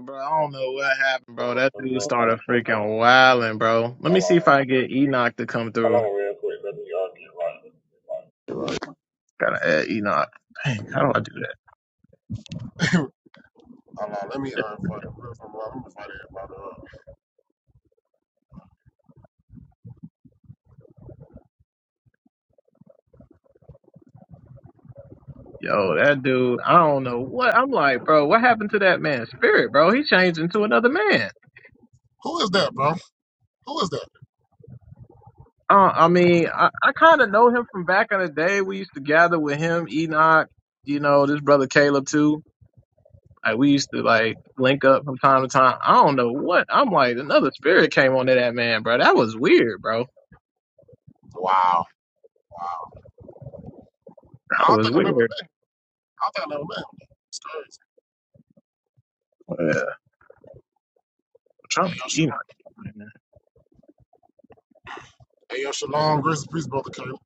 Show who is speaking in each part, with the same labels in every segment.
Speaker 1: Bro, I don't know what happened, bro.
Speaker 2: Oh,
Speaker 1: That
Speaker 2: what's
Speaker 1: dude
Speaker 2: going on?
Speaker 1: started freaking wilding, bro. Let me
Speaker 2: Hold
Speaker 1: see if
Speaker 2: on.
Speaker 1: I can get Enoch to come
Speaker 2: Hold
Speaker 1: through.
Speaker 2: on real quick. Let me uh, get
Speaker 1: Gotta add Enoch. Dang, how do I do that?
Speaker 2: right. Hold on. Let me uh, find it. Let me find everybody up.
Speaker 1: Yo, that dude, I don't know what. I'm like, bro, what happened to that man's spirit, bro? He changed into another man.
Speaker 2: Who is that, bro? Who is that?
Speaker 1: Uh, I mean, I, I kind of know him from back in the day. We used to gather with him, Enoch, you know, this brother Caleb too. Like, we used to like link up from time to time. I don't know what. I'm like, another spirit came onto that man, bro. That was weird, bro.
Speaker 2: Wow. I
Speaker 1: That
Speaker 2: don't
Speaker 1: was
Speaker 2: think I've ever
Speaker 1: weird.
Speaker 2: met him. I don't think I've ever met him. It's crazy.
Speaker 1: trying
Speaker 2: Hey,
Speaker 1: to
Speaker 2: yo,
Speaker 1: get
Speaker 2: Shalom.
Speaker 1: Enoch. man.
Speaker 2: Hey, yo, Shalom. Grace and peace, brother Caleb.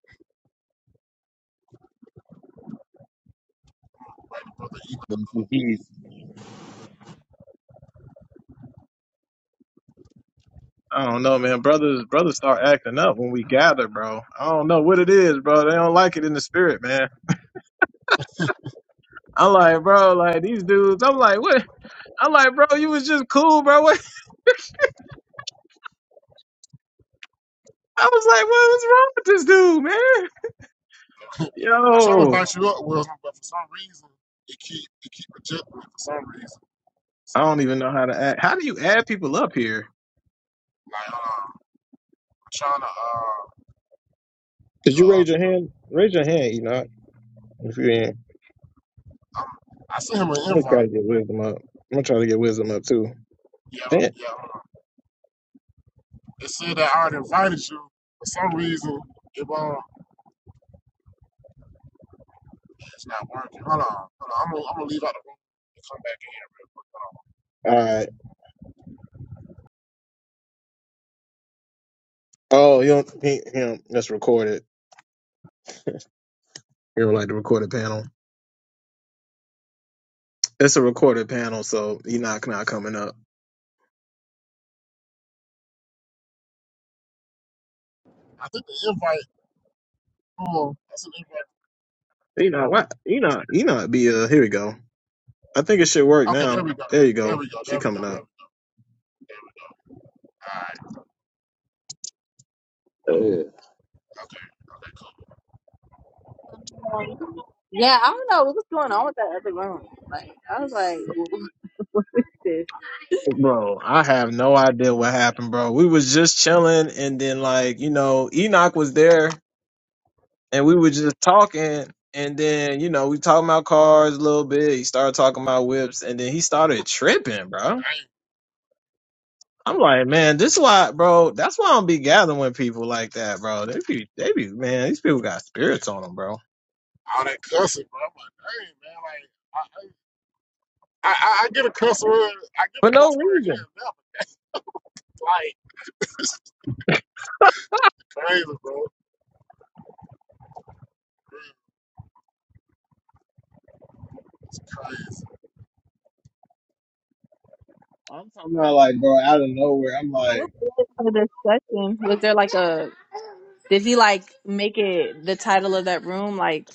Speaker 2: Brother, brother Enoch.
Speaker 3: Rest in
Speaker 1: I don't know, man. Brothers, brothers start acting up when we gather, bro. I don't know what it is, bro. They don't like it in the spirit, man. I'm like, bro, like these dudes. I'm like, what? I'm like, bro, you was just cool, bro. What? I was like, what was wrong with this dude, man?
Speaker 2: I try to
Speaker 1: Yo,
Speaker 2: invite you up, Wilson, but for some reason, it keep it keep rejecting me for some reason.
Speaker 1: I
Speaker 2: So,
Speaker 1: don't even know how to act. How do you add people up here?
Speaker 2: like, hold on. I'm trying to uh, get
Speaker 1: Did you
Speaker 2: her up,
Speaker 1: raise your
Speaker 2: though.
Speaker 1: hand? Raise your hand, Enoch, if you in.
Speaker 2: I'm, I sent him an
Speaker 1: I'm gonna try to
Speaker 2: invite.
Speaker 1: get wisdom up. I'm gonna try to get wisdom up too.
Speaker 2: Yeah, I'm-
Speaker 1: Damn.
Speaker 2: yeah. It said that I already invited you. For some reason, it won't. It's not working. Hold on. Hold on. I'm gonna, I'm gonna leave out the room and come back in here real quick. Hold on.
Speaker 1: All right. Oh, you don't. He, he don't that's recorded. It was like the recorded panel. It's a recorded panel, so Enoch not coming up.
Speaker 2: I think the invite. Oh, that's an invite.
Speaker 1: Enoch, what? Enoch, Enoch be uh, here we go. I think it should work
Speaker 2: Okay,
Speaker 1: now.
Speaker 2: there we go.
Speaker 1: There you
Speaker 2: There
Speaker 1: go.
Speaker 2: we go.
Speaker 1: She
Speaker 2: There we go.
Speaker 1: coming
Speaker 2: There
Speaker 1: up.
Speaker 2: we go.
Speaker 1: Yeah.
Speaker 4: Um, yeah, I don't know what was going on with that other room. Like, I was like, what was this?
Speaker 1: Bro, I have no idea what happened, bro. We was just chilling and then like, you know, Enoch was there and we were just talking and then, you know, we talking about cars a little bit. He started talking about whips and then he started tripping, bro.
Speaker 2: Dang.
Speaker 1: I'm like, man, this is why, bro. That's why I don't be gathering with people like that, bro. They be, they be, man. These people got spirits on them, bro,
Speaker 2: All that cussing, bro. I'm like, dang, man. Like, I, I, I, I get a cuss word. I get
Speaker 1: for
Speaker 2: a
Speaker 1: no
Speaker 2: cuss word here
Speaker 1: reason.
Speaker 2: and there, but that's like, this is crazy, bro. It's crazy.
Speaker 1: I'm talking about like, bro, out of nowhere. I'm like,
Speaker 4: For the session, was there like a? Did he like make it the title of that room? Like,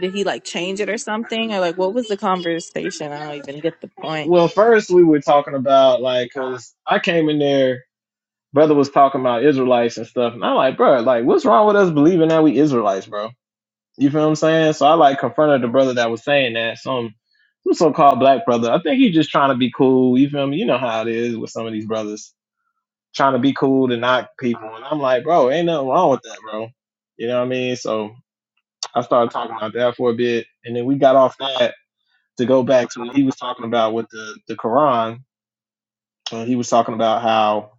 Speaker 4: did he like change it or something? Or like, what was the conversation? I don't even get the point.
Speaker 1: well, first we were talking about like, cause I came in there, brother was talking about Israelites and stuff, and I'm like, bro, like, what's wrong with us believing that we Israelites, bro? You feel what I'm saying? So I like confronted the brother that was saying that, some some so-called black brother. I think he's just trying to be cool. You feel me? You know how it is with some of these brothers. trying to be cool to knock people. And I'm like, bro, ain't nothing wrong with that, bro. You know what I mean? So I started talking about that for a bit. And then we got off that to go back to what he was talking about with the, the Quran. And he was talking about how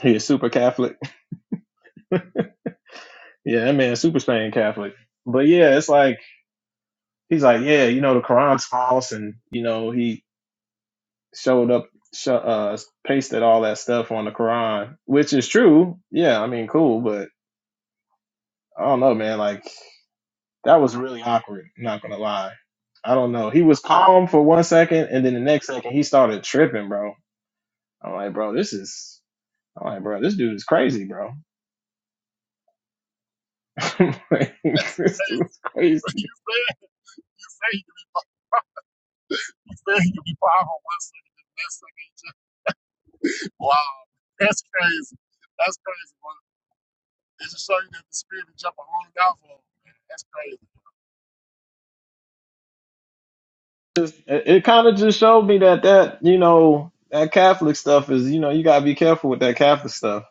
Speaker 1: he is super Catholic. yeah, that man is super Spain Catholic. But yeah, it's like, he's like, yeah, you know, the Quran's false. And, you know, he showed up, sho- uh, pasted all that stuff on the Quran, which is true. Yeah, I mean, cool. But I don't know, man. Like, That was really awkward. I'm not gonna lie. I don't know. He was calm for one second, and then the next second he started tripping, bro. I'm like, bro, this is. I'm like, bro, this dude is crazy, bro. I'm like,
Speaker 2: That's,
Speaker 1: this dude is crazy.
Speaker 2: you say, you say, you say you be five on one second, the next second. Wow, that's crazy. That's crazy. Well, it's just showing that the spirit of jumping on and off of, man. That's crazy.
Speaker 1: Just, it it kind of just showed me that that you know that Catholic stuff is you know you gotta be careful with that Catholic stuff.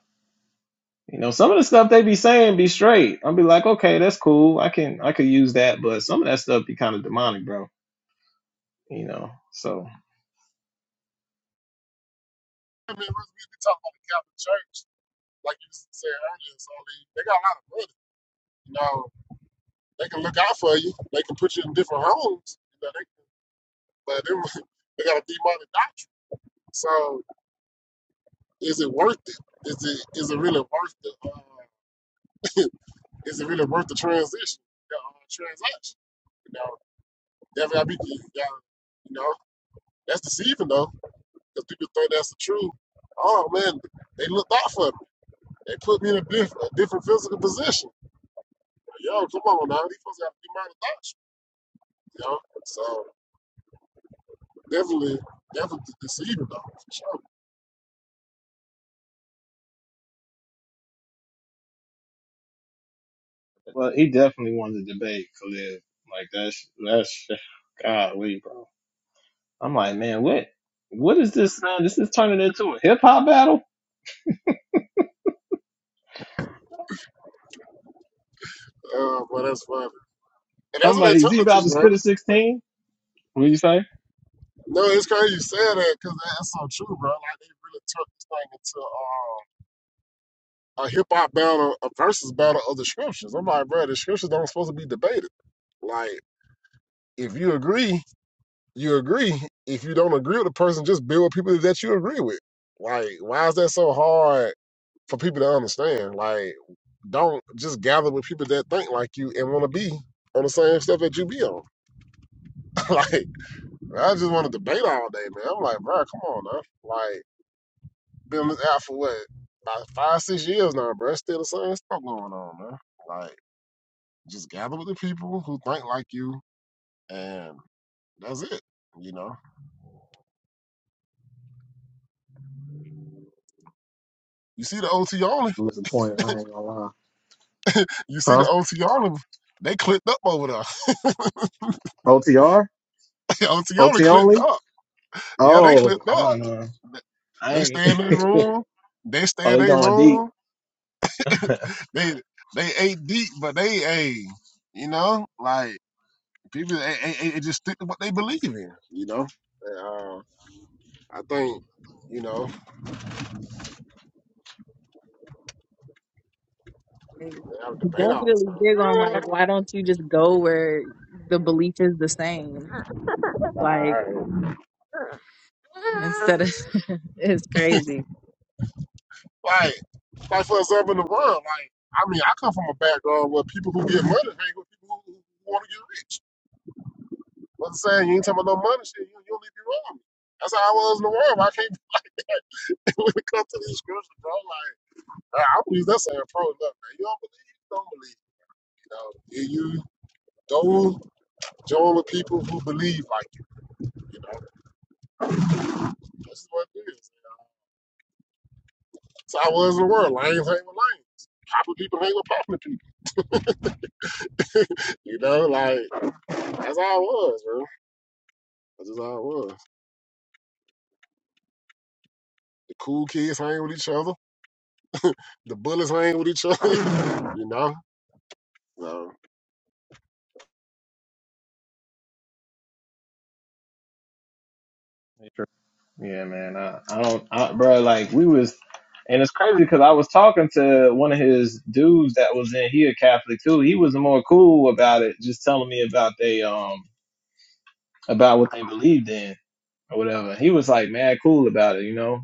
Speaker 1: You know, some of the stuff they be saying be straight. I'll be like, okay, that's cool. I can I could use that, but some of that stuff be kind of demonic, bro. You know, so.
Speaker 2: I mean, we we be talking about the Catholic Church, like you said earlier. So they, they got a lot of money. You know, they can look out for you. They can put you in different homes. You know, they can, but they, they got a demonic doctrine. So is it worth it? Is it is it really worth the uh, is it really worth the transition, the uh, transaction? You know, definitely gotta be, you gotta, you know, that's deceiving though. because people think that's the truth. Oh man, they looked out for me. They put me in a, diff- a different physical position. Yo, come on now, these folks got to be my adoption. You You know, so definitely, definitely deceiving though, for sure.
Speaker 1: Well, he definitely wanted to debate Khalid. Like that's that's God, we bro. I'm like, man, what what is this? Man? This is turning into a hip hop battle.
Speaker 2: Uh, but that's funny, and that's
Speaker 1: I'm
Speaker 2: what they
Speaker 1: like, is
Speaker 2: turned
Speaker 1: he
Speaker 2: it
Speaker 1: about
Speaker 2: to,
Speaker 1: to
Speaker 2: bro.
Speaker 1: spit a sixteen? What do you say?
Speaker 2: No, it's crazy you said that because that's so true, bro. Like they really turned this thing into uh, a hip hop battle, a versus battle of the scriptures. I'm like, bro, the scriptures don't supposed to be debated. Like, if you agree. you agree. If you don't agree with the person, just build with people that you agree with. Like, why is that so hard for people to understand? Like, don't just gather with people that think like you and want to be on the same stuff that you be on. like, I just want to debate all day, man. I'm like, bro, come on, now. Like, been on this out for what about five, six years now, bro. It's Still the same stuff going on, man. Like, just gather with the people who think like you, and that's it. You know, you see the OT only.
Speaker 1: I'm disappointed. I ain't gonna lie.
Speaker 2: You see
Speaker 1: Huh?
Speaker 2: the OTR, they clipped up over there.
Speaker 1: OTR?
Speaker 2: OTR
Speaker 1: OT
Speaker 2: clipped
Speaker 1: only?
Speaker 2: up. Yeah, they
Speaker 1: Oh
Speaker 2: clipped up.
Speaker 1: no no.
Speaker 2: They
Speaker 1: I ain't.
Speaker 2: stay in their room. They stay
Speaker 1: Oh,
Speaker 2: in
Speaker 1: they
Speaker 2: their
Speaker 1: going
Speaker 2: room.
Speaker 1: deep.
Speaker 2: They they ate deep, but they a you know like people they, they, they just stick to what they believe in. You know, And, uh, I think you know
Speaker 4: He
Speaker 2: they have a debate all the
Speaker 4: definitely big
Speaker 2: time.
Speaker 4: on like, why don't you just go where the belief is the same? Like,
Speaker 2: Like
Speaker 4: instead of it's crazy.
Speaker 2: like like for example, in the world, like I mean, I come from a background where people who get money hang with people who, who want to get rich. What I'm saying, you ain't talking about no money shit. You, you'll leave me wrong. That's how I was in the world. I can't be like that when it comes to these scriptures, bro. Like, I I believe that's a pro enough, man. You don't believe, you don't believe. You know, you, you don't join with people who believe like you. You know, that's what it is. You know? that's how I was in the world. Lanes hang with lanes. Popular people hang with popular people. you know, like that's how I was, bro. That's just how I was. The cool kids hang with each other. The bullies hang with each other. you know,
Speaker 1: Yeah, man. I, I don't, I, bro. Like we was, and it's crazy because I was talking to one of his dudes that was in. He a Catholic too. He was more cool about it, just telling me about they um about what they believed in or whatever. He was like mad cool about it, you know.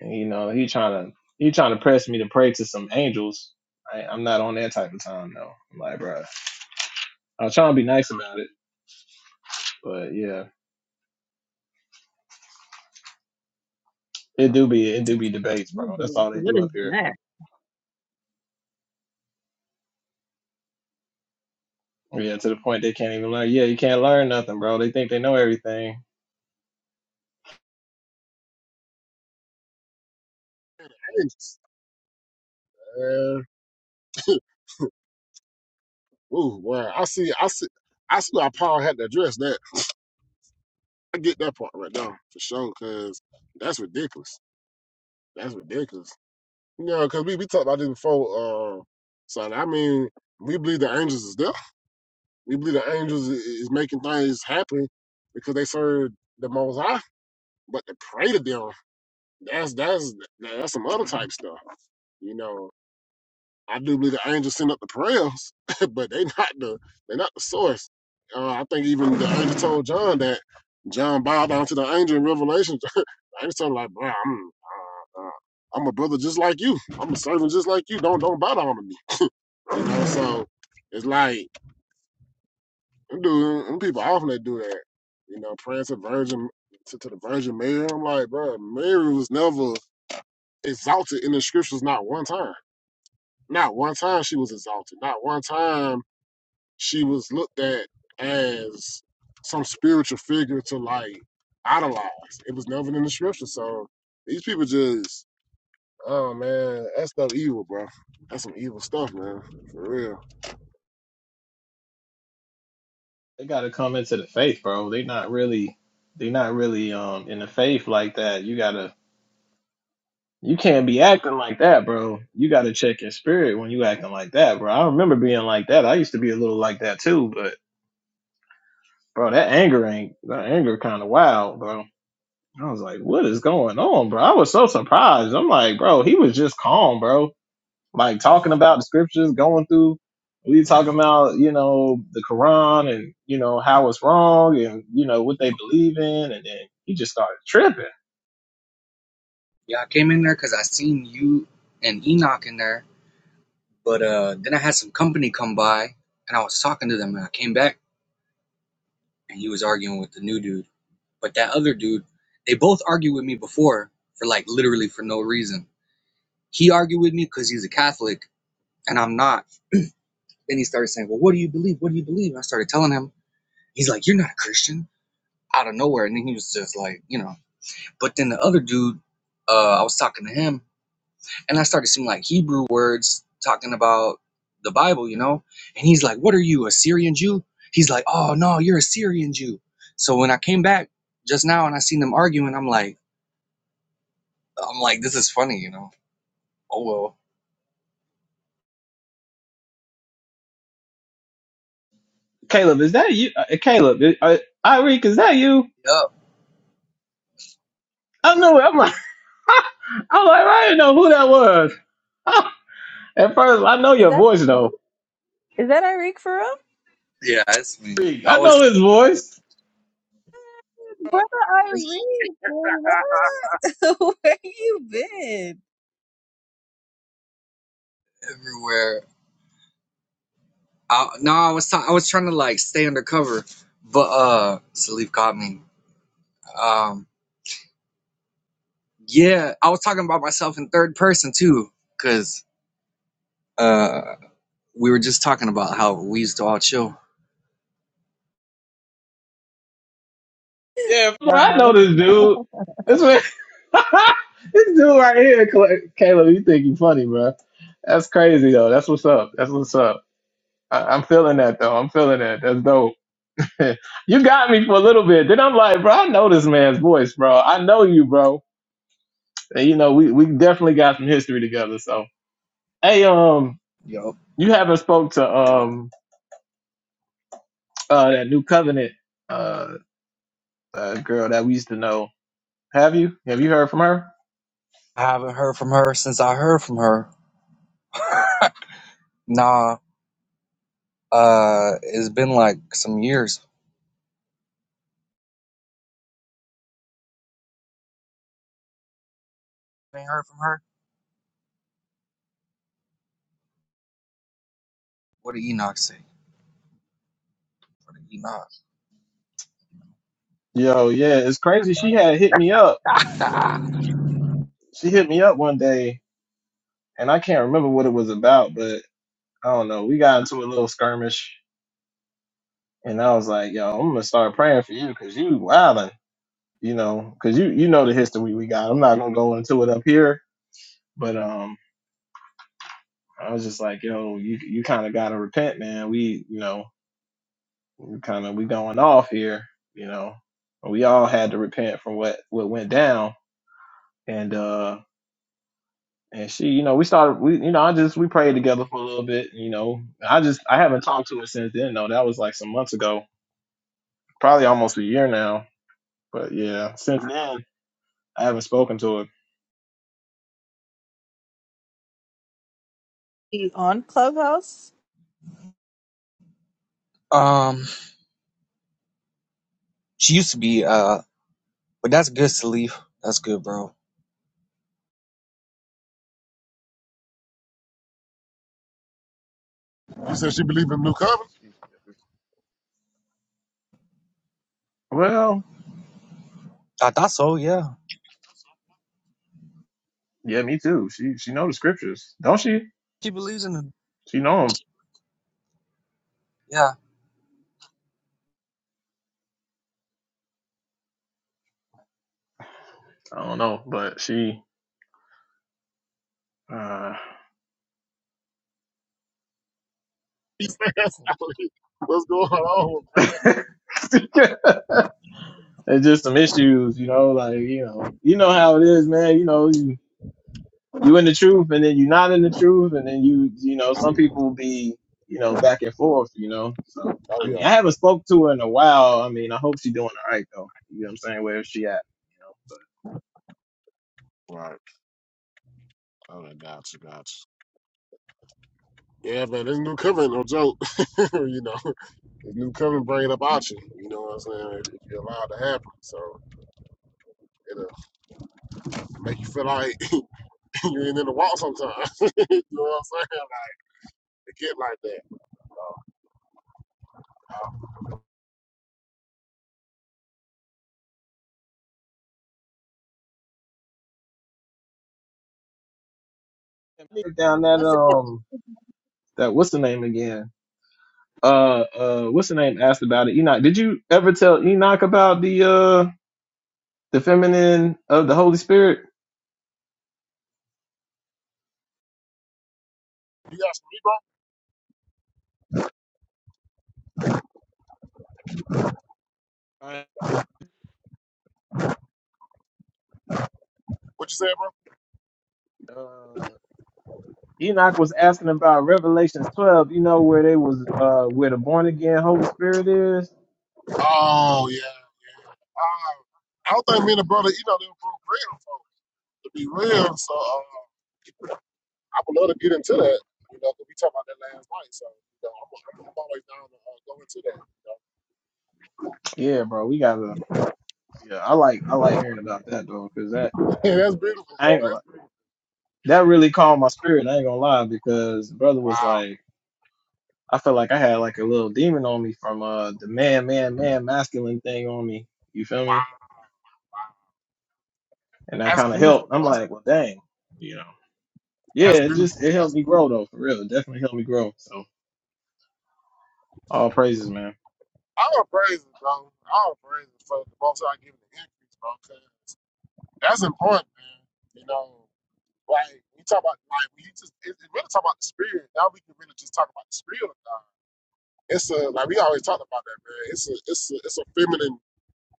Speaker 1: And, you know, he trying to he trying to press me to pray to some angels. I, I'm not on that type of time though. I'm like, bro, I was trying to be nice about it, but yeah, it do be it do be debates, bro. That's all they
Speaker 4: What
Speaker 1: do up
Speaker 4: is
Speaker 1: here.
Speaker 4: that?
Speaker 1: Yeah, to the point they can't even learn. Yeah, you can't learn nothing, bro. They think they know everything.
Speaker 2: so. Uh, ooh, wow. I see. I see. I see why Paul had to address that. I get that part right now for sure, cause that's ridiculous. That's ridiculous. You know, cause we we talked about this before. Uh, so I mean, we believe the angels is there. We believe the angels i- is making things happen because they serve the Most High. But to pray to them, that's that's that's some other type stuff. You know. I do believe the angels send up the prayers, but they not the they not the source. Uh, I think even the angel told John that John bowed down to the angel in Revelation. the angel told him like, bro, I'm uh, uh, I'm a brother just like you. I'm a servant just like you. Don't don't bow down to me. You know, so it's like them dude, them people often they do that. You know, praying to Virgin to, to the Virgin Mary. I'm like, bro, Mary was never exalted in the scriptures. Not one time. Not one time she was exalted. Not one time she was looked at as some spiritual figure to like idolize. It was never in the scripture. So these people just, oh man, that's stuff evil, bro. That's some evil stuff, man. For real.
Speaker 1: They gotta come into the faith, bro. They not really they not really um in the faith like that. You gotta you can't be acting like that, bro. You gotta check your spirit when you acting like that, bro. I remember being like that. I used to be a little like that too, but bro, that anger ain't that anger kinda wild, bro. I was like, what is going on, bro? I was so surprised. I'm like, bro, he was just calm, bro like talking about the scriptures, going through. We talking about you know the Quran and you know how it's wrong and you know what they believe in, and then he just started tripping.
Speaker 3: Yeah, I came in there because I seen you and Enoch in there, but uh, then I had some company come by and I was talking to them and I came back and he was arguing with the new dude. But that other dude, they both argued with me before for like literally for no reason. He argued with me because he's a Catholic and I'm not. Then he started saying, Well, what do you believe? What do you believe? And I started telling him, He's like, You're not a Christian out of nowhere. And then he was just like, You know. But then the other dude, uh, I was talking to him and I started seeing like Hebrew words talking about the Bible, you know. And he's like, "What are you, a Syrian Jew?" He's like, "Oh no, you're a Syrian Jew." So when I came back just now and I seen them arguing, I'm like, I'm like, this is funny, you know. Oh well.
Speaker 1: Caleb, is that you? Uh, Caleb, uh, Irik, is that you?
Speaker 3: Yep.
Speaker 1: I knew it. I'm like, I'm like, I didn't know who that was. At first, I know
Speaker 4: Is
Speaker 1: your
Speaker 4: that
Speaker 1: voice though.
Speaker 4: is that Eric for real?
Speaker 3: Yeah, it's me.
Speaker 1: Irik,
Speaker 3: I
Speaker 1: I know
Speaker 3: was
Speaker 1: his voice.
Speaker 4: Brother Irene, what? Where you been?
Speaker 3: everywhere. I, no, I was I was trying to like stay undercover, but uh, Salif caught me. Um, yeah, I was talking about myself in third person too, cause uh, we were just talking about how we used to all chill
Speaker 1: Yeah, bro, I know this dude. This man, this dude right here, Cal- Caleb. You think you funny, bro? That's crazy though. That's what's up. That's what's up. I, I'm feeling that though. I'm feeling that. That's dope. you got me for a little bit. Then I'm like, bro, I know this man's voice, bro. I know you, bro. And you know, we we definitely got some history together. So, hey, um,
Speaker 3: Yup.
Speaker 1: you haven't spoke to um uh that new covenant uh, uh girl that we used to know. Have you? Have you heard from her?
Speaker 3: I haven't heard from her since I heard from her. Nah, uh, it's been like some years. I Ain't heard from her. What did Enoch say? What did Enoch?
Speaker 1: Yo, yeah, it's crazy. She had hit me up. She hit me up one day, and I can't remember what it was about, but I don't know. We got into a little skirmish And I was like, yo, I'm gonna start praying for you because you wildin', you know, because you you know the history we got. I'm not gonna go into it up here, but um, I was just like, yo, you you kind of gotta repent, man. We you know, we kind of we going off here, you know. We all had to repent from what what went down, and uh, and she, you know, we started, we you know, I just we prayed together for a little bit, you know. I just I haven't talked to her since then though. That was like some months ago, probably almost a year now. But yeah, since then I haven't spoken to her.
Speaker 4: You on Clubhouse?
Speaker 3: Um, she used to be uh, but that's good, Salif. That's good, bro.
Speaker 2: You said she believed in new covenant.
Speaker 1: Well,
Speaker 3: I thought so. Yeah,
Speaker 1: yeah, me too. She she know the scriptures, don't she?
Speaker 3: she believes in him.
Speaker 1: She know 'em.
Speaker 3: Yeah.
Speaker 1: I don't know, but she. uh
Speaker 2: He said that's how What's going on?
Speaker 1: It's just some issues, you know. Like you know, you know how it is, man. You know, you you in the truth, and then you're not in the truth, and then you you know, some people be you know back and forth, you know. So
Speaker 2: Oh
Speaker 1: I mean, I
Speaker 2: yeah,
Speaker 1: haven't spoke to her in a while. I mean, I hope she doing all right though. You know what I'm saying? Where is she at? You know, but
Speaker 2: right. Oh, I gotcha, you, Yeah, man, this new covenant no joke. you know, this new covenant bringing up out you. You know what I'm saying? If you allow it to happen, so it'll make you feel like. you ain't in the wall sometimes. you know what I'm saying? Like, it get like that.
Speaker 1: Yeah, me down that
Speaker 4: Was it?
Speaker 1: um that what's the name again? uh uh what's the name asked about it enoch did you ever tell enoch about the uh the feminine of the holy spirit
Speaker 2: You asking me, bro?
Speaker 1: uh,
Speaker 2: What you say, bro?
Speaker 1: enoch was asking about revelations 12 you know where they was uh where the born again holy spirit is
Speaker 2: Oh, yeah. Uh, I don't think me and the brother, you know, they were broke real. before, to be real. So uh, I would love to get into that, you know, 'cause we talked about that last night. So, you know, I'm, I'm, I'm always down to uh, go into that. You know?
Speaker 1: yeah bro we gotta yeah i like i like hearing about that though because that
Speaker 2: Man, that's beautiful,
Speaker 1: i
Speaker 2: bro.
Speaker 1: ain't gonna lie.
Speaker 2: That's beautiful.
Speaker 1: that really calmed my spirit i ain't gonna lie because brother was
Speaker 2: Wow.
Speaker 1: like i felt like i had like a little demon on me from uh the man man man masculine thing on me you feel me
Speaker 2: Wow. Wow.
Speaker 1: and that
Speaker 2: That's
Speaker 1: kind of helped.
Speaker 2: beautiful,
Speaker 1: I'm
Speaker 2: bro.
Speaker 1: like, well, dang, you know, yeah,
Speaker 2: That's
Speaker 1: it just
Speaker 2: beautiful.
Speaker 1: it helped me grow though, for real. It definitely helped me grow. So all praises, man.
Speaker 2: I'm praise it, bro. I'm praise it for the most I give it the increase, bro. 'Cause That's important, man. You know, like we talk about, like we just it, it really talk about the spirit. Now we can really just talk about the spirit of God. It's a like we always talk about that, man. It's a it's a it's a feminine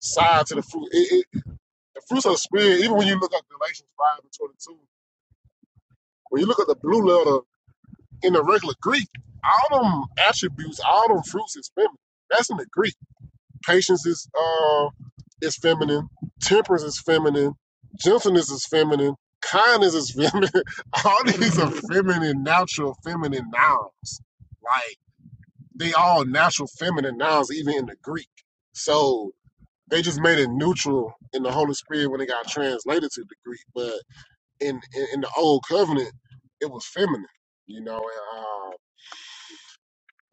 Speaker 2: side to the fruit. It, it, the fruits of the spirit. Even when you look at Galatians five and twenty two, when you look at the blue letter in the regular Greek, all them attributes, all them fruits is feminine. That's in the Greek. Patience is uh, is feminine. Temperance is feminine. Gentleness is feminine. Kindness is feminine. all these are feminine, natural feminine nouns. Like they all natural feminine nouns, even in the Greek. So they just made it neutral in the Holy Spirit when it got translated to the Greek. But in in, in the Old Covenant, it was feminine. You know,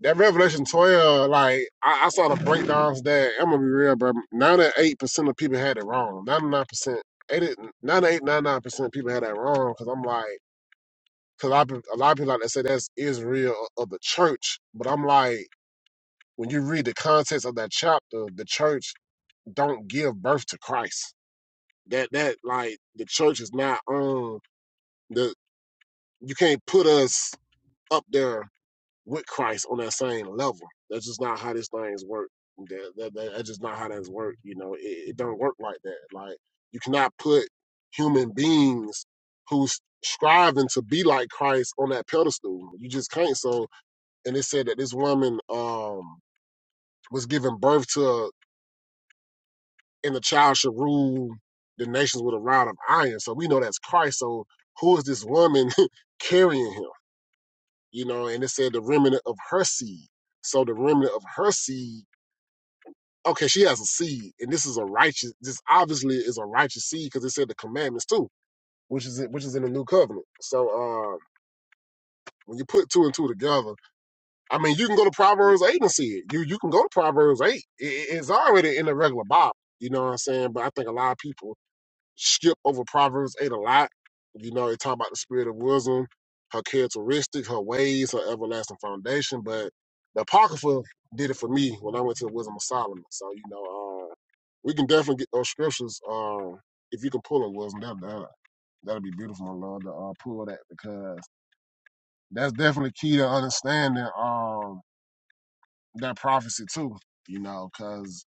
Speaker 2: that Revelation 12, like, I, I saw the breakdowns there. I'm going to be real, bro. 98% of people had it wrong. 99%, eighty, ninety eight, ninety nine percent of people had that wrong because I'm like, because a lot of peop- a lot of people like to say that's Israel of the church. But I'm like, when you read the context of that chapter, the church don't give birth to Christ. That, that, like, the church is not on the, you can't put us up there with Christ on that same level. That's just not how this thing's work. That, that, that- that's just not how that's work. You know, it, it don't work like that. Like you cannot put human beings who's striving to be like Christ on that pedestal. You just can't. So, and it said that this woman um was giving birth to, a, and the child should rule the nations with a rod of iron. So we know that's Christ. So who is this woman carrying him? You know, and it said the remnant of her seed. So the remnant of her seed Okay, she has a seed, and this is a righteous. This obviously is a righteous seed because it said the commandments too, which is which is in the new covenant. So uh, when you put two and two together, I mean, you can go to Proverbs eight and see it. You you can go to Proverbs eight. It, it's already in the regular Bible. You know what I'm saying? But I think a lot of people skip over Proverbs 8 a lot. You know, they talk about the spirit of wisdom, her characteristic, her ways, her everlasting foundation. But the Apocrypha did it for me when I went to the Wisdom of Solomon. So, you know, uh, we can definitely get those scriptures. Uh, if you can pull a wisdom, that, that, that'll be beautiful, my Lord, to uh, pull that because that's definitely key to understanding um, that prophecy, too, you know, because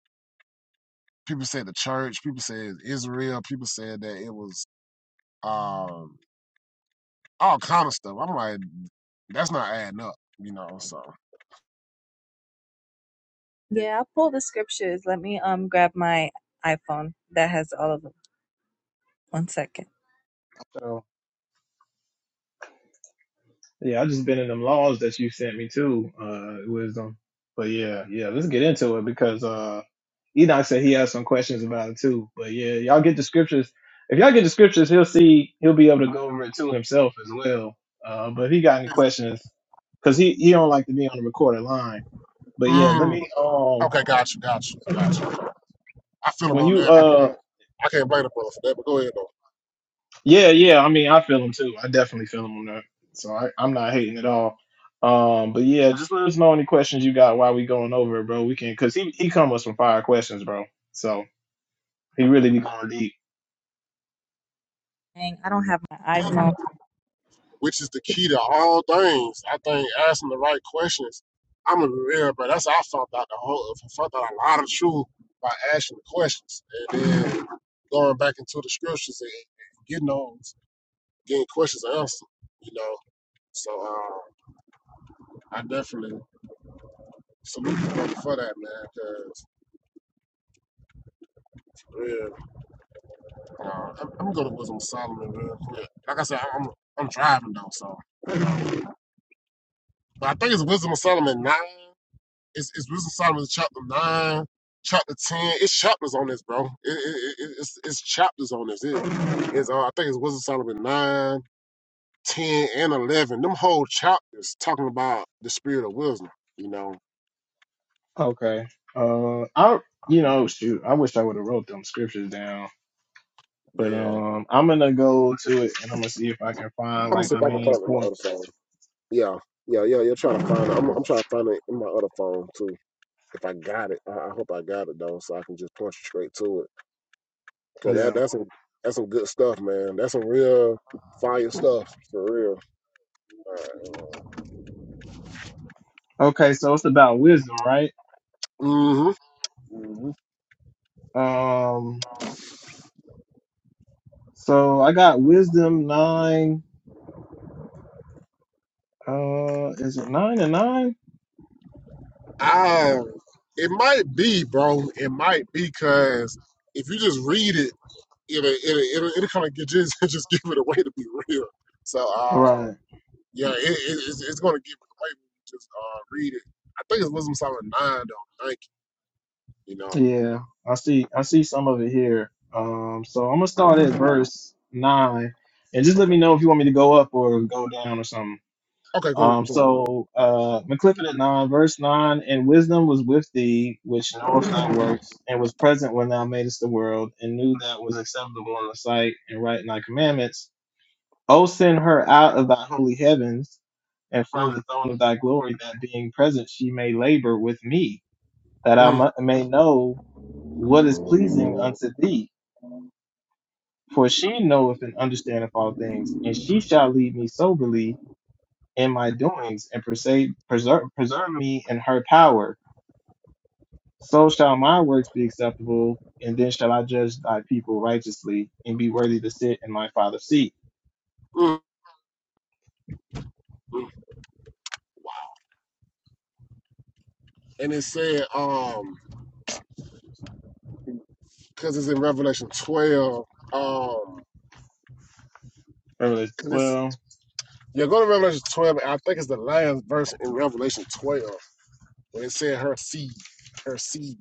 Speaker 2: people say the church, people say Israel, people said that it was. Um, all kind of stuff. I'm like, that's not adding up, you know. So
Speaker 4: Yeah, I pulled the scriptures. Let me um grab my iPhone that has all of them. One second.
Speaker 1: So yeah, I just been in them laws that you sent me too, uh, wisdom. But yeah, yeah, let's get into it because uh, Enoch said he has some questions about it too. But yeah, y'all get the scriptures. If y'all get the scriptures, he'll see he'll be able to go over it to himself as well. Uh, but if he got any
Speaker 2: it's,
Speaker 1: questions, because he he don't like to be on the recorded line. But yeah, let
Speaker 2: Mm.
Speaker 1: me um
Speaker 2: okay, got you, got you, got you. I feel him
Speaker 1: when
Speaker 2: on
Speaker 1: you
Speaker 2: that. I
Speaker 1: uh
Speaker 2: can't, I can't blame the brother for that. But go ahead
Speaker 1: Yeah, yeah. I mean, I feel him too. I definitely feel him on that. So I, I'm not hating at all. Um, but yeah, just let us know any questions you got while we going over it, bro. We can, cause he he come with some fire questions, bro. So he really be going deep.
Speaker 4: Dang, I don't have my iPhone.
Speaker 2: though. Which is the key to all things. I think asking the right questions. I'm gonna be real, bro. That's how I found out the whole. I found out a lot of truth by asking the questions and then going back into the scriptures and getting those, getting questions answered. You know. So uh, I definitely salute the for that, man. Because Yeah, uh, I'm I'm gonna go to Wisdom of Solomon real quick. Like I said, I'm I'm driving though, so but I think it's Wisdom of Solomon nine. It's it's Wisdom of Solomon chapter nine, chapter ten. It's chapters on this, bro. It, it, it, it's it's chapters on this. It, it's uh, I think it's Wisdom of Solomon nine, ten, and eleven. Them whole chapters talking about the spirit of wisdom. You know,
Speaker 1: Okay. Uh, I you know shoot, I wish I would have wrote them scriptures down, but
Speaker 2: yeah.
Speaker 1: um, I'm gonna go to it and I'm gonna see if I can
Speaker 2: I'm
Speaker 1: find
Speaker 2: gonna
Speaker 1: like
Speaker 2: see
Speaker 1: the
Speaker 2: if I can
Speaker 1: main
Speaker 2: find it in my other
Speaker 1: points.
Speaker 2: phone. Yeah, yeah, yeah. You're trying to find it. I'm I'm trying to find it in my other phone too. if I got it, I, I hope I got it though, so I can just punch straight to it. Cause that
Speaker 1: Yeah.
Speaker 2: that's some that's some good stuff, man. That's some real fire stuff for real.
Speaker 1: Okay, so it's about wisdom, right?
Speaker 2: hmm hmm
Speaker 1: Um, so I got wisdom nine. Uh, is it nine and nine?
Speaker 2: Um, it might be, bro. It might be because if you just read it, it'll it'll it'll, it'll kind of get just just give it away to be real. So, um,
Speaker 1: Right.
Speaker 2: yeah, it, it, it's, it's gonna give it away when you just uh read it. I think it's Wisdom Solid Nine, though. Thank you. You know.
Speaker 1: Yeah, I see. I see some of it here. Um, so I'm gonna start at verse nine, and just let
Speaker 2: Okay.
Speaker 1: me know if you want me to go up or go down or something.
Speaker 2: Okay. Cool.
Speaker 1: Um,
Speaker 2: Cool.
Speaker 1: so uh, McClifford at nine, verse nine, and wisdom was with thee, which knoweth thy works, and was present when thou madest the world, and knew that was acceptable in the sight and right in thy commandments. O send her out of thy holy heavens, and from
Speaker 2: Mm,
Speaker 1: the throne of thy glory, that being present she may labor with me, that I
Speaker 2: mm,
Speaker 1: mu- may know what is pleasing unto thee. For she knoweth and understandeth all things, and she shall lead me soberly in my doings, and perse- preserve, preserve me in her power. So shall my works be acceptable, and then shall I judge thy people righteously, and be worthy to sit in my father's seat.
Speaker 2: mm. and it said um because it's in revelation 12 um
Speaker 1: Revelation
Speaker 2: because it's
Speaker 1: 12.
Speaker 2: you go to revelation 12 and i think it's the last verse in revelation 12 when it said her seed her seed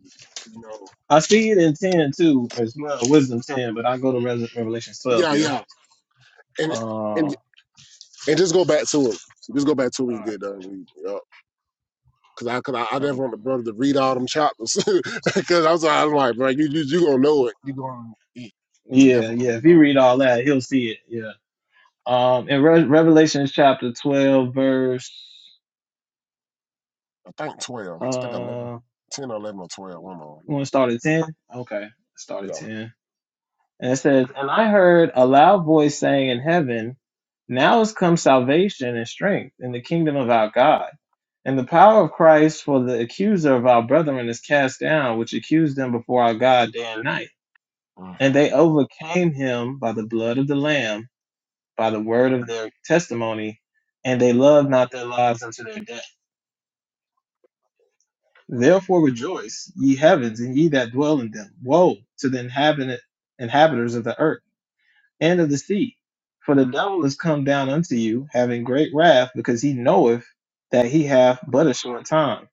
Speaker 2: you know
Speaker 1: I see it in ten too. It's well, wisdom ten, but I go to Revel- Revelation twelve
Speaker 2: yeah
Speaker 1: here.
Speaker 2: yeah and
Speaker 1: Um,
Speaker 2: and
Speaker 1: all
Speaker 2: and just go back to it just go back to it when you
Speaker 1: right.
Speaker 2: get done reading yeah. Cause I, cause I, I never want the
Speaker 1: Okay.
Speaker 2: brother to read all them chapters. Cause I'm, so- I'm like, bro, you, you, you gonna know it. You gonna, it, it's
Speaker 1: Yeah,
Speaker 2: definitely gonna
Speaker 1: yeah.
Speaker 2: be
Speaker 1: If you
Speaker 2: there.
Speaker 1: read all that, he'll see it. Yeah. Um, in Re- Revelation chapter twelve, verse
Speaker 2: I think 12, I think 11,
Speaker 1: uh,
Speaker 2: 10 or 11 or 12, one of
Speaker 1: you want to start at ten? Okay, start
Speaker 2: 'em.
Speaker 1: at
Speaker 2: Yeah.
Speaker 1: ten. And it says, "And I heard a loud voice saying in heaven, Now is come salvation and strength in the kingdom of our God." And the power of Christ for the accuser of our brethren is cast down, which accused them before our God day and night.
Speaker 2: Mhm.
Speaker 1: And they overcame him by the blood of the Lamb, by the word of their testimony, and they loved not their lives unto their death. Therefore rejoice, ye heavens, and ye that dwell in them. Woe to the inhabit- inhabitants of the earth and of the sea. For the devil is come down unto you, having great wrath, because he knoweth that he hath but a short time.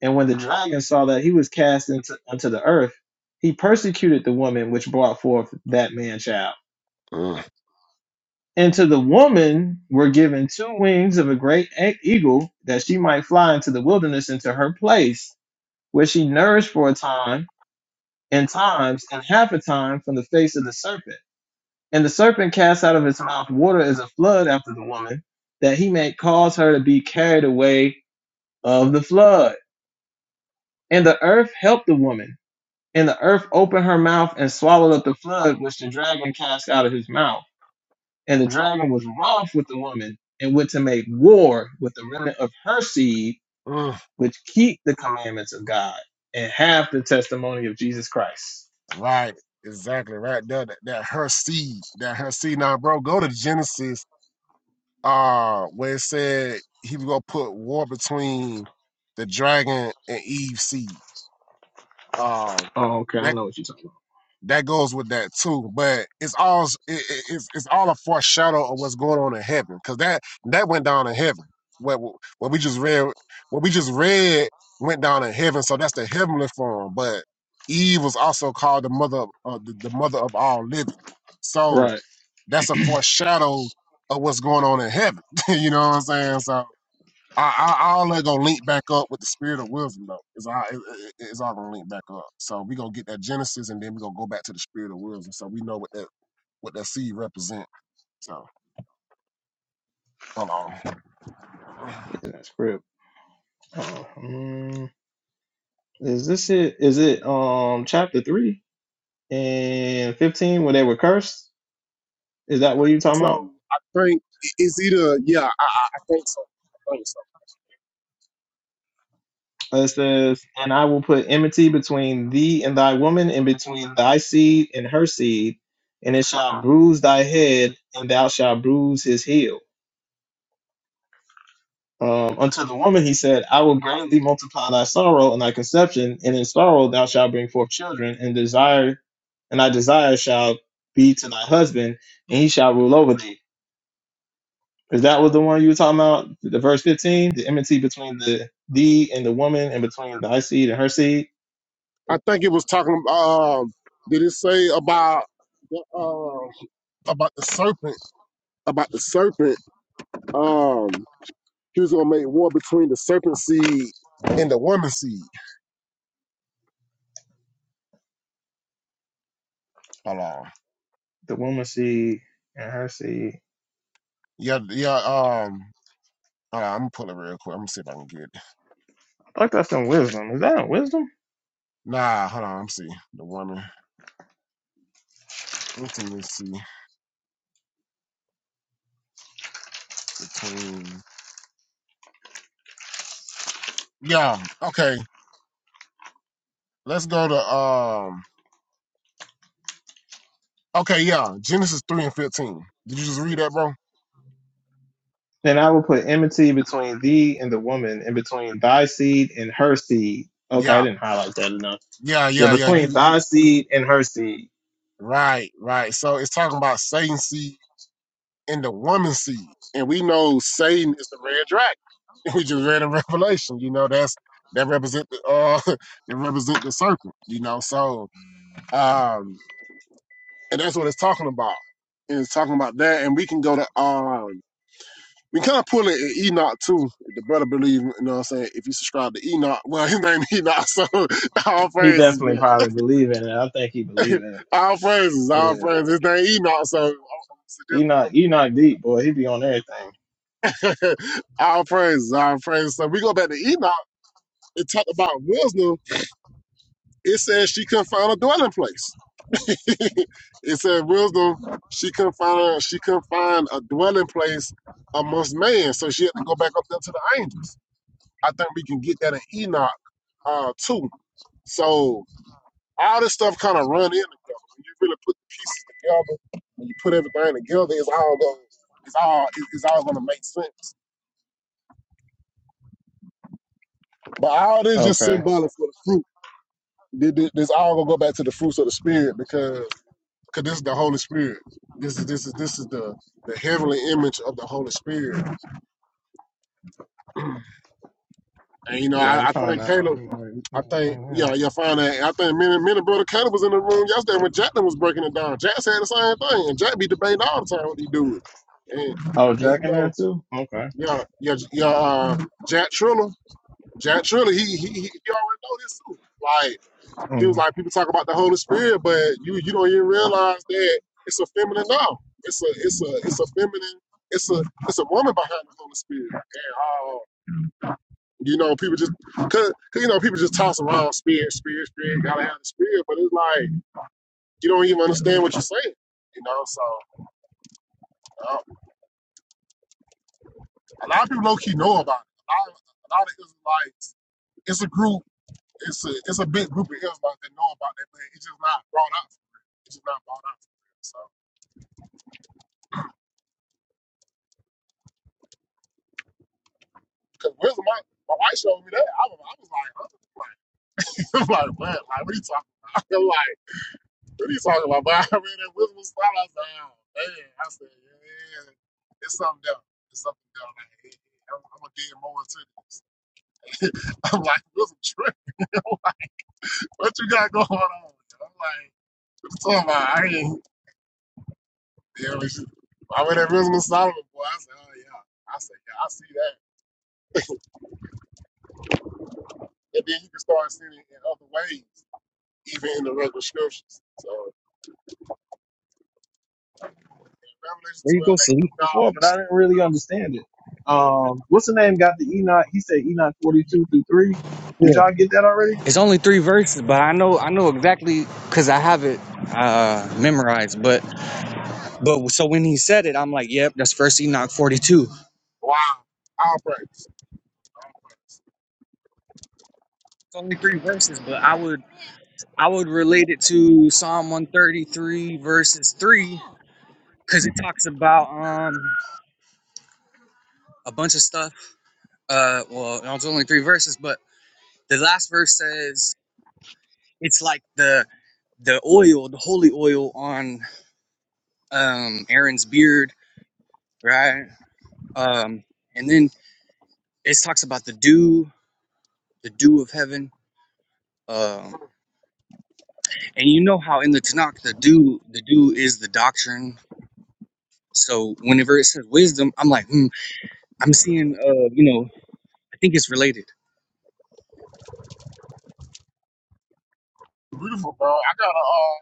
Speaker 1: And when the dragon saw that he was cast into unto the earth, he persecuted the woman which brought forth that man child.
Speaker 2: Mm,
Speaker 1: And to the woman were given two wings of a great e- eagle, that she might fly into the wilderness into her place, where she nourished for a time, and times, and half a time from the face of the serpent. And the serpent cast out of his mouth water as a flood after the woman, that he may cause her to be carried away of the flood. And the earth helped the woman. And the earth opened her mouth and swallowed up the flood which the dragon cast out of his mouth. And the dragon was wroth with the woman and went to make war with the remnant of her seed,
Speaker 2: mm.
Speaker 1: which keep the commandments of God and have the testimony of Jesus Christ.
Speaker 2: Right, exactly. Right there, that, that her seed, that her seed. Now, bro, go to Genesis, uh, where it said he was gonna put war between the dragon and Eve's seed. Um,
Speaker 1: Oh, okay, I
Speaker 2: that
Speaker 1: know what you're talking
Speaker 2: that goes with that too. But it's all it, it- it's it's all a foreshadow of what's going on in heaven, because that that went down in heaven. What what we just read, what we just read went down in heaven. So that's the heavenly form. But Eve was also called the mother of uh, the, the mother of all living.
Speaker 1: about.
Speaker 2: So
Speaker 1: Right,
Speaker 2: that's a foreshadow of what's going on in heaven. you know what I'm saying? So I, I, I all that gonna link back up with the spirit of wisdom though. It's all it, it- it's all gonna link back up. So we gonna get that Genesis and then we gonna go back to the spirit of wisdom. So we know what that what that seed represent. So hold on.
Speaker 1: in that script. Oh, mm, is this it? Is it um chapter three and fifteen where they were cursed? Is that what you're talking about?
Speaker 2: So I think it's either yeah. I, I I think so. I think so.
Speaker 1: Uh, It says, And I will put enmity between thee and thy woman, and between thy seed and her seed, and it shall bruise thy head, and thou shalt bruise his heel. Um, unto the woman he said, I will greatly multiply thy sorrow and thy conception, and in sorrow thou shalt bring forth children, and desire and thy desire shall be to thy husband, and he shall rule over thee. Is that was the one you were talking about? The verse 15, the enmity between the thee and the woman, and between thy seed and her seed?
Speaker 2: I think it was talking. Um, did it say about the um about the serpent? About the serpent. Um, he was gonna make war between the serpent seed and the woman seed. Hold on.
Speaker 1: the woman seed and her seed.
Speaker 2: Yeah, yeah. Um. Hold on, I'm gonna pull it real quick. I'm gonna see if I can get it.
Speaker 1: I think that's in wisdom. Is that in wisdom?
Speaker 2: Nah, hold on. I'm see the woman intimacy between. Yeah. Okay. Let's go to um. Okay. Yeah. Genesis three and fifteen. Did you just read that, bro?
Speaker 1: Then I will put enmity between thee and the woman, and between thy seed and her seed. Okay, I
Speaker 2: Yeah.
Speaker 1: didn't highlight that enough.
Speaker 2: Yeah.
Speaker 1: Yeah,
Speaker 2: Yeah. Yeah.
Speaker 1: between
Speaker 2: You. you
Speaker 1: thy seed and her seed.
Speaker 2: right. Right. So it's talking about Satan seed and the woman seed, and we know Satan is the red dragon. We just read in Revelation. You know that's that represent the uh that represent the serpent. You know so. um and that's what it's talking about. And it's talking about that, and we can go to um, we can kind of pull it in Enoch too. If the brother believe, you know what I'm saying. If you subscribe to Enoch, well, his name Enoch, so all
Speaker 1: He
Speaker 2: praises,
Speaker 1: definitely
Speaker 2: man,
Speaker 1: probably believe in it. I think he believe in
Speaker 2: all praises,
Speaker 1: it.
Speaker 2: all
Speaker 1: Yeah.
Speaker 2: praises. His name Enoch, so I'm
Speaker 1: He
Speaker 2: suggesting
Speaker 1: not he
Speaker 2: brother
Speaker 1: not deep, boy. He be on everything.
Speaker 2: all praises, all praises. So we go back to Enoch. It talked about wisdom. It says she couldn't find a dwelling place. it said wisdom, she couldn't find her, she couldn't find a dwelling place amongst man, so she had to go back up there to the angels. I think we can get that in Enoch uh, too. So all this stuff kind of run in together. When you really put the pieces together, when you put everything together, it's all going it's all it's all gonna make sense. But all this just
Speaker 1: Okay.
Speaker 2: symbolic for the fruit. This all gonna go back to the fruits of the spirit because because this is the Holy Spirit. This is this is this is the the heavenly image of the Holy Spirit. And you know,
Speaker 1: Yeah, I'm
Speaker 2: I, I
Speaker 1: trying
Speaker 2: think
Speaker 1: to,
Speaker 2: Caleb,
Speaker 1: I'm trying
Speaker 2: I
Speaker 1: to
Speaker 2: think
Speaker 1: bring him.
Speaker 2: yeah, you'll find that. I think many many brother Caleb was in the room yesterday when Jacqueline was breaking it down. Jack said the same thing, and Jack be debating all the time what he do. And,
Speaker 1: Oh,
Speaker 2: and
Speaker 1: Jack
Speaker 2: you
Speaker 1: in there
Speaker 2: know,
Speaker 1: too? Okay.
Speaker 2: yeah, yeah, yeah, uh, Jack Triller, Jack Triller, he he he, he already know this too. Like, He
Speaker 1: Mm-hmm.
Speaker 2: was like, people talk about the Holy Spirit, but you you don't even realize that it's a feminine now. It's a it's a it's a feminine. It's a it's a woman behind the Holy Spirit. And uh, you know, people just cause cause you know people just toss around spirit, spirit, spirit. Gotta have the spirit, but it's like you don't even understand what you're saying. You know, so uh, a lot of people low key know about it. A lot of, a lot of Israelites. It's a group. It's a it's a big group of Israelites that know about that, but it's just not brought up. It's just not brought up. Cause wisdom, my, my wife showed me that. I was, I was like, huh? I'm like, what? Like, what are you talking about? I'm like, what are you talking about? But I read that wisdom style. I was like, oh, man. I said, yeah, it's something else. It's something else. Like, hey, I'm, I'm gonna get more into this. I'm like, wisdom trip. I'm like, what you got going on? I'm like, what you talking about? I ain't. Yeah, we should- I read that wisdom of Solomon, boy. I said, oh yeah. I said, yeah, I see that. And then you can start seeing it in other ways, even in the regular scriptures. So. In Revelation
Speaker 3: There you go,
Speaker 2: 12, that
Speaker 3: Salif.
Speaker 2: you know,
Speaker 1: before, but I didn't really understand it. Um, what's the name? Got the Enoch? He said Enoch forty two through three.
Speaker 3: Yeah.
Speaker 1: Did y'all get that already?
Speaker 3: It's only three verses, but I know I know exactly because I have it uh memorized. But but so when he said it, I'm like, yep, that's First Enoch 42. It's
Speaker 2: wow, all praise.
Speaker 3: only three verses, but I would. I would relate it to Psalm 133 verses 3 because it talks about um a bunch of stuff. Uh well, it's only three verses, but the last verse says it's like the the oil, the holy oil on um Aaron's beard, right? Um and then it talks about the dew, the dew of heaven. Um and you know how in the Tanakh the dew the dew is the doctrine. So whenever it says wisdom, I'm like, hmm, I'm seeing uh, you know, I think it's related.
Speaker 2: Beautiful, bro. I gotta uh,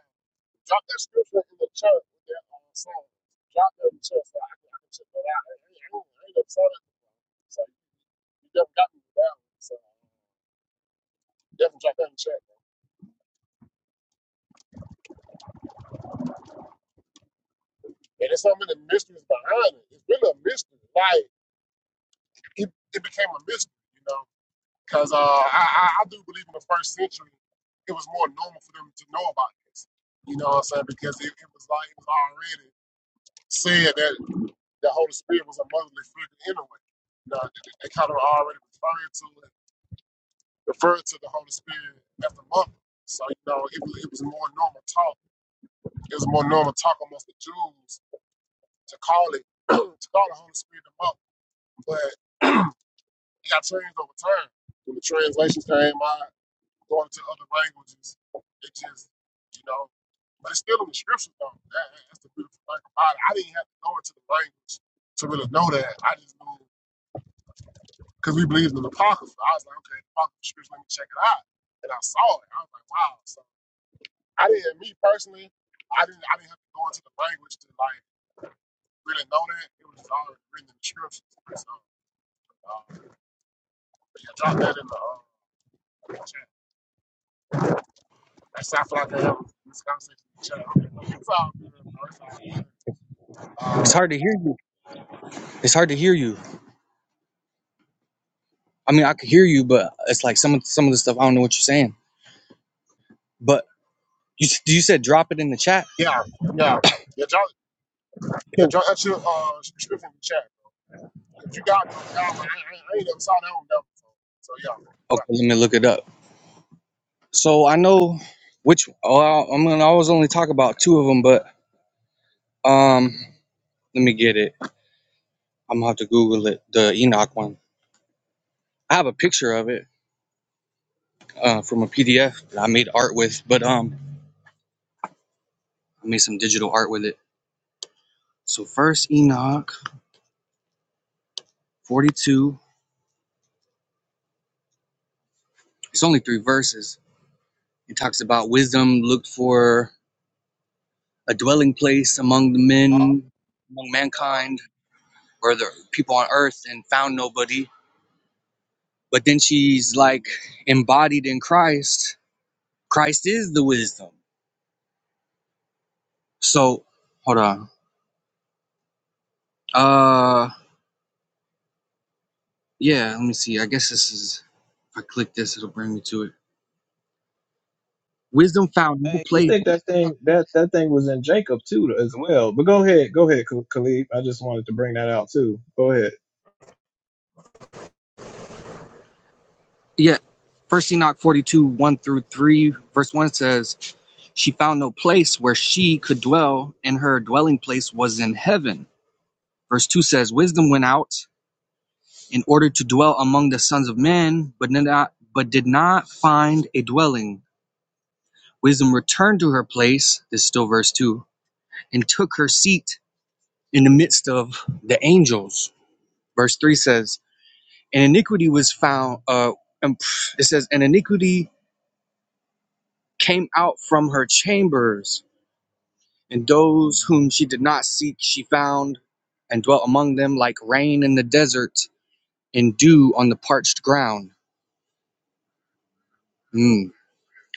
Speaker 2: drop that scripture in the church. with that uh, song. Drop that in the church. so I can, I can check that out. I ain't, I ain't, I ain't never saw that. So you definitely got me with that one. So definitely drop that in the chat, bro. And there's so many mysteries behind it. It's really a mystery. Like, it, it became a mystery, you know? Because uh, I, I, I do believe in the first century, it was more normal for them to know about this. You know what I'm saying? Because it, it was like it was already said that. the Holy Spirit was a motherly figure anyway. Now, they, they kind of already referring to it, referred to the Holy Spirit as the mother. So, you know, it was, it was more normal talk. It was more normal talk amongst the Jews to call it, to call the Holy Spirit the mother. But it got changed over time. When the translations came out, going to other languages, it just, you know, but it's still in the scriptures, though. that- that's the beautiful thing about it. I didn't have to go into the language to really know that. I just knew. because we believed in the Apocrypha. I was like, okay, the Apocrypha scripture, let me check it out. And I saw it. I was like, wow. So I didn't, me personally, I didn't, I didn't have to go into the language to like really know that. It was just already written in the scriptures. So uh, yeah, drop that in the uh, chat. That sounds like I have this conversation in the chat. Okay, It's all good, bro. It's all good.
Speaker 3: It's
Speaker 2: Uh,
Speaker 3: hard to hear you. It's hard to hear you. I mean, I could hear you, but it's like some of some of the stuff I don't know what you're saying. But you s- you said drop it in the chat.
Speaker 2: yeah, yeah, yeah. Drop, yeah,
Speaker 3: Cool.
Speaker 2: drop that your uh, scripture in the chat. Cause you got me on that one. I, I, I ain't never saw that one. Never. So, so yeah,
Speaker 3: Okay,
Speaker 2: drop that.
Speaker 3: let me look it up. So I know which. Oh, I- I'm gonna always only talk about two of them, but um, let me get it. I'm gonna have to Google it. The Enoch one. I have a picture of it uh, from a PDF that I made art with, but um, I made some digital art with it. So first Enoch 42, it's only three verses. It talks about wisdom looked for a dwelling place among the
Speaker 2: Uh,
Speaker 3: men, among
Speaker 2: uh,
Speaker 3: mankind, or the people on earth and found nobody. But then she's like embodied in Christ. Christ is the wisdom. So hold on. Uh yeah, let me see. I guess this is if I click this, it'll bring me to it. Wisdom found no
Speaker 1: Hey, you
Speaker 3: place.
Speaker 1: think that thing that that thing was in Jacob too as well? But go ahead, go ahead, Kh- Khalid. I just wanted to bring that out too. Go ahead,
Speaker 3: Yeah. First Enoch 42, 1 through 3, verse 1 says She found no place where she could dwell, and her dwelling place was in heaven. Verse 2 says, Wisdom went out in order to dwell among the sons of men, but did not, but did not find a dwelling. Wisdom returned to her place, this is still verse 2, and took her seat in the midst of the angels. Verse 3 says, And iniquity was found, uh, and it says, And iniquity came out from her chambers And those whom she did not seek, she found and dwelt among them like rain in the desert and dew on the parched ground. Mm.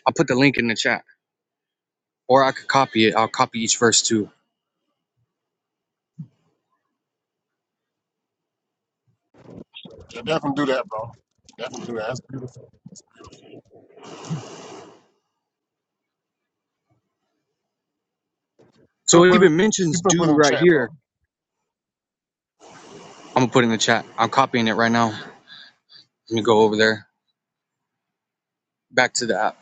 Speaker 3: I'll put the link in the chat, or I could copy it. I'll copy each verse too.
Speaker 2: Yeah, definitely do that, bro. Definitely do that. That's beautiful. You
Speaker 3: So
Speaker 2: gonna
Speaker 3: it
Speaker 2: put it?
Speaker 3: even
Speaker 2: You
Speaker 3: mentions
Speaker 2: better put it
Speaker 3: dew
Speaker 2: in the
Speaker 3: right
Speaker 2: chat, bro.
Speaker 3: here. I'm gonna put it in the chat. I'm copying it right now. Let me go over there back to the app.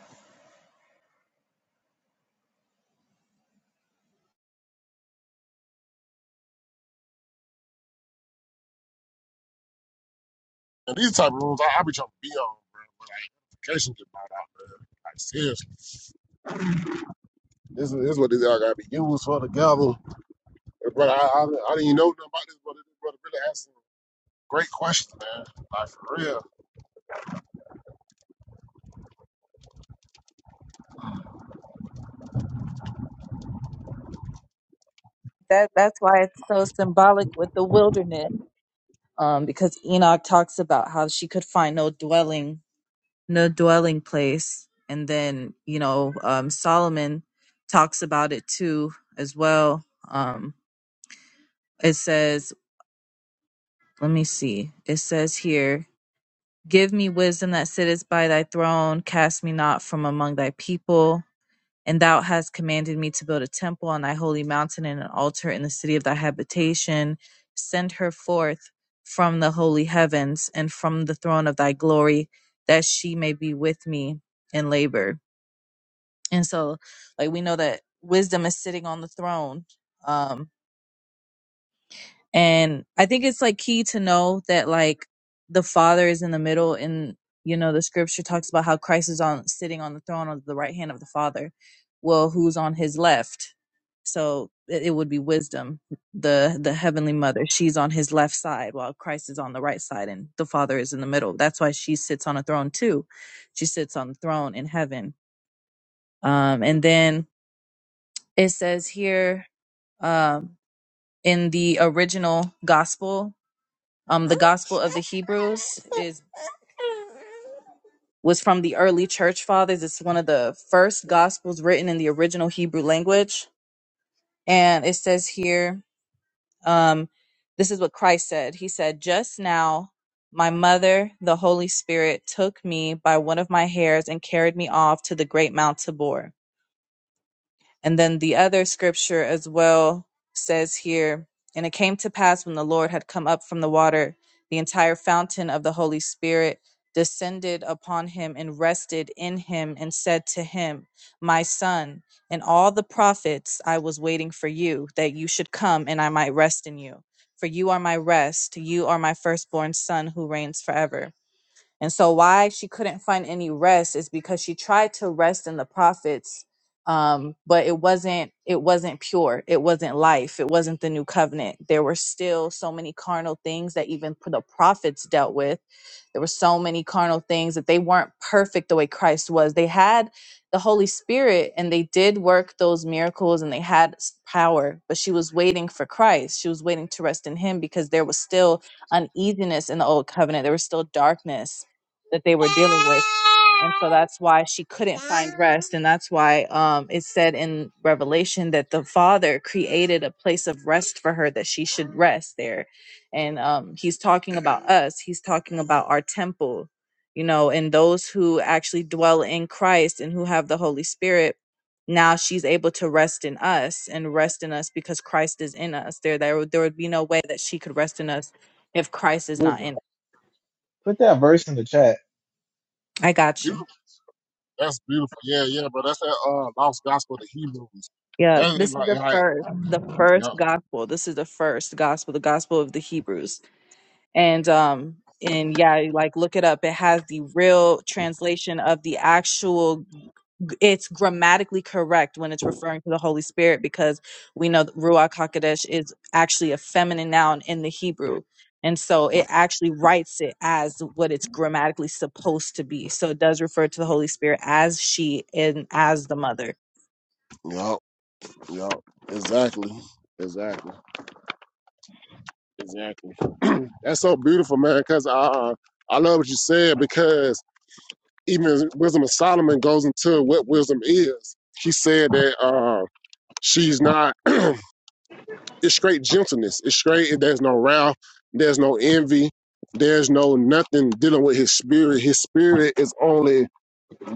Speaker 2: And these type of rooms, I, I be trying to be on, bro. But like, notifications get bought out, man. Like seriously, this is, this is what this all gotta be used for together. But brother, I, I, I didn't even know nothing about this, brother. This brother really asking great questions, man. Like for real,
Speaker 4: That that's why it's so symbolic with the wilderness. Um, because Enoch talks about how she could find no dwelling, no dwelling place, and then you know, um, Solomon talks about it too as well. Um, it says. let me see. It says here, Give me wisdom that sitteth by thy throne, cast me not from among thy people. And thou hast commanded me to build a temple on thy holy mountain and an altar in the city of thy habitation. Send her forth from the holy heavens and from the throne of thy glory, that she may be with me in labor. And so, like, we know that wisdom is sitting on the throne. Um, And I think it's like key to know that like the Father is in the middle and you know the scripture talks about how Christ is on sitting on the throne on the right hand of the Father. Well, who's on his left? So it it would be wisdom, the the heavenly mother. She's on his left side while Christ is on the right side and the Father is in the middle. That's why she sits on a throne too. She sits on the throne in heaven. Um and then it says here um in the original gospel um, the Gospel of the Hebrews is was from the early church fathers. It's one of the first gospels written in the original Hebrew language. And it says here, um, this is what Christ said. He said, Just now my mother, the Holy Spirit, took me by one of my hairs and carried me off to the great Mount Tabor. And then the other scripture as well says here, and it came to pass when the Lord had come up from the water, the entire fountain of the Holy Spirit descended upon him and rested in him and said to him, My son, and all the prophets I was waiting for you, that you should come and I might rest in you. For you are my rest, you are my firstborn son who reigns forever. And so, why she couldn't find any rest is because she tried to rest in the prophets, um, but it wasn't it wasn't pure. It wasn't life. It wasn't the new covenant. There were still so many carnal things that even the prophets dealt with there were so many carnal things that they weren't perfect the way Christ was. They had the Holy Spirit and they did work those miracles and they had s- power, but she was waiting for Christ. She was waiting to rest in Him because there was still uneasiness in the old covenant, there was still darkness that they were dealing with. And so that's why she couldn't find rest. And that's why um, it said in Revelation that the Father created a place of rest for her that she should rest there and um, he's talking about us he's talking about our temple you know and those who actually dwell in christ and who have the holy spirit now she's able to rest in us and rest in us because christ is in us there there, would- there would be no way that she could rest in us if christ is not in
Speaker 1: wisdom.
Speaker 4: us.
Speaker 1: Put that verse in the chat.
Speaker 4: i got you
Speaker 2: beautiful. That's beautiful. Yeah, yeah, bro. That's that uh lost gospel of the Hebrews.
Speaker 4: yeah
Speaker 2: That's
Speaker 4: this is
Speaker 2: like,
Speaker 4: the
Speaker 2: like,
Speaker 4: first the first
Speaker 2: yup,
Speaker 4: gospel this is the first gospel the gospel of the hebrews and um and yeah like look it up it has the real translation of the actual it's grammatically correct when it's referring to the holy spirit because we know that ruach hakodesh is actually a feminine noun in the hebrew and so it actually writes it as what it's grammatically supposed to be so it does refer to the holy spirit as she and as the mother
Speaker 2: yup, yup. Exactly, exactly, exactly. That's so beautiful, man. Because I, I love what you said. Because even Wisdom of Solomon goes into what wisdom is. She said that uh, she's not. it's straight gentleness. It's straight. There's no wrath. There's no envy. There's no nothing dealing with his spirit. His spirit is only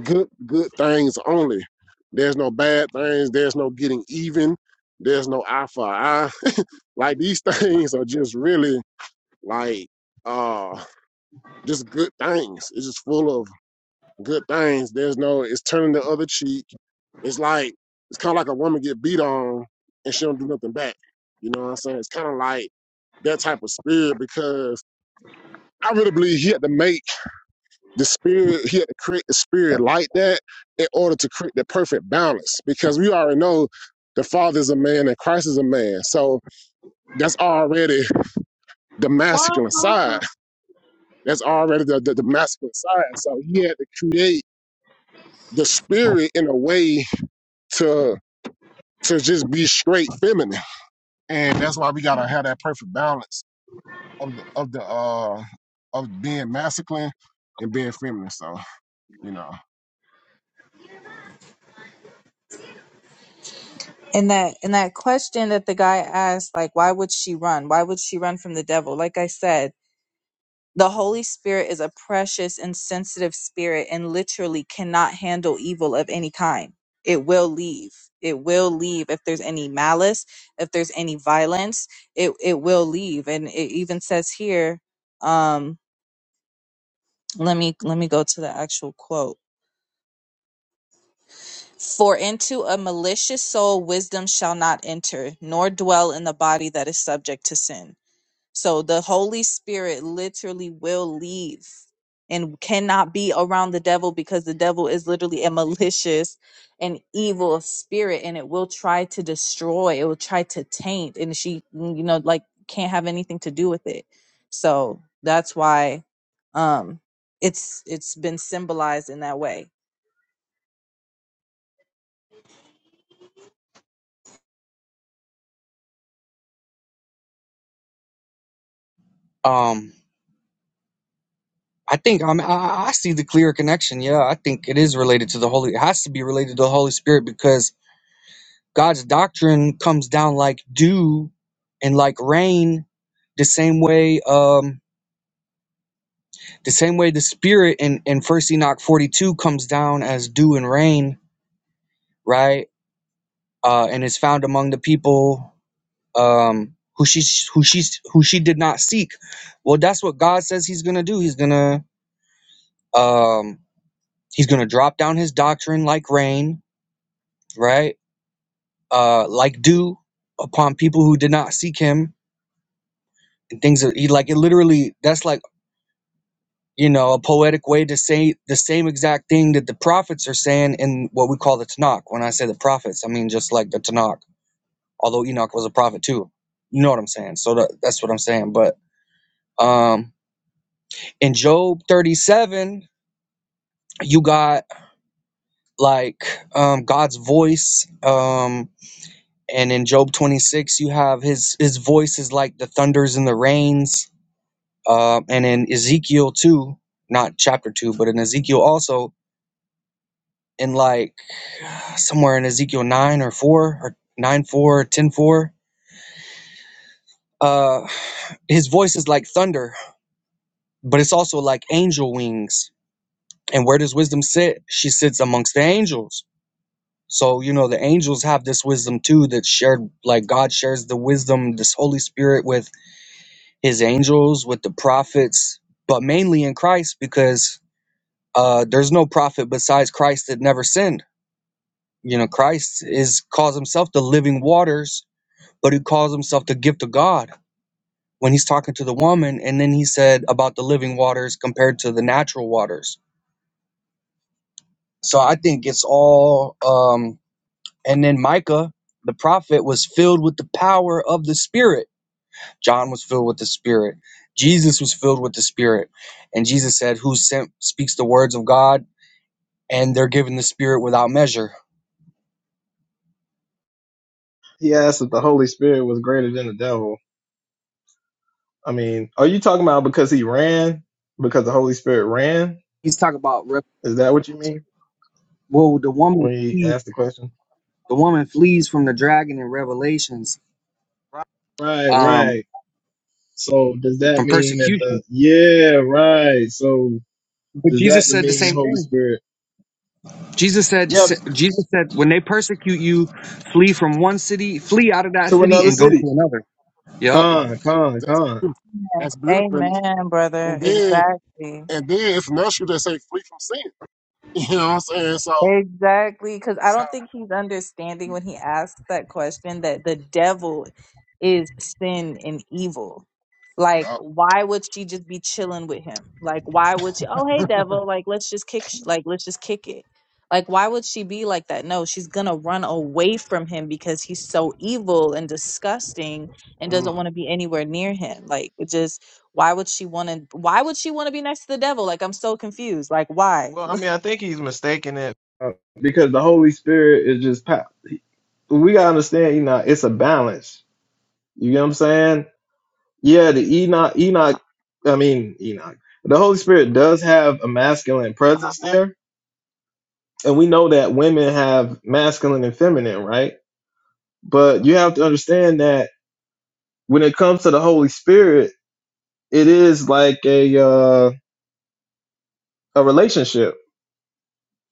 Speaker 2: good, good things only. There's no bad things. There's no getting even. There's no eye for eye. Like these things are just really like. uh just good things. It's just full of good things. There's no, it's turning the other cheek. It's like, it's kind of like a woman get beat on and she don't do nothing back. You know what I'm saying? It's kind of like that type of spirit because I really believe he had to make the spirit, he had to create the spirit like that in order to create the perfect balance because we already know the father is a man and Christ is a man. So that's already the masculine side. That's already the, the, the masculine side. So he had to create the spirit in a way to to just be straight feminine and that's why we gotta have that perfect balance of the of the uh of being masculine and being feminine so you know
Speaker 4: and that and that question that the guy asked like why would she run why would she run from the devil like i said The Holy Spirit is a precious and sensitive spirit and literally cannot handle evil of any kind. It will leave. It will leave if there's any malice, if there's any violence, it it will leave. And it even says here, um, let me let me go to the actual quote. For into a malicious soul wisdom shall not enter, nor dwell in the body that is subject to sin. So the Holy Spirit literally will leave and cannot be around the devil because the devil is literally a malicious and evil spirit and it will try to destroy, it will try to taint, and she, mm, you know, like can't have anything to do with it. So that's why um it's it's been symbolized in that way.
Speaker 3: Um, I think I'm, I, I see the clear connection. Yeah, I think it is related to the Holy. It has to be related to the Holy Spirit because God's doctrine comes down like dew and like rain, the same way um the same way the spirit in in First Enoch 42 comes down as dew and rain, right? Uh and is found among the people um who she who she who she did not seek. Well, that's what God says he's going to do. He's going to um he's going to drop down his doctrine like rain, right? Uh like dew upon people who did not seek him and things that he like it literally that's like you know, a poetic way to say the same exact thing that the prophets are saying in what we call the Tanakh. When I say the prophets, I mean just like the Tanakh, although Enoch was a prophet too. You know what I'm saying? So that, that's what I'm saying. But um, in Job 37, you got like um, God's voice. Um, and in Job 26, you have his, his voice is like the thunders and the rains. Um, and in Ezekiel 2, not chapter 2, but in Ezekiel also, in like somewhere in Ezekiel 9 or 4 or 9 4 or 10 four. Uh, his voice is like thunder, but it's also like angel wings. And where does wisdom sit? She sits amongst the angels. So, you know, the angels have this wisdom too that's shared, like God shares the wisdom, this Holy Spirit with his angels, with the prophets, but mainly in Christ because uh, there's no prophet besides Christ that never sinned. You know, Christ is calls himself the living waters, but he calls himself the gift of God when he's talking to the woman and then he said about the living waters compared to the natural waters so i think it's all um and then micah the prophet was filled with the power of the spirit john was filled with the spirit jesus was filled with the spirit and jesus said who sent speaks the words of god and they're given the spirit without measure
Speaker 1: He asked if the Holy Spirit was greater than the devil. I mean, are you talking about because he ran? Because the Holy Spirit ran?
Speaker 3: he's talking about Re-
Speaker 1: Is that what you mean
Speaker 3: well the woman
Speaker 1: when you
Speaker 3: flees-
Speaker 1: asked the question?
Speaker 3: the woman flees from the dragon in revelations
Speaker 1: Right, right.
Speaker 3: um
Speaker 1: So does that
Speaker 3: from
Speaker 1: mean that the
Speaker 3: persecution
Speaker 1: yeah right? So
Speaker 3: but
Speaker 1: does that
Speaker 3: jesus said the
Speaker 1: mean
Speaker 3: same
Speaker 1: Holy
Speaker 3: thing
Speaker 1: Spirit?
Speaker 3: Jesus said,
Speaker 1: Yep,
Speaker 3: Jesus said, when they persecute you, flee from one city, flee out of that
Speaker 1: to
Speaker 3: city
Speaker 1: another
Speaker 3: and go
Speaker 1: city.
Speaker 3: to another. Yep.
Speaker 1: Con, con,
Speaker 2: that's
Speaker 1: con.
Speaker 2: beautiful that's beautiful
Speaker 4: Amen, brother.
Speaker 2: and then
Speaker 4: Exactly.
Speaker 2: and then it's natural to say free from sin you know what i'm saying so
Speaker 4: Exactly, because I
Speaker 2: so
Speaker 4: don't think he's understanding when he asks that question that the devil is sin and evil. Like,
Speaker 2: yeah
Speaker 4: why would she just be chilling with him? Like, why would she? Oh, hey, devil! Like, let's just kick. sh- Like, let's just kick it. Like, why would she be like that? No, she's gonna run away from him because he's so evil and disgusting and doesn't
Speaker 2: mm.
Speaker 4: want to be anywhere near him. Like, it just why would she want to? Why would she want to be next to the devil? Like, I'm so confused. Like, why?
Speaker 1: Well, I mean, I think he's mistaken it. Uh, because the Holy Spirit is just pow- we gotta understand, Enoch. It's a balance. You get what I'm saying? Yeah, the Enoch, Enoch. I mean, Enoch. The Holy Spirit does have a masculine presence there, and we know that women have masculine and feminine, right? But you have to understand that when it comes to the Holy Spirit, it is like a uh, a relationship.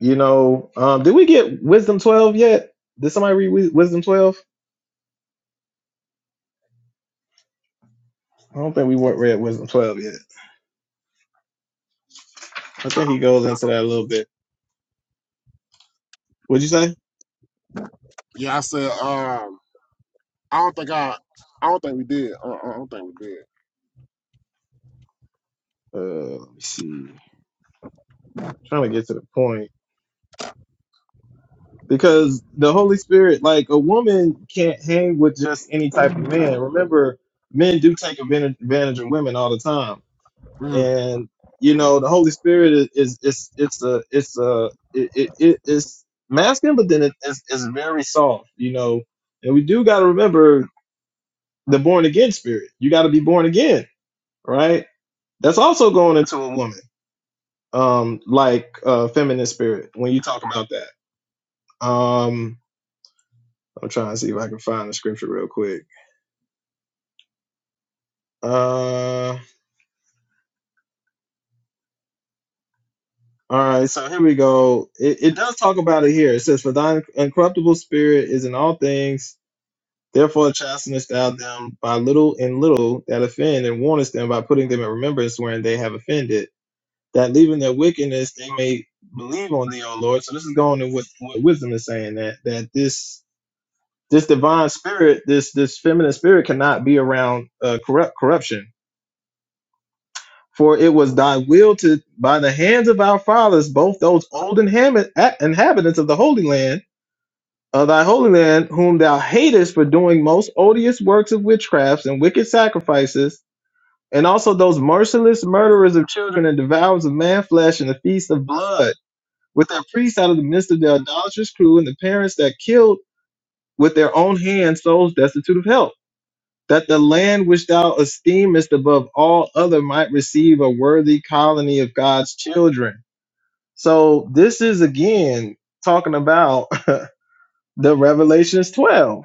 Speaker 1: You know, um, did we get Wisdom twelve yet? Did somebody read Wisdom twelve? I don't think we wa- read Wisdom twelve yet. I think he goes into that a little bit. What'd you say?
Speaker 2: yeah i said um i don't think i i don't think we did uh, uh, i don't think we did
Speaker 1: Uh, let me see. I'm Trying to get to the point because the Holy Spirit, like a woman, can't hang with just any type of man. Remember, men do take advantage advantage of women all the time
Speaker 2: mm,
Speaker 1: and you
Speaker 2: mm.
Speaker 1: know the holy spirit is, is it's it's a it's a it, it, it- it's masculine but then it is it's very soft you know and we do got to remember the born again spirit you got to be born again right that's also going into a woman um like uh feminine spirit when you talk about that um i'm trying to see if i can find the scripture real quick uh all right, so here we go. It, it does talk about it here. It says, For thine incorruptible spirit is in all things Therefore, chastenest thou them by little and little that offend, and warnest them by putting them in remembrance wherein they have offended, that leaving their wickedness they may believe on thee, O Lord. So this is going to what, what wisdom is saying that that this this divine spirit, this this feminine spirit, cannot be around uh, corrupt corruption. For it was thy will to by the hands of our fathers, both those old inhabit- inhabitants of the Holy Land of thy holy land, whom thou hatest for doing most odious works of witchcrafts and wicked sacrifices, and also those merciless murderers of children and devourers of man flesh and the feast of blood, with their priests out of the midst of their idolatrous crew, and the parents that killed with their own hands souls destitute of help, that the land which thou esteemest above all other might receive a worthy colony of God's children. So this is again talking about the Revelations 12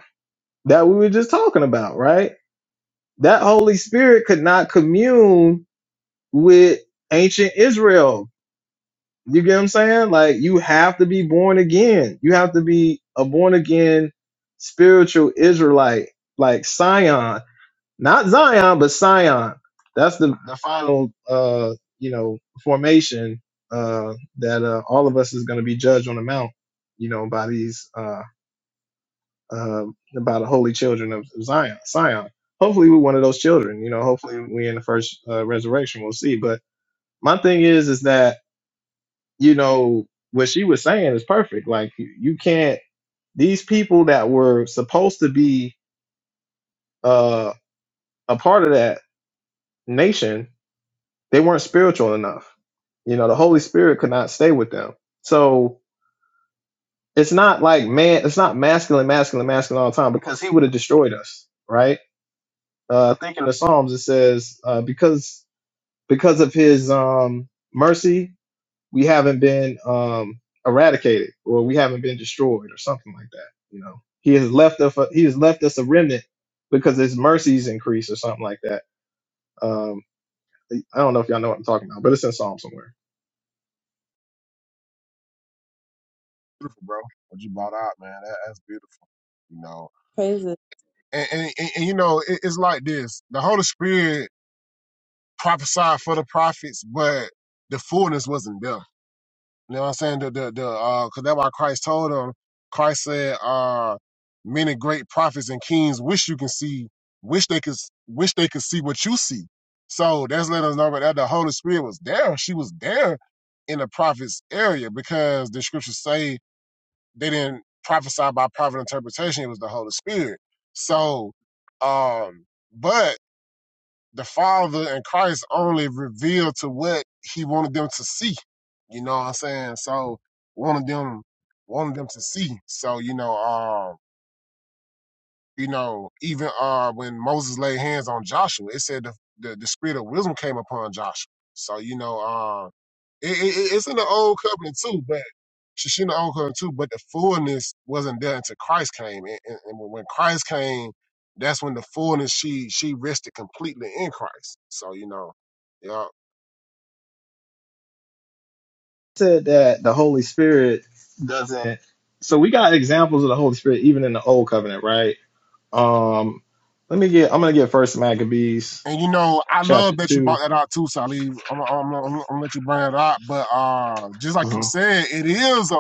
Speaker 1: that we were just talking about, right? That Holy Spirit could not commune with ancient Israel. You get what I'm saying? Like you have to be born again. You have to be a born again spiritual Israelite, like Sion, not Zion, but Sion. That's the, the final uh you know formation uh that uh, all of us is gonna be judged on the mount, you know, by these uh, um, about the holy children of Zion. Zion. Hopefully, we're one of those children. You know, hopefully, we in the first uh, resurrection. We'll see. But my thing is, is that you know what she was saying is perfect. Like you, you can't. These people that were supposed to be uh, a part of that nation, they weren't spiritual enough. You know, the Holy Spirit could not stay with them. So it's not like man, it's not masculine, masculine, masculine all the time because he would have destroyed us, right? Uh, I think in the Psalms it says, uh, because because of His um, mercy, we haven't been um, eradicated, or we haven't been destroyed, or something like that. You know, He has left us. He has left us a remnant because His mercies increase, or something like that. Um, I don't know if y'all know what I'm talking about, but it's in Psalm somewhere.
Speaker 2: beautiful bro what you brought out man that, that's beautiful you know
Speaker 4: Praises.
Speaker 2: and, and, and, and, you know it, it's like this the holy spirit prophesied for the prophets but the fullness wasn't there you know what i'm saying the the, the uh because that's why christ told them christ said uh many great prophets and kings wish you can see wish they could wish they could see what you see so that's letting us know that the holy spirit was there she was there in the prophets area because the scriptures say they didn't prophesy by private interpretation. It was the Holy Spirit. So, um, but the Father and Christ only revealed to what He wanted them to see. You know what I'm saying? So wanted them, wanted them to see. So you know, um, you know, even uh, when Moses laid hands on Joshua, it said the the, the spirit of wisdom came upon Joshua. So you know, um it, it, it's in the old covenant too, but she's in the old covenant too. But the fullness wasn't there until Christ came, and, and, and when Christ came, that's when the fullness she she rested completely in Christ. So you know, yeah.
Speaker 1: said that the Holy Spirit doesn't. So we got examples of the Holy Spirit even in the Old Covenant, right? Um, let me get. I'm gonna get First Maccabees
Speaker 2: And you know, I
Speaker 1: chapter
Speaker 2: love that you
Speaker 1: two.
Speaker 2: brought that out too, Sally. I'm, I'm, I'm, I'm gonna let you bring it out, but uh, just like you said, it is a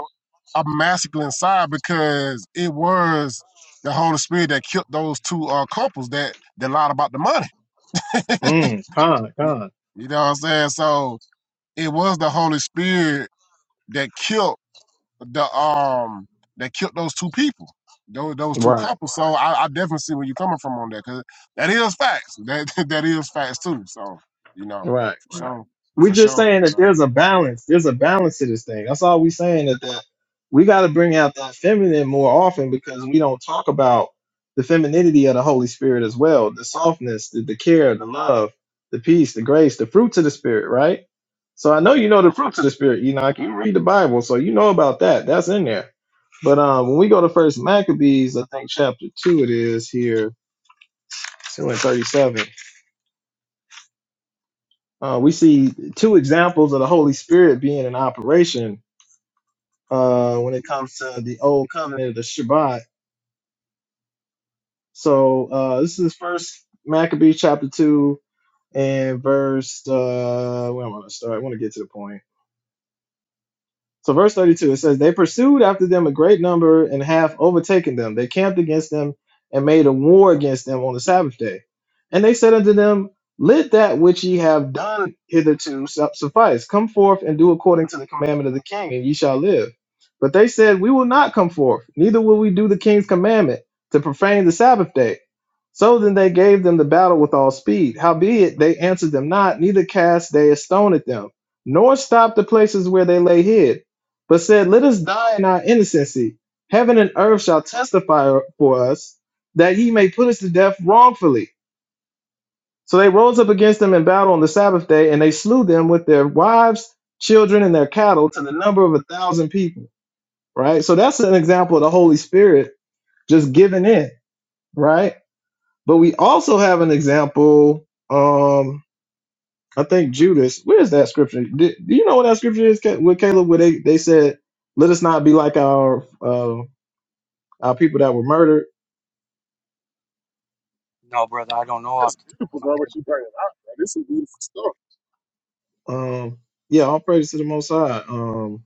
Speaker 2: a masculine side because it was the Holy Spirit that killed those two uh, couples that that lied about the money.
Speaker 1: Mm, con,
Speaker 2: You
Speaker 1: con.
Speaker 2: you know what I'm saying? So it was the Holy Spirit that killed the um that killed those two people, those those two
Speaker 1: Right,
Speaker 2: couples. So I, I definitely see where you're coming from on that because that is facts. That that is facts too. So you know,
Speaker 1: right,
Speaker 2: for
Speaker 1: right.
Speaker 2: sure,
Speaker 1: We're
Speaker 2: for
Speaker 1: just
Speaker 2: sure, for
Speaker 1: saying that
Speaker 2: sure.
Speaker 1: there's a balance. There's a balance to this thing. That's all we're saying that, that we got to bring out that feminine more often because we don't talk about the femininity of the Holy Spirit as well the softness, the, the care, the love, the peace, the grace, the fruits of the Spirit, right? So I know you know the fruits of the Spirit. You know, like you read the Bible, so you know about that. That's in there. But um, when we go to First Maccabees, I think chapter two it is here, two and thirty-seven. Uh, we see two examples of the Holy Spirit being in operation uh, when it comes to the Old Covenant, the Shabbat. So uh, this is first Maccabees chapter two and verse. Uh, where I want to start, I want to get to the point. So verse 32, it says, They pursued after them a great number and half overtaken them. They camped against them and made a war against them on the Sabbath day. And they said unto them, Let that which ye have done hitherto su- suffice. Come forth and do according to the commandment of the king, and ye shall live. But they said, We will not come forth, neither will we do the king's commandment to profane the Sabbath day. So then they gave them the battle with all speed. Howbeit they answered them not, neither cast they a stone at them, nor stopped the places where they lay hid but said, Let us die in our innocency. Heaven and earth shall testify for us, that ye may put us to death wrongfully. So they rose up against them in battle on the Sabbath day, and they slew them with their wives, children, and their cattle to the number of a thousand people. Right? So that's an example of the Holy Spirit just giving in, right? But we also have an example, um, I think Judas, where's that scripture? Do, do you know what that scripture is, Ca- with Caleb, where they, they said, Let us not be like our uh our people that were murdered.
Speaker 3: No, brother, I don't know off
Speaker 2: That's
Speaker 3: the top
Speaker 2: beautiful,
Speaker 3: of my
Speaker 2: bro.
Speaker 3: head.
Speaker 2: What you bringing out, bro? This is beautiful stuff,
Speaker 1: Um, yeah, all praise to the Most High. Um,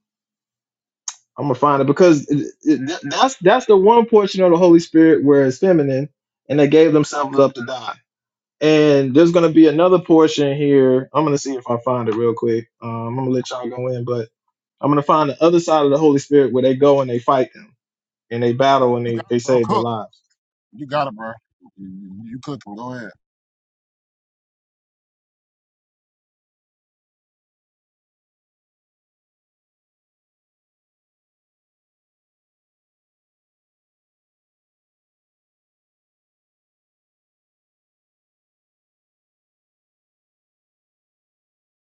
Speaker 1: I'm gonna find it because it, it, that's that's the one portion of the Holy Spirit where it's feminine, and they gave themselves up to die. And there's gonna be another portion here. I'm gonna see if I find it real quick. Um, I'm gonna let y'all go in, but I'm gonna find the other side of the Holy Spirit where they go and they fight them and they battle and they they
Speaker 2: bro.
Speaker 1: save their
Speaker 2: Cook,
Speaker 1: lives.
Speaker 2: you got it, bro. You, you cooking? Go ahead.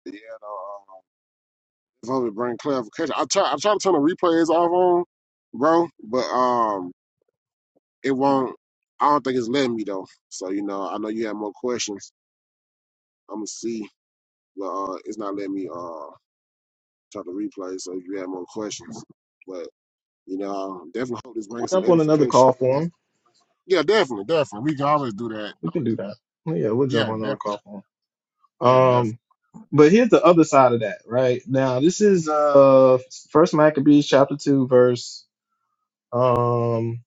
Speaker 2: Yeah, no. Um, just wanted to bring clarification. I try, I try to turn the replays off on, bro, but um. it won't. I don't think it's letting me though. So you know, I know you have more questions. I'm gonna see, but uh, it's not letting me uh try to replay. So if you have more questions, but you know, I definitely hope this
Speaker 1: We'll
Speaker 2: brings some
Speaker 1: jump on another
Speaker 2: edification.
Speaker 1: call for them.
Speaker 2: Yeah, definitely, definitely. We can always do that.
Speaker 1: We can do that. Well, Yeah, we'll jump
Speaker 2: Yeah,
Speaker 1: on another
Speaker 2: definitely.
Speaker 1: call for
Speaker 2: Yeah,
Speaker 1: them.
Speaker 2: definitely.
Speaker 1: But here's the other side of that, right? Now this is uh first Maccabees chapter two, verse um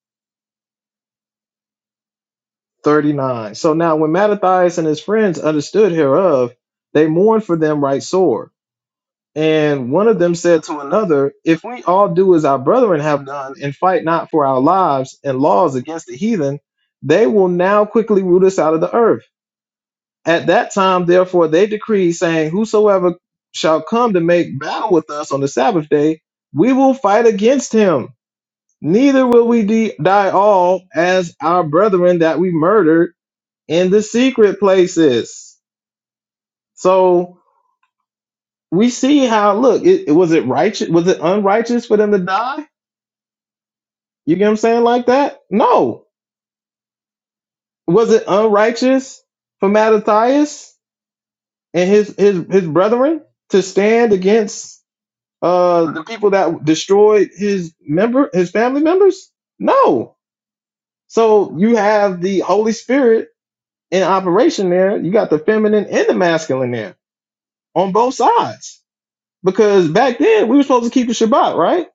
Speaker 1: thirty-nine. So now when Mattathias and his friends understood hereof, they mourned for them right sore. And one of them said to another, If we all do as our brethren have done, and fight not for our lives and laws against the heathen, they will now quickly root us out of the earth. At that time, therefore, they decreed, saying, Whosoever shall come to make battle with us on the Sabbath day, we will fight against him. Neither will we de- die all as our brethren that we murdered in the secret places. So we see how, look, it, it- was it righteous? Was it unrighteous for them to die? You get what I'm saying like that? No. Was it unrighteous for Mattathias and his, his, his brethren to stand against uh the people that destroyed his member his family members no so you have the holy spirit in operation there you got the feminine and the masculine there on both sides because back then we were supposed to keep the shabbat right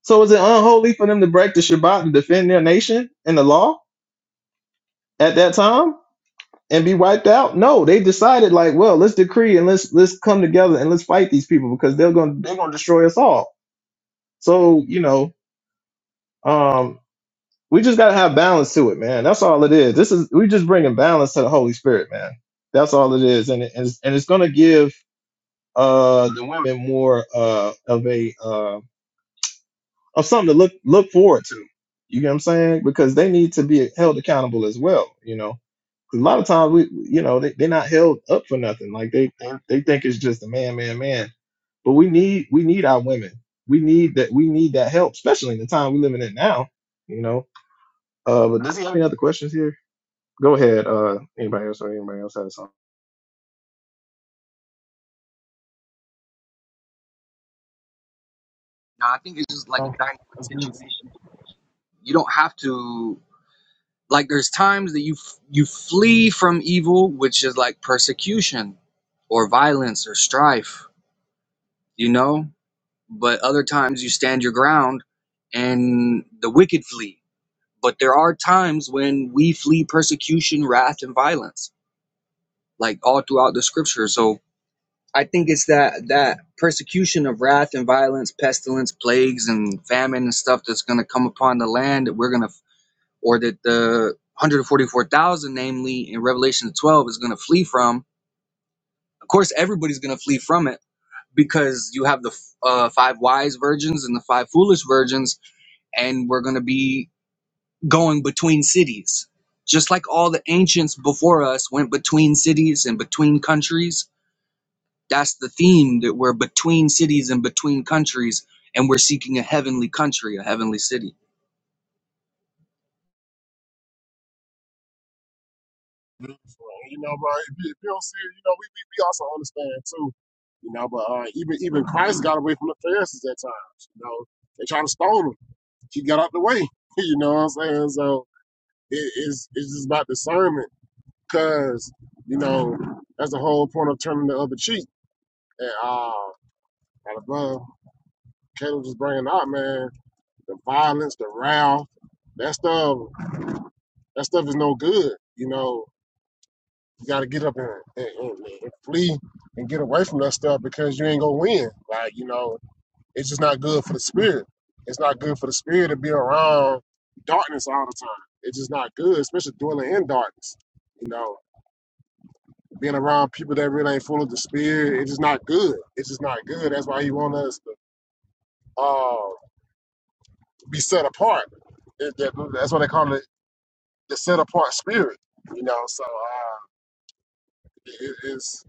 Speaker 1: so is it unholy for them to break the shabbat and defend their nation and the law at that time and be wiped out no they decided like well let's decree and let's let's come together and let's fight these people because they're gonna they're gonna destroy us all so you know um We just gotta have balance to it, man. That's all it is. This is we just bringing balance to the Holy Spirit, man. That's all it is, and it, and it's, and it's gonna give uh the women more uh of a uh of something to look look forward to. You get what I'm saying? Because they need to be held accountable as well. You know, 'Cause a lot of times we you know they they're not held up for nothing. Like they they they think it's just a man, man, man. But we need we need our women. We need that we need that help, especially in the time we're living in now. You know. Uh, but does he have any other questions here? Go ahead. Uh, anybody else or anybody else had a song?
Speaker 3: No, I think it's just like
Speaker 2: Oh,
Speaker 3: a dynamic
Speaker 2: That's beautiful.
Speaker 3: situation. You don't have to like. There's times that you f- you flee from evil, which is like persecution, or violence, or strife. You know, but other times you stand your ground, and the wicked flee. But there are times when we flee persecution, wrath, and violence like all throughout the scripture. So I think it's that that persecution of wrath and violence, pestilence, plagues, and famine and stuff that's going to come upon the land that we're going to, or that the 144,000, namely in Revelation 12, is going to flee from. Of course, everybody's going to flee from it because you have the uh, five wise virgins and the five foolish virgins, and we're going to be going between cities. Just like all the ancients before us went between cities and between countries, That's the theme that we're between cities and between countries, and we're seeking a heavenly country, a heavenly city.
Speaker 2: Beautiful. And, You know, bro. If you, if you don't see it, you know, we, we we also understand too. You know, but uh, even even Christ got away from the Pharisees at times. You know, they try to stone him. He got out the way. You know what I'm saying? So It is it's it's just about discernment, cause you know that's the whole point of turning the other cheek. And uh, out of love, Caleb just bringing out, man, the violence, the wrath, that stuff, that stuff is no good. You know, you got to get up and, and, and, and flee and get away from that stuff because you ain't gonna win. Like you know, it's just not good for the spirit. It's not good for the spirit to be around darkness all the time. It's just not good, especially dwelling in darkness. You know, being around people that really ain't full of the spirit, it's just not good. It's just not good. That's why he want us to uh, be set apart. That- that- that's what they call it, the set apart spirit. You know, so uh, it, it's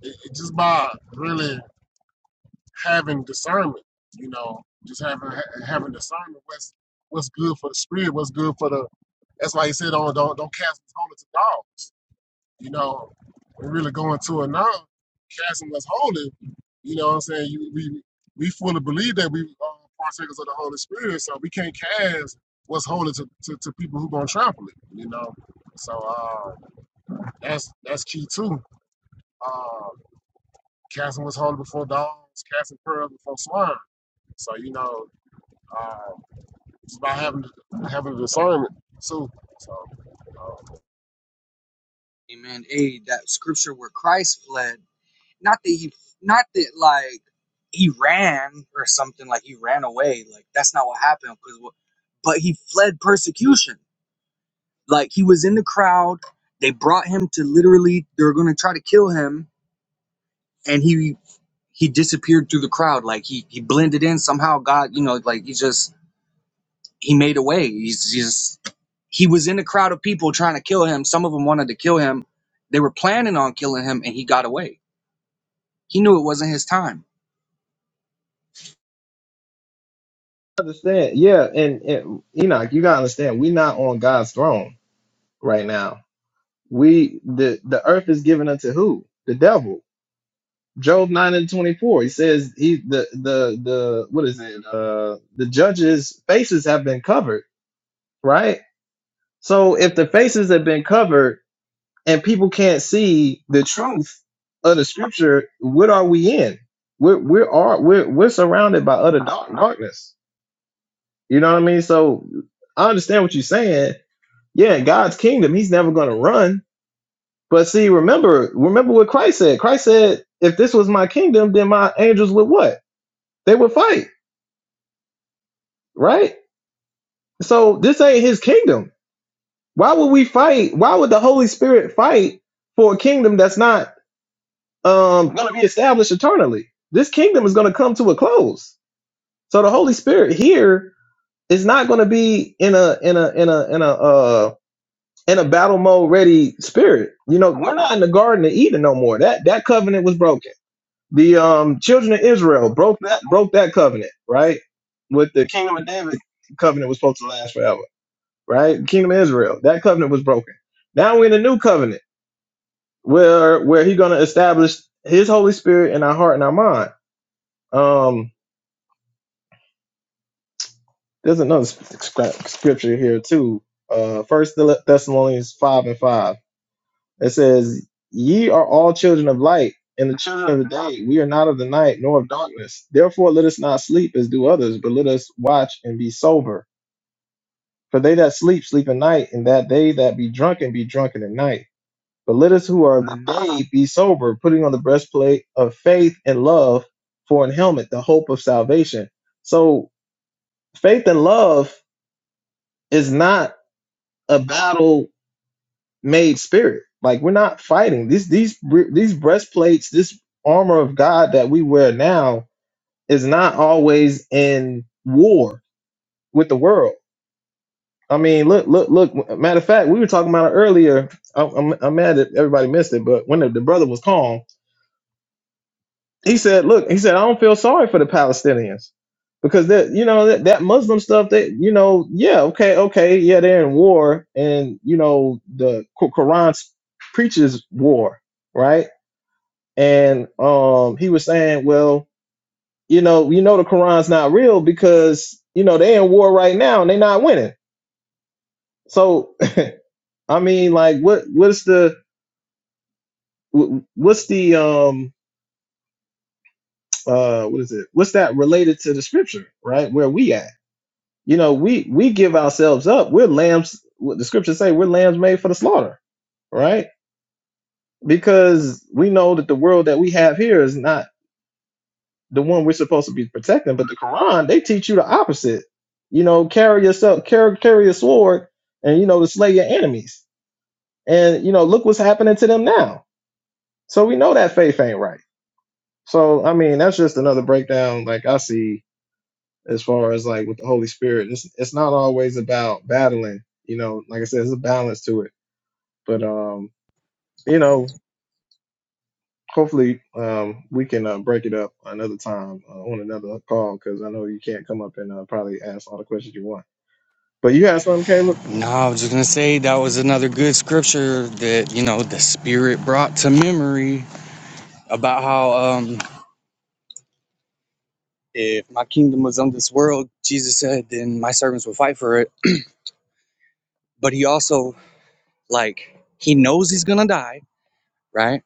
Speaker 2: it, it just by really having discernment. You know, just having ha- having discernment. What's what's good for the spirit? What's good for the? That's why he said, "Don't don't don't cast this home to dogs." you know, we really going to it now, casting us holy. You know what I'm saying? You, we we fully believe that we are partakers of the Holy Spirit, so we can't cast what's holy to, to, to people who gonna trample it, you know. So uh, that's that's key too. Uh, casting what's holy before dogs, casting pearls before swine. So you know, uh, it's about having having discernment too. So. you know,
Speaker 3: Amen. Hey, that scripture where Christ fled, not that he, not that like he ran or something, like he ran away. Like that's not what happened. Because, but he fled persecution. Like he was in the crowd. They brought him to literally. They were going to try to kill him, and he he disappeared through the crowd. Like he he blended in somehow. God, you know, like he just he made a way. He's just he was in a crowd of people trying to kill him. Some of them wanted to kill him. They were planning on killing him, and he got away. He knew it wasn't his time.
Speaker 1: Understand? Yeah, and, and Enoch, you gotta understand, we're not on God's throne right now. We the the earth is given unto who? The devil. Job nine and twenty four. He says he the the the what is it? Uh, the judges' faces have been covered, right? So if the faces have been covered and people can't see the truth of the scripture, what are we in? We're we are we're we're surrounded by utter dark, darkness. You know what I mean? So I understand what you're saying. Yeah, in God's kingdom, he's never going to run. But see, remember, remember what Christ said. Christ said, if this was my kingdom, then my angels would what? They would fight, right? So this ain't his kingdom. Why would we fight? Why would the Holy Spirit fight for a kingdom that's not um, going to be established eternally? This kingdom is going to come to a close. So the Holy Spirit here is not going to be in a in a in a in a uh in a battle mode ready spirit. You know, we're not in the Garden of Eden no more. That that covenant was broken. The um children of Israel broke that broke that covenant, right? With the kingdom of David covenant was supposed to last forever, right? Kingdom of Israel, that covenant was broken. Now we're in a new covenant where where he's gonna establish his Holy Spirit in our heart and our mind. Um there's another sc- sc- scripture here too. Uh first Thessalonians five and five It says, Ye are all children of light, and the children of the day. We are not of the night, nor of darkness. Therefore, let us not sleep as do others, but let us watch and be sober. For they that sleep, sleep at night, and that they that be drunken, be drunken at night. But let us who are of the day be sober, putting on the breastplate of faith and love for an helmet, the hope of salvation. So, faith and love is not a battle made spirit. Like we're not fighting. These these these breastplates, this armor of God that we wear now is not always in war with the world. I mean, look, look, look. Matter of fact, we were talking about it earlier. I'm, I'm, I'm mad that everybody missed it, but when the, the brother was calm, he said, "Look, he said I don't feel sorry for the Palestinians because that you know that, that Muslim stuff that you know yeah okay okay yeah they're in war and you know the Qu- Quran preaches war right and um he was saying, well, you know, you know the Quran's not real because you know they in war right now and they not winning. So I mean, like, what what's the wh- what's the um uh what is it? What's that related to the scripture, right? Where we at? You know, we we give ourselves up. We're lambs. What the scriptures say, we're lambs made for the slaughter, right? Because we know that the world that we have here is not. the one we're supposed to be protecting. But the Quran, they teach you the opposite. You know, carry yourself, carry carry a sword, and you know to slay your enemies. And you know, look what's happening to them now. So we know that faith ain't right. So I mean, that's just another breakdown. Like I see as far as like with the Holy Spirit, it's it's not always about battling. You know, like I said, there's a balance to it. But um, you know, hopefully um we can uh, break it up another time uh, on another call because I know you can't come up and uh, probably ask all the questions you want. But you had something, Caleb.
Speaker 3: No, I was just gonna say that was another good scripture that you know the Spirit brought to memory about how um, if my kingdom was on this world, Jesus said, then my servants would fight for it. But he also like he knows he's gonna die, right?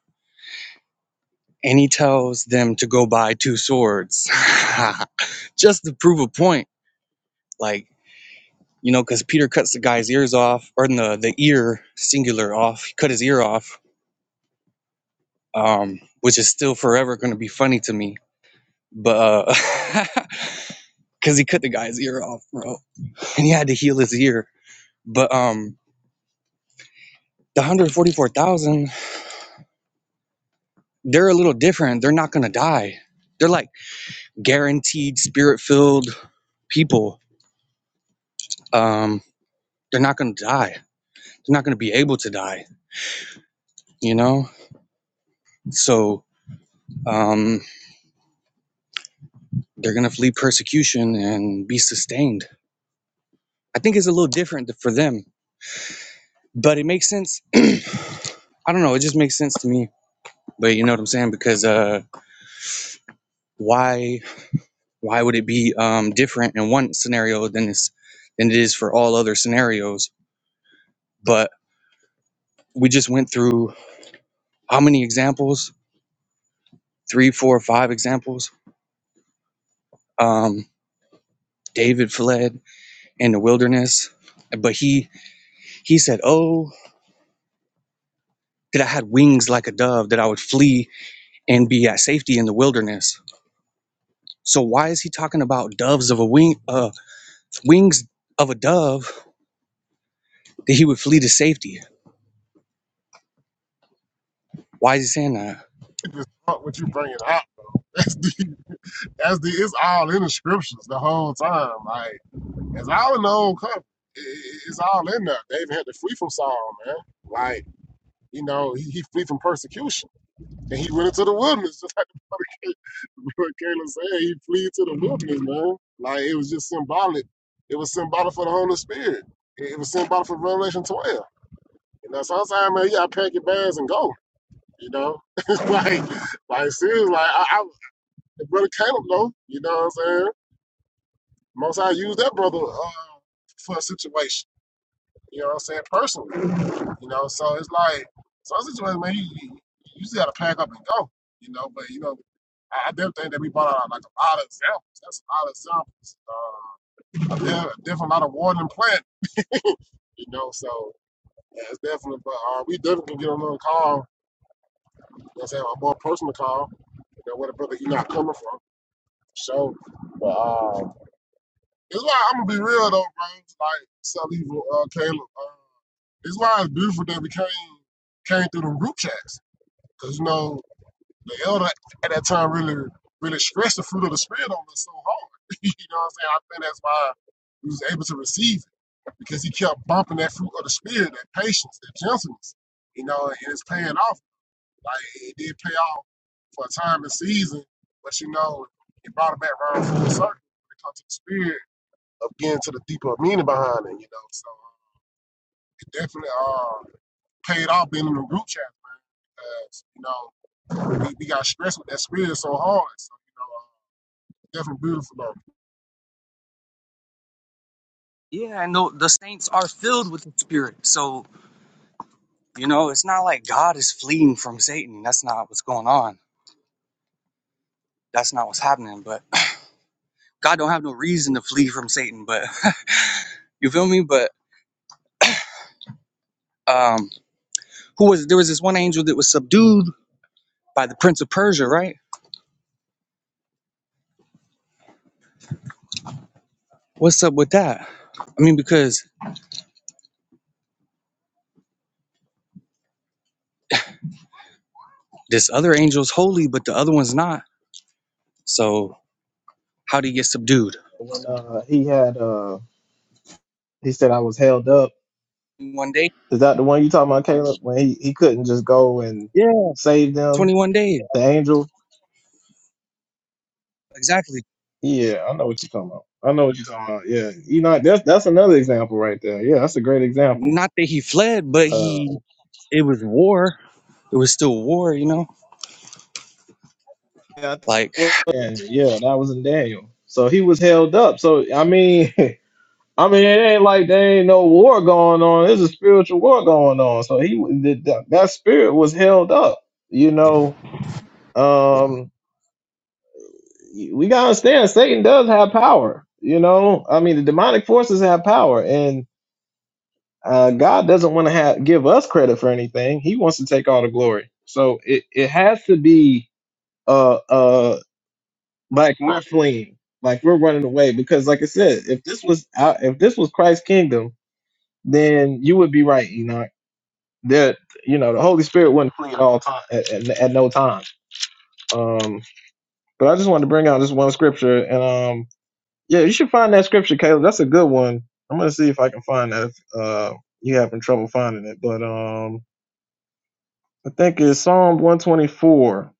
Speaker 3: and he tells them to go buy two swords just to prove a point like you know because peter cuts the guy's ears off or the, the ear singular off he cut his ear off um, which is still forever going to be funny to me but because he cut the guy's ear off bro and he had to heal his ear but um the 144000 they're a little different they're not going to die they're like guaranteed spirit filled people um they're not going to die they're not going to be able to die, you know? So um, they're going to flee persecution and be sustained. I think it's a little different for them, but it makes sense. I don't know. It just makes sense to me. But you know what I'm saying? Because uh, why why would it be um, different in one scenario than it's, than it is for all other scenarios? But we just went through how many examples? Three, four, five examples. Um, David fled in the wilderness, but he He said, Oh, that I had wings like a dove, that I would flee and be at safety in the wilderness. So why is he talking about doves of a wing, uh, wings of a dove that he would flee to safety? Why is he saying that?
Speaker 2: deep is not what you bringing out. though. That's deep. That's the. It's all in the scriptures the whole time. Like it's all in the old covenant. I- It's all in there. David had to flee from Saul, man. Like you know, he, he flee from persecution, and he went into the wilderness, just like the brother Caleb, brother Caleb said. He flee to the wilderness, man. Like it was just symbolic. It was symbolic for the Holy Spirit. It it was symbolic for Revelation 12. You know, sometimes man, you gotta pack your bags and go. You know, like, like seriously, like I, I the brother Caleb know, you know what I'm saying? Most I use that brother uh, for a situation, you know what I'm saying, personally. You know, so it's like some situations, man, you, you, you just gotta pack up and go, you know, but you know, I, I definitely think that we brought out like a lot of examples. That's a lot of examples. Uh, a de- a different lot of warning plant, you know. So yeah, it's definitely, but uh, we definitely can get on another call. You know, what I'm saying a more personal call. You know, where the brother he not coming from. So, but uh, It's why I'm gonna be real though, bro. Like Saliva, uh, Caleb. Uh, it's why it's beautiful that we came came through them group chats, cause you know the elder at that time really really stressed the fruit of the spirit on us so hard. you know what I'm saying? I think that's why we was able to receive it because he kept bumping that fruit of the spirit, that patience, that gentleness. You know, and it's paying off. Like it did pay off for a time and season, but you know it brought it back around full circle when it comes to the spirit of getting to the deeper meaning behind it, you know. So it definitely uh, paid off being in the group chat because, you know, we, we got stressed with that spirit so hard. So, you know, uh, definitely beautiful, though.
Speaker 3: Yeah, and the, the saints are filled with the Spirit. So, you know, it's not like God is fleeing from Satan. That's not what's going on. That's not what's happening. But God don't have no reason to flee from Satan. But you feel me? But um, Who was there was this one angel that was subdued by the prince of Persia, right? What's up with that? I mean, because this other angel's holy, but the other one's not. So how did he get subdued?
Speaker 1: When uh, he had uh, he said I was held up.
Speaker 3: One day?
Speaker 1: Is that the one you talking about, Caleb? When he, he couldn't just go and
Speaker 3: Yeah,
Speaker 1: save them,
Speaker 3: 21 days.
Speaker 1: the angel.
Speaker 3: Exactly.
Speaker 1: Yeah, I know what you're talking about. I know what you're talking about. Yeah, you know that's that's another example right there. Yeah, that's a great example.
Speaker 3: Not that he fled, but
Speaker 1: Uh,
Speaker 3: he it was war. It was still war, you know?
Speaker 1: yeah, I think
Speaker 3: Like
Speaker 1: it was Daniel. yeah, that was in Daniel. So he was held up. So I mean, I mean, it ain't like there ain't no war going on. There's a spiritual war going on. So he that that spirit was held up. You know, um we gotta understand satan does have power you know i mean the demonic forces have power and uh god doesn't want to have give us credit for anything he wants to take all the glory so it it has to be uh uh like we're fleeing like we're running away because like i said if this was out if this was christ's kingdom then you would be right enoch that you know the holy spirit wouldn't flee at all time at, at, at no time um but i just wanted to bring out this one scripture and um Yeah, you should find that scripture, Caleb. That's a good one. I'm gonna see if I can find that. If, uh, you having trouble finding it, but um, I think it's Psalm 124.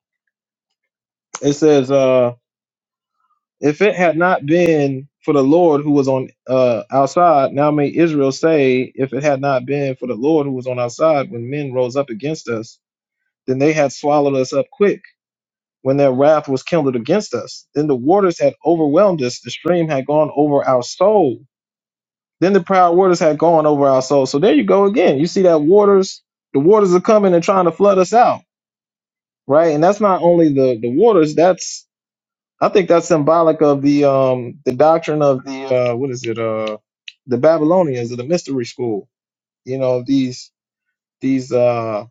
Speaker 1: It says, "Uh, if it had not been for the Lord who was on uh outside, now may Israel say, if it had not been for the Lord who was on outside, when men rose up against us, then they had swallowed us up quick." When their wrath was kindled against us, then the waters had overwhelmed us, the stream had gone over our souls Then the proud waters had gone over our souls. So there you go again. You see that waters, the waters are coming and trying to flood us out, right? And that's not only the the waters. That's I think that's symbolic of the um the doctrine of the uh what is it uh the Babylonians of the mystery school. You know these these uh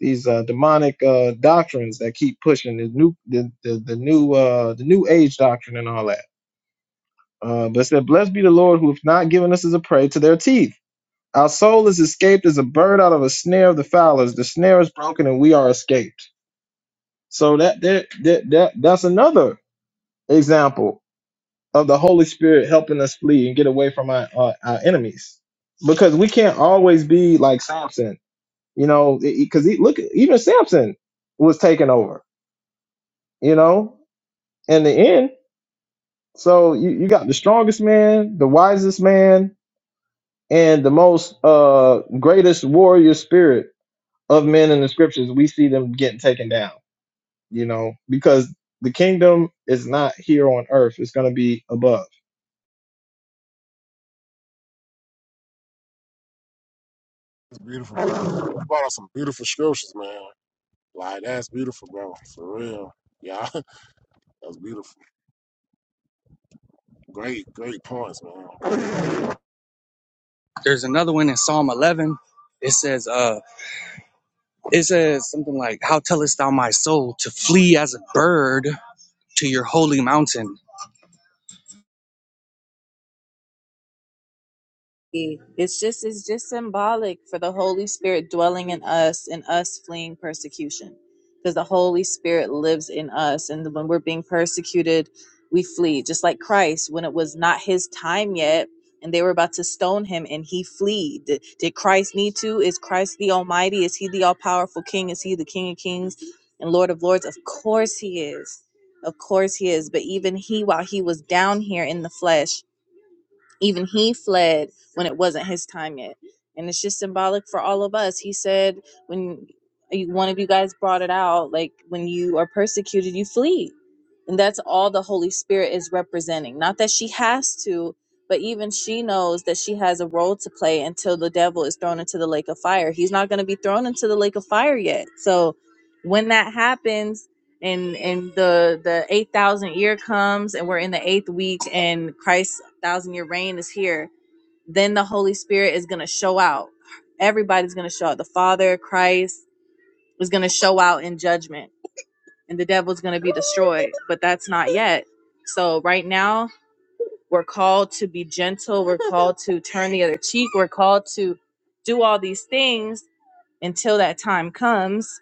Speaker 1: these uh demonic uh doctrines that keep pushing the new the the, the new uh the new age doctrine and all that. Uh, but it said, blessed be the Lord who hath not given us as a prey to their teeth Our soul is escaped as a bird out of a snare of the fowlers. The snare is broken and we are escaped. So that that that, that that's another example of the Holy Spirit helping us flee and get away from our, our, our enemies. Because we can't always be like Samson, you know, because he, look, even Samson was taken over, you know, in the end. So you, you got the strongest man, the wisest man, and the most uh greatest warrior spirit of men in the scriptures, we see them getting taken down, you know, because the kingdom is not here on earth. It's going to be above.
Speaker 2: It's beautiful. Bro. You brought out some beautiful scriptures, man. Like, that's beautiful, bro. For real. Yeah, that's beautiful. Great, great points, man.
Speaker 3: there's another one in Psalm 11. It says, uh, it says something like, How tellest thou my soul to flee as a bird to your holy mountain?
Speaker 4: It's just it's just symbolic for the Holy Spirit dwelling in us and us fleeing persecution. Because the Holy Spirit lives in us and when we're being persecuted, we flee. Just like Christ, when it was not his time yet and they were about to stone him and he fled. Did, did Christ need to? Is Christ the Almighty? Is he the all powerful king? Is he the King of Kings and Lord of Lords? Of course he is. Of course he is. But even he, while he was down here in the flesh, even he fled when it wasn't his time yet and it's just symbolic for all of us he said when you- one of you guys brought it out like when you are persecuted you flee and that's all the holy spirit is representing not that she has to but even she knows that she has a role to play until the devil is thrown into the lake of fire he's not going to be thrown into the lake of fire yet so when that happens and and the the 8000 year comes and we're in the eighth week and christ thousand year reign is here, then the Holy Spirit is going to show out. Everybody's going to show out. The Father, Christ is going to show out in judgment, and the devil's going to be destroyed. But that's not yet. So, right now, we're called to be gentle. We're called to turn the other cheek. We're called to do all these things until that time comes.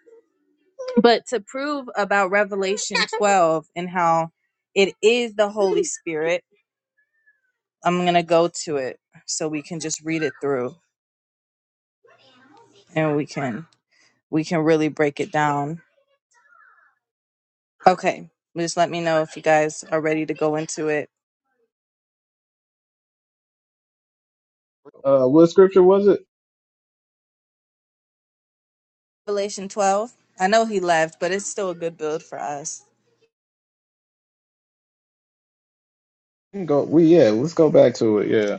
Speaker 4: But to prove about Revelation 12 and how it is the Holy Spirit, I'm going to go to it so we can just read it through. and we can we can really break it down. Okay, just let me know if you guys are ready to go into it.
Speaker 1: Uh, what scripture was it?
Speaker 4: Revelation 12. I know he left, but it's still a good build for us.
Speaker 1: We can Go, we yeah, let's go back to it. Yeah,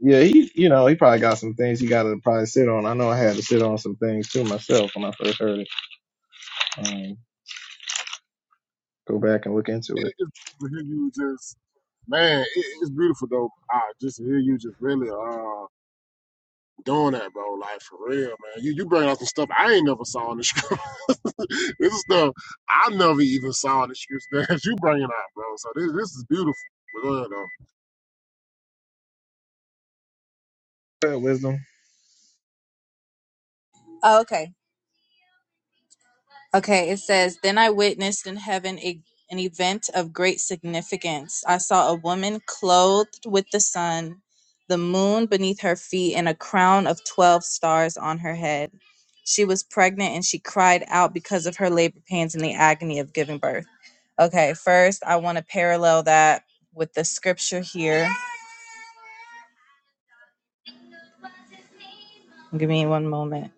Speaker 1: yeah. He, you know, he probably got some things he got to probably sit on. I know I had to sit on some things too myself when I first heard it. Um, go back and look into it.
Speaker 2: It- It's beautiful to hear you just, man, it, it's beautiful, though. I just hear you just really, uh. doing that, bro. Like for real, man. You you bring out some stuff I ain't never saw in the script. this is stuff I never even saw in the scripts that you bringing out, bro. So this this is beautiful. But go ahead, though,
Speaker 1: Go ahead, wisdom.
Speaker 4: Oh, Okay. Okay, it says, Then I witnessed in heaven a, an event of great significance. I saw a woman clothed with the sun, the moon beneath her feet, and a crown of 12 stars on her head. She was pregnant and she cried out because of her labor pains and the agony of giving birth. Okay, first, I want to parallel that with the scripture here. Give me one moment.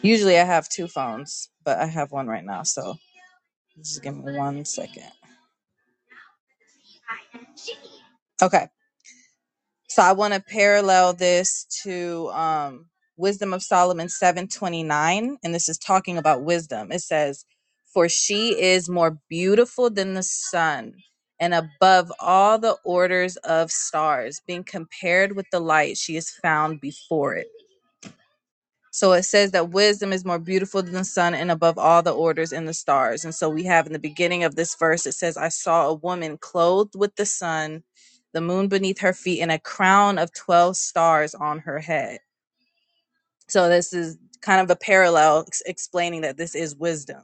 Speaker 4: Usually I have two phones, but I have one right now, so just give me one second. Okay. So I want to parallel this to um, Wisdom of Solomon 729. And this is talking about wisdom. It says, For she is more beautiful than the sun and above all the orders of stars, being compared with the light, she is found before it. So it says that wisdom is more beautiful than the sun and above all the orders and the stars. And so we have in the beginning of this verse, it says, I saw a woman clothed with the sun, the moon beneath her feet, and a crown of 12 stars on her head. So this is kind of a parallel ex- explaining that this is wisdom.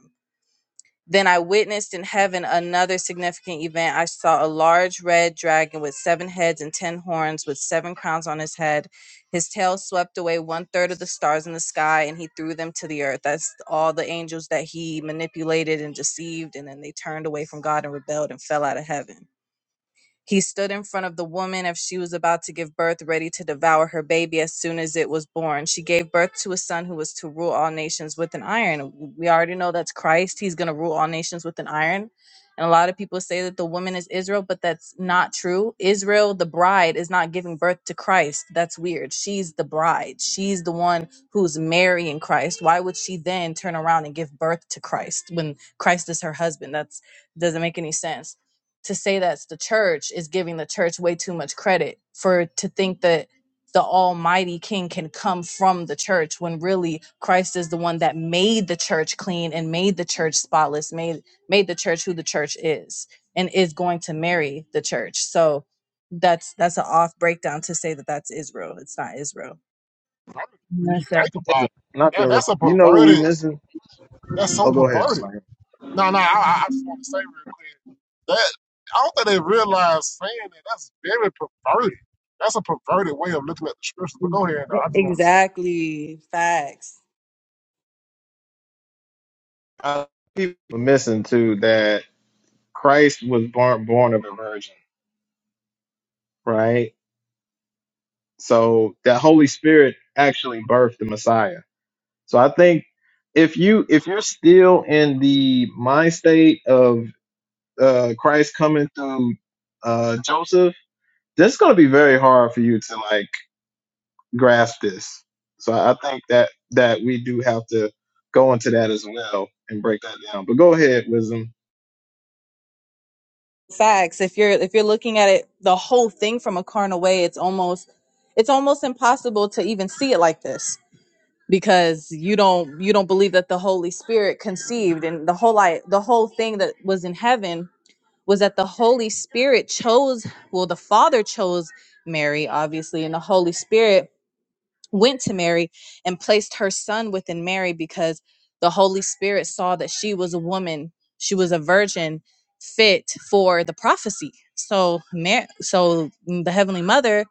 Speaker 4: Then I witnessed in heaven another significant event. I saw a large red dragon with seven heads and ten horns, with seven crowns on his head. His tail swept away one third of the stars in the sky, and he threw them to the earth. That's all the angels that he manipulated and deceived, and then they turned away from God and rebelled and fell out of heaven. He stood in front of the woman if she was about to give birth, ready to devour her baby as soon as it was born. She gave birth to a son who was to rule all nations with an iron. We already know that's Christ. He's going to rule all nations with an iron. And a lot of people say that the woman is Israel, but that's not true. Israel, the bride, is not giving birth to Christ. That's weird. She's the bride. She's the one who's marrying Christ. Why would she then turn around and give birth to Christ when Christ is her husband? That's doesn't make any sense to say that's the church is giving the church way too much credit for to think that the almighty king can come from the church when really Christ is the one that made the church clean and made the church spotless made made the church who the church is and is going to marry the church so that's that's an off breakdown to say that that's Israel it's not Israel
Speaker 2: when you
Speaker 4: That's it.
Speaker 2: think about
Speaker 1: Listen,
Speaker 2: it,
Speaker 1: Not to
Speaker 2: yeah, that's
Speaker 1: interrupt.
Speaker 2: a
Speaker 1: You You know what we
Speaker 2: perverted.
Speaker 1: missing?
Speaker 2: That's so
Speaker 1: Oh, go ahead.
Speaker 2: perverted.
Speaker 1: Jermaine.
Speaker 2: No, no. I, I I just want to say real quick that I don't think they realize saying that that's very perverted. That's a perverted way of looking at the scriptures. But
Speaker 4: E-
Speaker 2: go ahead, though. I just want to say.
Speaker 4: Exactly. Facts.
Speaker 1: Uh, People are missing too that Christ was born born of a virgin, right? So that Holy Spirit actually birthed the Messiah. So I think if you if you're still in the mind state of uh, Christ coming through uh, Joseph, this is going to be very hard for you to like grasp this. So I think that that we do have to go into that as well and break that down. But go ahead, Wisdom.
Speaker 4: facts if you're if you're looking at it the whole thing from a carnal way it's almost it's almost impossible to even see it like this because you don't you don't believe that the holy spirit conceived and the whole I, the whole thing that was in heaven was that the holy spirit chose well the father chose mary obviously and the holy spirit went to Mary and placed her son within Mary because the Holy Spirit saw that she was a woman, she was a virgin fit for the prophecy. So Mar- so mm, the heavenly mother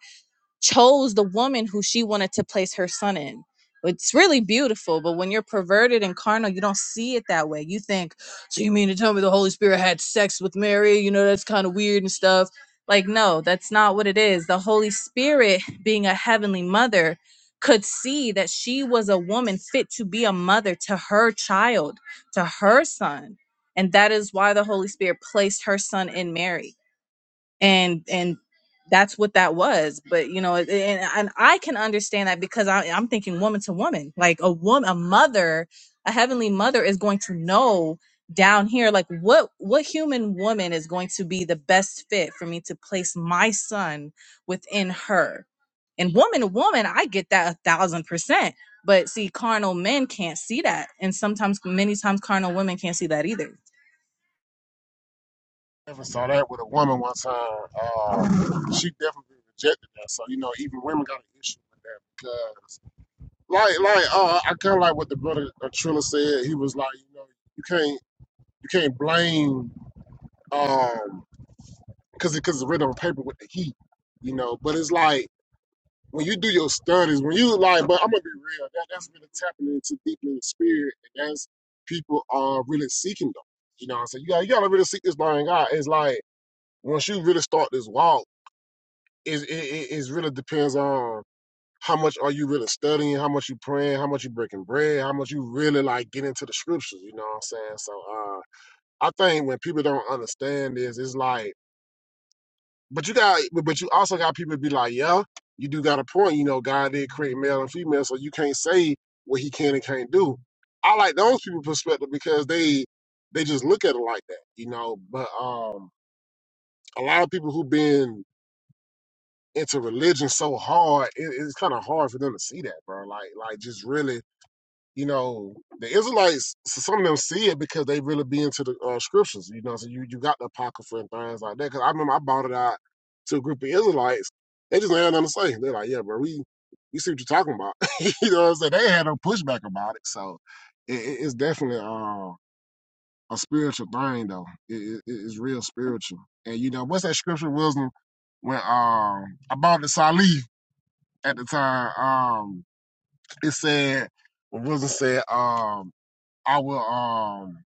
Speaker 4: chose the woman who she wanted to place her son in. It's really beautiful, but when you're perverted and carnal, you don't see it that way. You think, so you mean to tell me the Holy Spirit had sex with Mary? You know, that's kind of weird and stuff. Like, no, that's not what it is. The Holy Spirit, being a heavenly mother, could see that she was a woman fit to be a mother to her child, to her son. And that is why the Holy Spirit placed her son in Mary and and that's what that was but you know and, and i can understand that because I, i'm thinking woman to woman like a woman a mother a heavenly mother is going to know down here like what what human woman is going to be the best fit for me to place my son within her and woman to woman i get that a thousand percent but see, carnal men can't see that. And sometimes, many times, carnal women can't see that either.
Speaker 2: Ever saw that with a woman one time. Uh, she definitely rejected that. So you know, even women got an issue with that because, like, like uh, I kind of like what the brother uh, Trilla said. He was like, you know, you can't you can't blame um because because it's written on paper with the heat, you know. But it's like when you do your studies, when you like, but I'm gonna be real. That that's really tapping into deeply in the spirit, and that's people are really seeking them. You know, what I'm saying you got you gotta really seek this thing out. It's like once you really start this walk. is it, it it's really depends on how much are you really studying, how much you praying, how much you breaking bread, how much you really like get into the scriptures. You know what I'm saying? So uh, I think when people don't understand this, it's like, but you got, but you also got people be like, yeah, you do got a point. You know, God did create male and female, so you can't say what He can and can't do. I like those people' perspective because they they just look at it like that, you know. But um, a lot of people who have been into religion so hard, it, it's kind of hard for them to see that, bro. Like, like just really, you know, the Israelites. So Some of them see it because they really be into the uh, scriptures. You know, so you you got the apocrypha and things like that. Because I remember I bought it out to a group of Israelites. They just had nothing to say. They're like, yeah, bro, we we see what you're talking about. you know what I'm saying? They had no pushback about it. So it, it- it's definitely uh, a spiritual thing, though. It, it, it's real spiritual. And you know, what's that scripture wisdom? when um I bought the Salih at the time. Um, it said, what was it said? Um, I will. Um,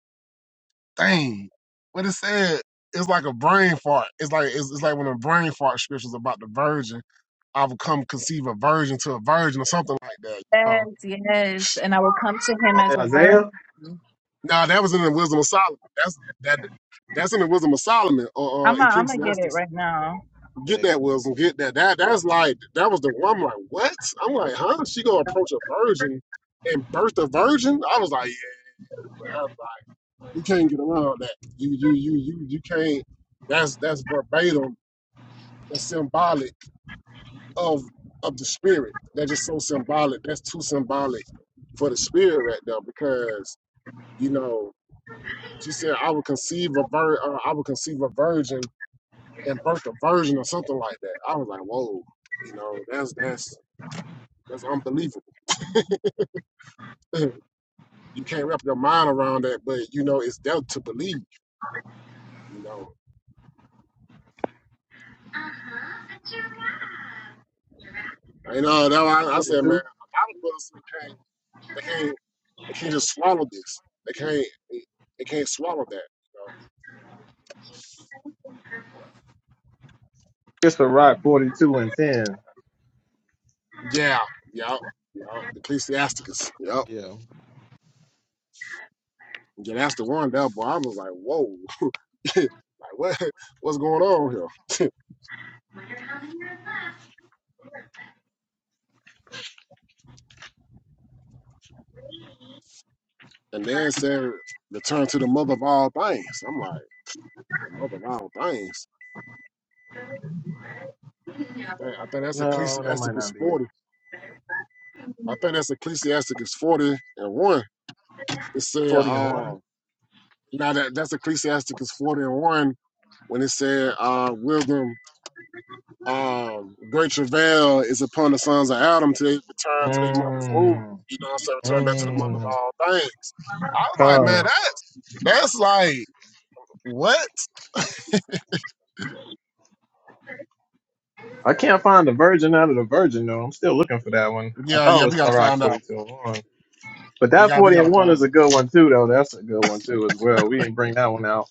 Speaker 2: dang, what it said. It's like a brain fart. It's like it's, it's like when a brain fart scriptures about the virgin. I will come conceive a virgin to a virgin or something like that. You
Speaker 4: Yes,
Speaker 2: know?
Speaker 4: yes. And I will come to him
Speaker 1: Go
Speaker 4: as
Speaker 1: ahead,
Speaker 4: a
Speaker 1: Isaiah
Speaker 4: virgin.
Speaker 2: Now that was in the Wisdom of Solomon. That's that. That's in the Wisdom of Solomon or uh,
Speaker 4: I'm gonna I'm gonna get it
Speaker 2: Ecclesiastes.
Speaker 4: right now.
Speaker 2: Get that wisdom. Get that. That that's like that was the one. I'm like, what? I'm like, huh? She gonna approach a virgin and birth a virgin? I was like, yeah. You can't get around that. You you you you you can't. That's that's verbatim and symbolic of of the spirit. That's just so symbolic. That's too symbolic for the spirit right there because you know she said I would conceive a vir- uh, I would conceive a virgin and birth a virgin or something like that. I was like, whoa, you know that's that's that's unbelievable. you can't wrap your mind around that, but you know it's there to believe. You know, you know that why I, I said, man,
Speaker 1: 42.
Speaker 2: a lot of brothers who can't. they can't They can't just swallow this. They can't. They, can't swallow that. You
Speaker 1: Just a rock 42 and 10.
Speaker 2: know? Yeah. Yep. Yep. Ecclesiasticus. Yep.
Speaker 1: Yeah.
Speaker 2: Yeah, that's the one. That boy, I was like, whoa. like what? What's going on here? And then it said, return to the mother of all things. I'm like, the mother of all things. I think that's
Speaker 1: No, that might
Speaker 2: Ecclesiasticus
Speaker 1: not be it.
Speaker 2: 40. I think that's Ecclesiasticus 40 and 1. It
Speaker 1: It's
Speaker 2: said,
Speaker 1: 40 and 1.
Speaker 2: uh, now that that's Ecclesiasticus 40 and 1 when it said, uh, wisdom Um, great travail is upon the sons of Adam to return to their mother's womb.
Speaker 1: Mm,
Speaker 2: You know what I'm saying? Return back to the mother of
Speaker 1: mm,
Speaker 2: all things. I was like, man,
Speaker 1: come.
Speaker 2: that's that's like what?
Speaker 1: I can't find the Virgin out of the Virgin though. I'm still looking for that one. I
Speaker 2: Yeah,
Speaker 1: thought it
Speaker 2: yeah, we
Speaker 1: was
Speaker 2: gotta
Speaker 1: Ciroc
Speaker 2: find out.
Speaker 1: forty-two and one But
Speaker 2: We
Speaker 1: that
Speaker 2: got we
Speaker 1: 40 and
Speaker 2: gotta
Speaker 1: 1 is
Speaker 2: find
Speaker 1: a
Speaker 2: out.
Speaker 1: good one too though. That's a good one too as well. We didn't bring that one out.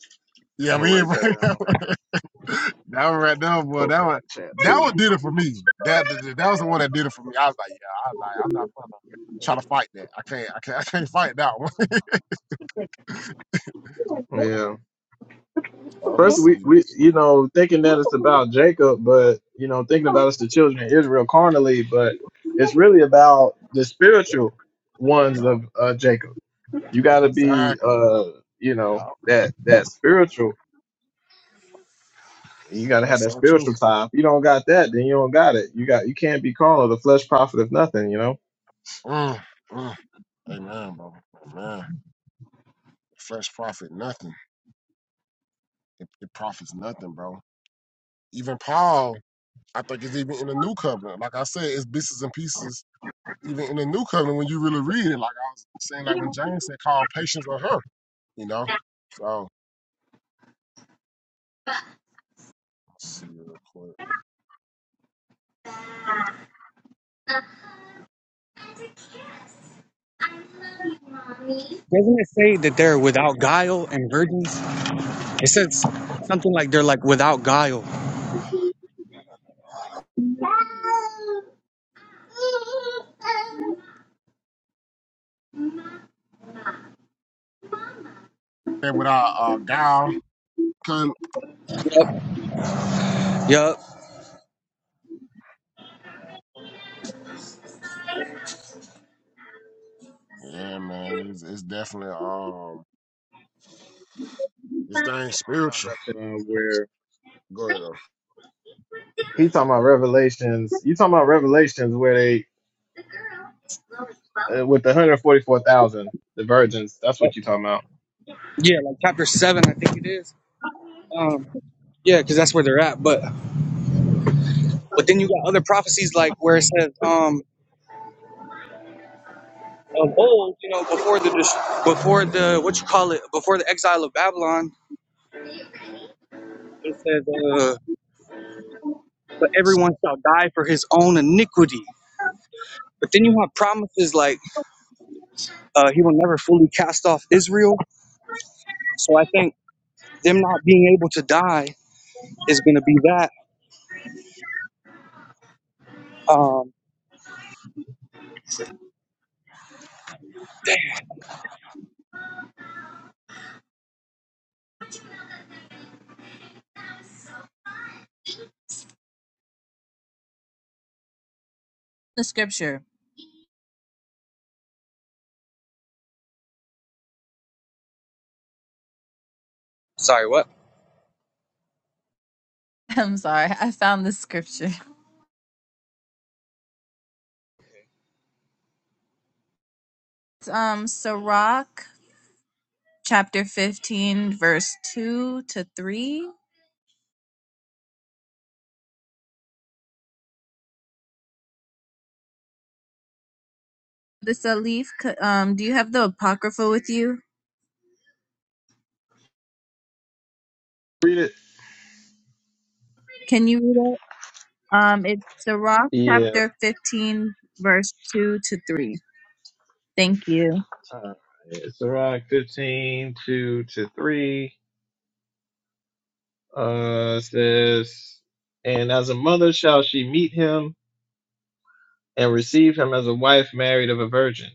Speaker 1: I'm
Speaker 2: Yeah,
Speaker 1: gonna
Speaker 2: we ain't
Speaker 1: write that
Speaker 2: right
Speaker 1: down
Speaker 2: now. that one right there,
Speaker 1: and
Speaker 2: boy.
Speaker 1: post
Speaker 2: That
Speaker 1: that in
Speaker 2: one
Speaker 1: the chat
Speaker 2: that
Speaker 1: too.
Speaker 2: one did it for me. That that that was the one that did it for me. I was like, yeah, I was like, I'm not gonna try to fight that. I can't, I can't, I can't fight that one.
Speaker 1: Yeah.
Speaker 2: I'ma
Speaker 1: First we,
Speaker 2: see.
Speaker 1: we you know, thinking that it's about Jacob, but you know, thinking about it's the children of Israel carnally, but it's really about the spiritual ones
Speaker 2: Yup,
Speaker 1: of uh, Jacob You got to be,
Speaker 2: exactly.
Speaker 1: uh, you know,
Speaker 2: Yup,
Speaker 1: that that spiritual. You got to have
Speaker 2: that's
Speaker 1: that
Speaker 2: so true.
Speaker 1: spiritual tie. If you don't got that, then you don't got it. You got you can't be called the flesh prophet of nothing. You know,
Speaker 2: Mm, mm. Amen, bro. Amen. Flesh profit nothing. It, it profits nothing, bro. Even Paul, I think it's even in the new covenant. Like I said, it's bits and pieces. Even in the new covenant, when you really read it, like I was saying, like when James said, "Call patience with her," you know. So let's see real quick.
Speaker 3: Doesn't it say that they're without guile and virgins? It says something like they're like without guile.
Speaker 2: And with our uh, gal, couldn't.
Speaker 3: Yep. Yep.
Speaker 2: Yeah, man, it's, it's definitely um, this thing
Speaker 1: uh,
Speaker 2: spiritual.
Speaker 1: where
Speaker 2: Go ahead. Though.
Speaker 1: he talking about revelations. You talking about revelations where they uh, with the hundred forty four thousand the virgins. That's what you talking about.
Speaker 3: Yeah, like chapter seven, I think it is. Um, yeah, because that's where they're at. But but then you got other prophecies like where it says um of old, you know, before the dis- before the what you call it before the exile of Babylon, it says uh but everyone shall die for his own iniquity. But then you have promises like uh, he will never fully cast off Israel. So I think them not being able to die is going to be that. Um,
Speaker 4: The scripture.
Speaker 3: Sorry, what?
Speaker 4: I'm sorry. I found the scripture. Um, Sirach chapter 15, verse 2 to 3. the Salif, c- um, do you have the Apocrypha with you?
Speaker 1: Read it.
Speaker 4: Can you read it? Um, it's Sirach
Speaker 1: Yeah.
Speaker 4: chapter 15, verse 2 to 3. Thank you.
Speaker 1: Uh, it's around 15 2 to 3. Uh, it says, And as a mother shall she meet him and receive him as a wife married of a virgin.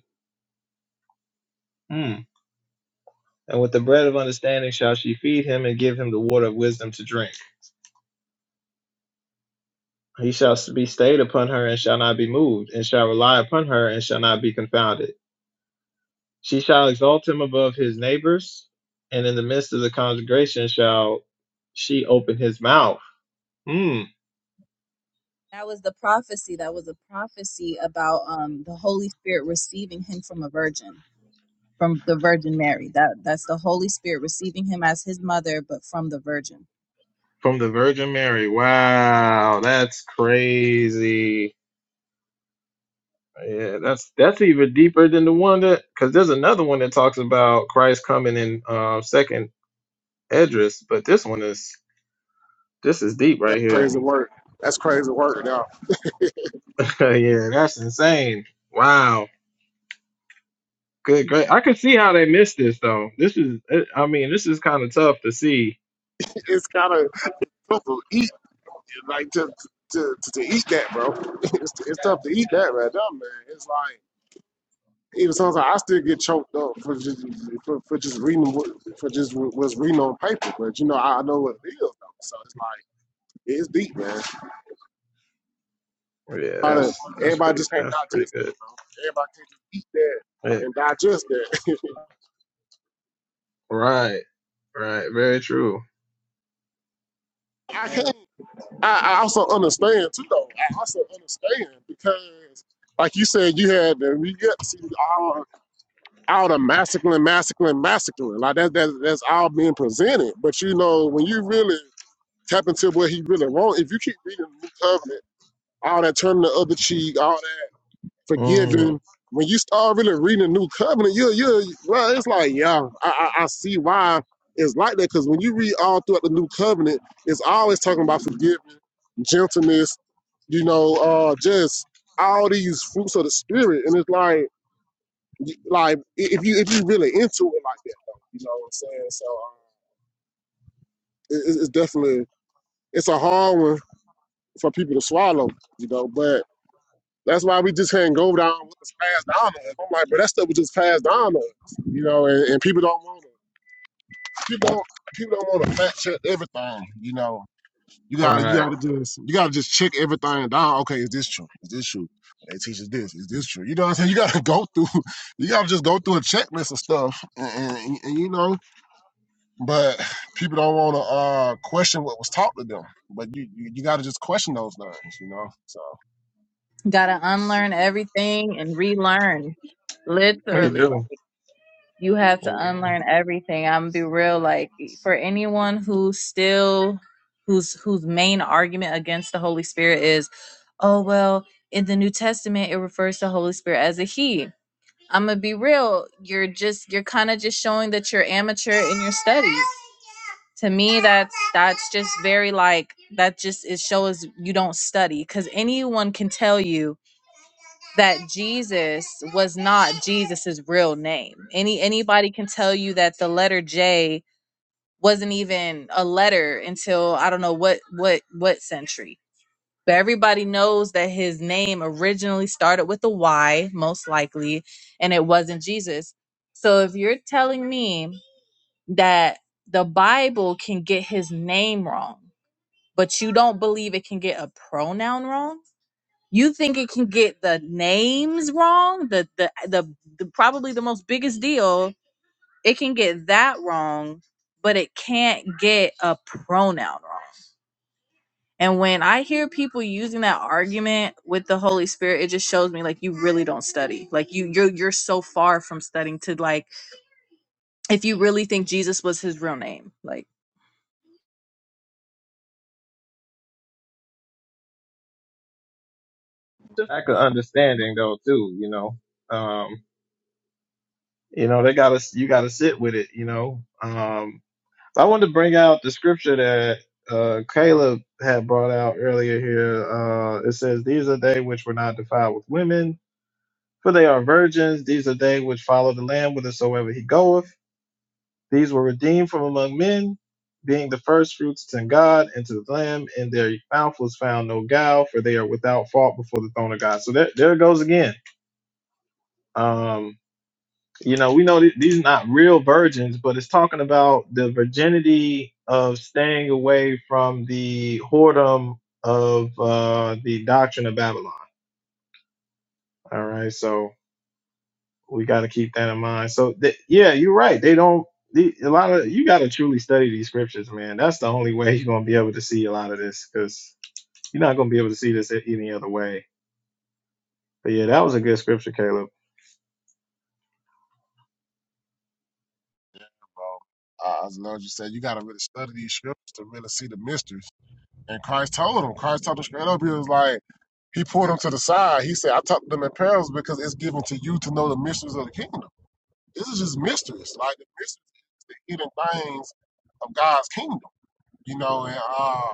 Speaker 1: Hmm. And with the bread of understanding shall she feed him and give him the water of wisdom to drink. He shall be stayed upon her and shall not be moved, and shall rely upon her and shall not be confounded. She shall exalt him above his neighbors, and in the midst of the congregation shall she open his mouth. Hmm.
Speaker 4: That was the prophecy. That was a prophecy about um, the Holy Spirit receiving him from a virgin, from the Virgin Mary. That That's the Holy Spirit receiving him as his mother, but from the Virgin.
Speaker 1: From the Virgin Mary. Wow, that's crazy. Yeah, that's that's even deeper than the one that because there's another one that talks about Christ coming in um, second Edris, but this one is this is deep
Speaker 2: That
Speaker 1: right here.
Speaker 2: crazy work. That's crazy work. Now
Speaker 1: yeah, that's insane. Wow, good, great. I can see how they missed this though. This is, it- I mean, this is kind of tough to see.
Speaker 2: it's kind of like to to to, to eat that, bro. It's, it's tough to eat that right there, man. It's like even sometimes I still get choked up for just for, for just reading for just was reading on paper, but you know I I know what it is though, so it's like it's deep, man.
Speaker 1: Yeah,
Speaker 2: Everybody,
Speaker 1: that's that's
Speaker 2: everybody
Speaker 1: pretty
Speaker 2: just can't
Speaker 1: that's pretty
Speaker 2: digest that,
Speaker 1: good.
Speaker 2: bro. Everybody can't just eat that
Speaker 1: Hey,
Speaker 2: and digest that.
Speaker 1: right, right, very true.
Speaker 2: I can't. I, I also understand too, though. I also understand because, like you said, you had the you got to see all out of masculine, masculine, masculine. Like that, that that's all being presented. But you know, when you really tap into what he really wants, if you keep reading the New Covenant, all that turning the other cheek, all that
Speaker 1: Mm,
Speaker 2: forgiving, when you start really reading the New Covenant, you you well, it's like yeah, I I, I see why it's like that because when you read all throughout the New Covenant, it's always talking about forgiveness, gentleness, you know, uh, just all these fruits of the spirit, and it's like you- like if you if you really into it like that though, you know what I'm saying. So um, it, it- it's definitely it's a hard one for people to swallow, you know. But that's why we just can't go down what was passed down to us. I'm like, but that stuff was just passed down to us, you know. And, and people don't want to people don't people don't want to fact check everything, you know. You gotta you
Speaker 1: right,
Speaker 2: gotta just you gotta just check everything down. Okay, is this true? Is this true? They teach us this. Is this true? You know what I'm saying? You gotta go through. You gotta just go through a checklist of stuff, and, and, and you know, but people don't want to uh, question what was taught to them. But you you, you got to just question those things, you know. So
Speaker 4: Gotta unlearn everything and relearn.
Speaker 1: what you
Speaker 4: Literally,
Speaker 1: do?
Speaker 4: like you have to
Speaker 1: You
Speaker 4: unlearn everything. I'm gonna be real. Like for anyone who's still whose whose main argument against the Holy Spirit is, oh well, in the New Testament it refers to Holy Spirit as a he. I'm gonna be real. You're just you're kind of just showing that you're amateur in your studies. To me, that's that's just very like that. Just it shows you don't study because anyone can tell you that Jesus was not Jesus's real name. Any anybody can tell you that the letter J wasn't even a letter until I don't know what what what century. But everybody knows that his name originally started with a Y, most likely, and it wasn't Jesus. So if you're telling me that the Bible can get his name wrong, but you don't believe it can get a pronoun wrong, you think it can get the names wrong? The the the, the probably the most biggest deal. It can get that wrong, but it can't get a pronoun wrong. And when I hear people using that argument with the Holy Spirit, it just shows me like you really don't study. Like you you're you're so far from studying to like if you really think Jesus was his real name. Like
Speaker 1: do. Lack of
Speaker 2: yeah,
Speaker 1: understanding though too, you know. Um, you know they gotta you gotta sit with it you know um i wanted to bring out the scripture that uh caleb had brought out earlier here uh it says these are they which were not defiled with women for they are virgins these are they which follow the lamb whithersoever he goeth these were redeemed from among men being the first fruits to god and to the lamb In their mouth was found no guile for they are without fault before the throne of god so there, there it goes again Um, you know, we know th- these are not real virgins, but it's talking about the virginity of staying away from the whoredom of uh, the doctrine of Babylon. All right, so we got to keep that in mind. So th- yeah, you're right. They don't. The, a lot of you got to truly study these scriptures, man. That's the only way you're gonna be able to see a lot of this, because you're not gonna be able to see this any other way. But yeah, that was a good scripture, Caleb.
Speaker 2: yeah, bro. Uh, as long as you said, you got to really study these scriptures to really see the mysteries. And Christ told them. Christ told them straight up. He was like, he pulled them to the side. He said, I taught them in parables because it's given to you to know the mysteries of the kingdom. This is just mysteries, like the mysteries, the hidden things of God's kingdom. You know, and uh,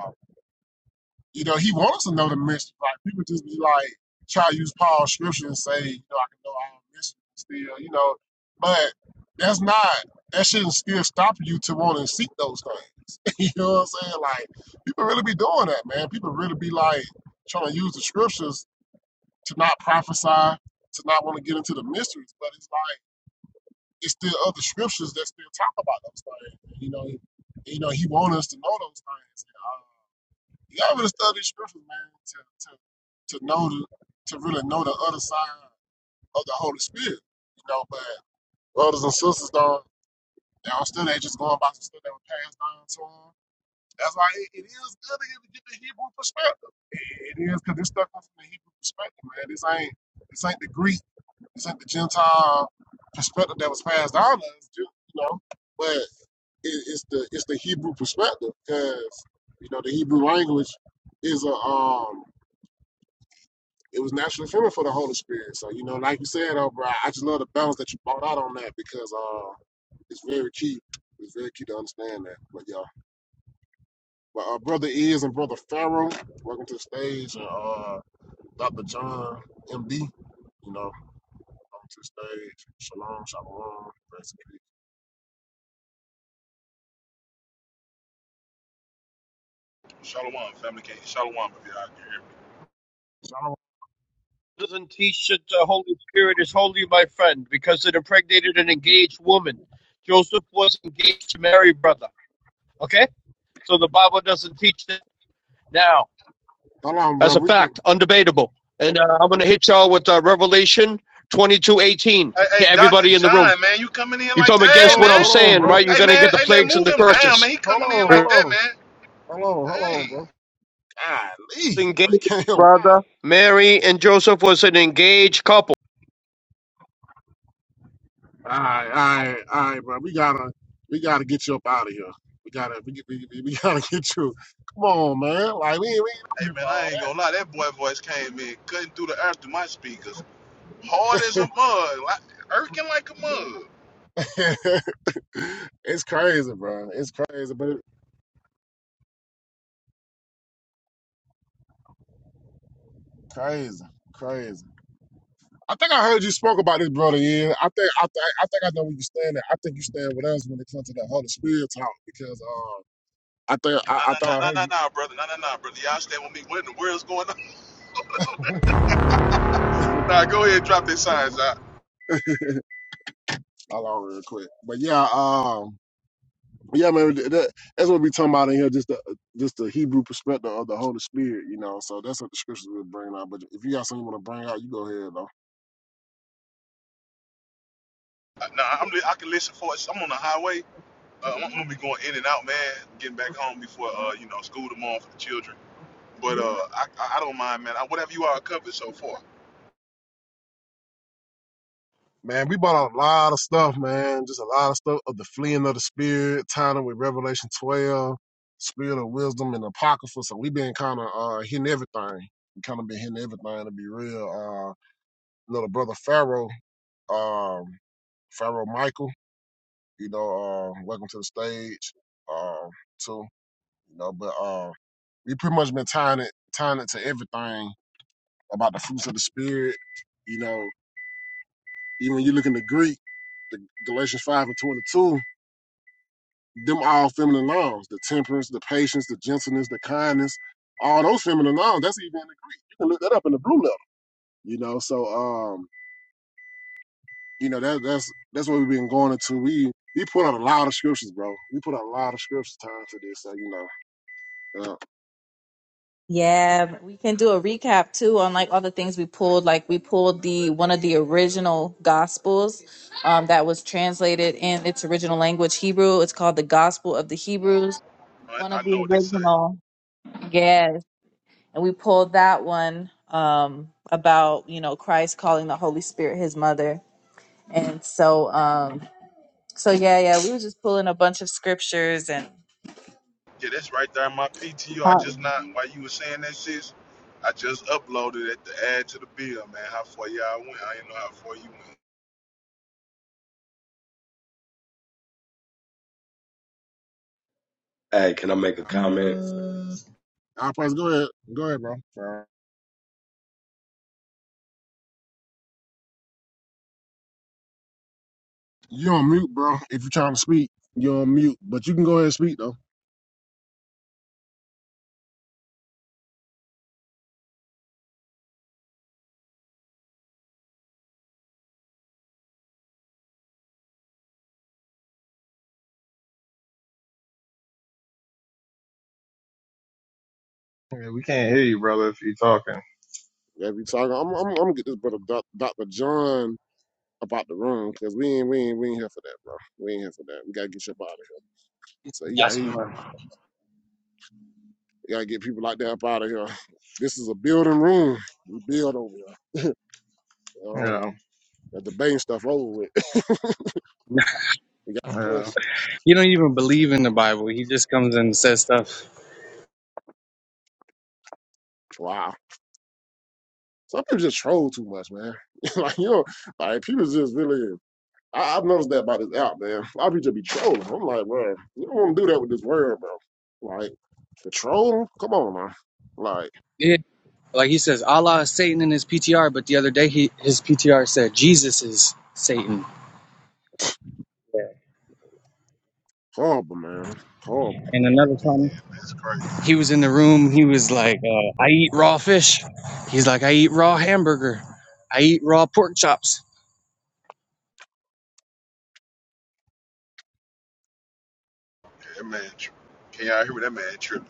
Speaker 2: You know, he wants to know the mystery. Like people just be like try to use Paul's scripture and say, you know, I can know all mysteries still, you know. But that's not that shouldn't still stop you to want to seek those things. you know what I'm saying? Like people really be doing that, man. People really be like trying to use the scriptures to not prophesy, to not want to get into the mysteries. But it's like it's still other scriptures that still talk about those things. You know, you know, he wants us to know those things. And, uh, you gotta study scriptures, man, to, to, to know, the, to really know the other side of the Holy Spirit, you know, but brothers and sisters don't, they don't study, they just going by some stuff that was passed down to them. That's why it, it is good to get get the Hebrew perspective. It, it is, because this stuff comes from the Hebrew perspective, man. This ain't, this ain't the Greek, this ain't the Gentile perspective that was passed down to us, you know, but it, it's the it's the Hebrew perspective because you know the Hebrew language is a um it was naturally feminine for the Holy Spirit. So, you know, like you said, oh, bro, I just love the balance that you brought out on that because uh, it's very key. It's very key to understand that. But, yeah. But uh, Brother Is and Brother Pharaoh, welcome to the stage. And uh, Dr. John, MD, you know, welcome to the stage. Shalom, shalom, rest in peace.
Speaker 5: Shalom, family king. Shalom, if y'all can hear me.
Speaker 2: Shalom.
Speaker 6: doesn't teach that the Holy Spirit is holy, my friend, because it impregnated an engaged woman. Joseph was engaged to Mary, brother. Okay? So the Bible doesn't teach that now
Speaker 2: Hold on,
Speaker 6: as
Speaker 2: bro.
Speaker 6: a
Speaker 2: We can,
Speaker 6: fact, undebatable. And uh, I'm going to hit y'all with uh, Revelation 22:18
Speaker 5: Hey, hey,
Speaker 6: to
Speaker 5: Dr.
Speaker 6: everybody in the room.
Speaker 5: John, man, you coming in
Speaker 6: You
Speaker 5: like
Speaker 6: come
Speaker 2: hold
Speaker 5: that? Hey,
Speaker 6: against what
Speaker 2: on,
Speaker 6: I'm
Speaker 5: man.
Speaker 2: hold on,
Speaker 6: saying,
Speaker 2: bro.
Speaker 6: right? You're
Speaker 5: Hey,
Speaker 6: going to
Speaker 5: man.
Speaker 6: get the
Speaker 5: Hey, man,
Speaker 6: plagues and
Speaker 5: move
Speaker 6: the
Speaker 5: him down,
Speaker 6: curses.
Speaker 5: man. He
Speaker 2: Hold
Speaker 5: coming in
Speaker 2: on, hold
Speaker 5: like that,
Speaker 2: on.
Speaker 5: man.
Speaker 2: Hold on, hold on,
Speaker 5: Dang.
Speaker 2: bro. Golly, but you
Speaker 6: Engaged,
Speaker 2: can't. hear
Speaker 6: brother. Mary and Joseph was an engaged couple.
Speaker 2: All right, all right, all right, bro. We gotta, we gotta get you up out of here. We gotta, we, we, we we gotta get you. Come on, man. Like we, we
Speaker 5: Hey
Speaker 2: ain't
Speaker 5: man, I ain't
Speaker 2: up
Speaker 5: gonna lie, that boy voice came in, cutting through the earth through my speakers. Hard as a mud. Like, Irking like a mug.
Speaker 2: here for all that. it's crazy, bro. It's crazy, but it, crazy, crazy. I think I heard you spoke about this, brother. Yeah, I think, I, th- I think I know where you stand. At. I think you stand with us when it comes to that Holy Spirit talk because, um, I think I,
Speaker 5: nah,
Speaker 2: I
Speaker 5: nah,
Speaker 2: thought
Speaker 5: nah,
Speaker 2: I
Speaker 5: nah,
Speaker 2: heard
Speaker 5: nah,
Speaker 2: you.
Speaker 5: nah, brother. Nah, nah, nah, brother. Y'all stand with me. What in the world's going on? Nah, go ahead, and drop their signs out.
Speaker 2: Hold on, real quick. But yeah, um. Yeah, man, th- that, that's what we talking about in here. Just the just the Hebrew perspective of the Holy Spirit, you know. So that's what the scriptures will bring out. But if you got something you want to bring out, you go ahead though.
Speaker 5: Nah, I'm, li- I can listen for it. I'm on the highway. Uh, I'm, I'm gonna be going in and out, man. Getting back home before, uh, you know, school tomorrow for the children. But uh, I, I don't mind, man. I, whatever you all covered so far,
Speaker 2: Man, we bought out a lot of stuff, man. Just a lot of stuff of the fleeing of the Spirit, tying it with Revelation twelve, Spirit of wisdom and apocrypha. So we been kind of uh hitting everything. We kind of been hitting everything to be real. Uh, you know, the brother Pharaoh, um, Pharaoh Michael. You know, uh, welcome to the stage. Um, too. You know, but uh, we pretty much been tying it tying it to everything about the fruits of the spirit. You know, even when you look in the Greek, the Galatians five and twenty two, them all feminine nouns: the temperance, the patience, the gentleness, the kindness. All those feminine nouns. That's even in the Greek. You can look that up in the blue letter. You know, so um, you know that that's that's what we've been going into. We we put out a lot of scriptures, bro. We put out a lot of scriptures time to this. So you know,
Speaker 4: Yeah, we can do a recap too on like all the things we pulled. Like we pulled the one of the original gospels um, that was translated in its original language, Hebrew. It's called the Gospel of the Hebrews.
Speaker 5: I,
Speaker 4: One of
Speaker 5: I
Speaker 4: the
Speaker 5: know what they say.
Speaker 4: original, yes. And we pulled that one um, about you know Christ calling the Holy Spirit His mother. And so, um, so yeah, yeah, we were just pulling a bunch of scriptures and
Speaker 5: Yeah, that's right there in my PTO. I
Speaker 4: how,
Speaker 5: just not while you were saying that shit, I just uploaded it to add to the bill, man. How far y'all went? I didn't know how far you went.
Speaker 7: Hey, can I make
Speaker 2: uh,
Speaker 7: a comment?
Speaker 2: I'll praise. Go ahead, go ahead, bro. You on mute, bro. If you're trying to speak, you're on mute. But you can go ahead and speak though.
Speaker 1: Yeah, we can't hear you, brother, if you're talking.
Speaker 2: If you talking, I'm, I'm, I'm gonna get this brother Doc- Dr. John about the room because we ain't we ain't we ain't here for that, bro. We ain't here for that. We gotta get you up out of here. So you got he you
Speaker 3: Blasphemer.
Speaker 2: gotta get people like that up out of here. This is a building room. We build over here. Um,
Speaker 1: Yeah,
Speaker 2: the debating stuff over with. We got
Speaker 1: yeah.
Speaker 2: questions.
Speaker 3: You don't even believe in the Bible. He just comes and says stuff.
Speaker 2: Wow. Some people just troll too much, man. like you know, like people just really I, I've noticed that about this app, man. A lot of people be trolling. I'm like, bro, you don't want to do that with this word, bro. Like, the trolling? Come on, man. Like,
Speaker 3: Yeah. Like he says, Allah is Satan in his PTR, but the other day he, his PTR said, Jesus is Satan.
Speaker 2: horrible, man. Horrible.
Speaker 3: And another
Speaker 5: Gee, Yeah,
Speaker 3: time
Speaker 5: man, it's crazy.
Speaker 3: he was in the room, he was like, uh, I eat raw fish. He's like, I eat raw hamburger. I eat raw pork chops.
Speaker 5: That man, tri- can y'all hear that man tripping?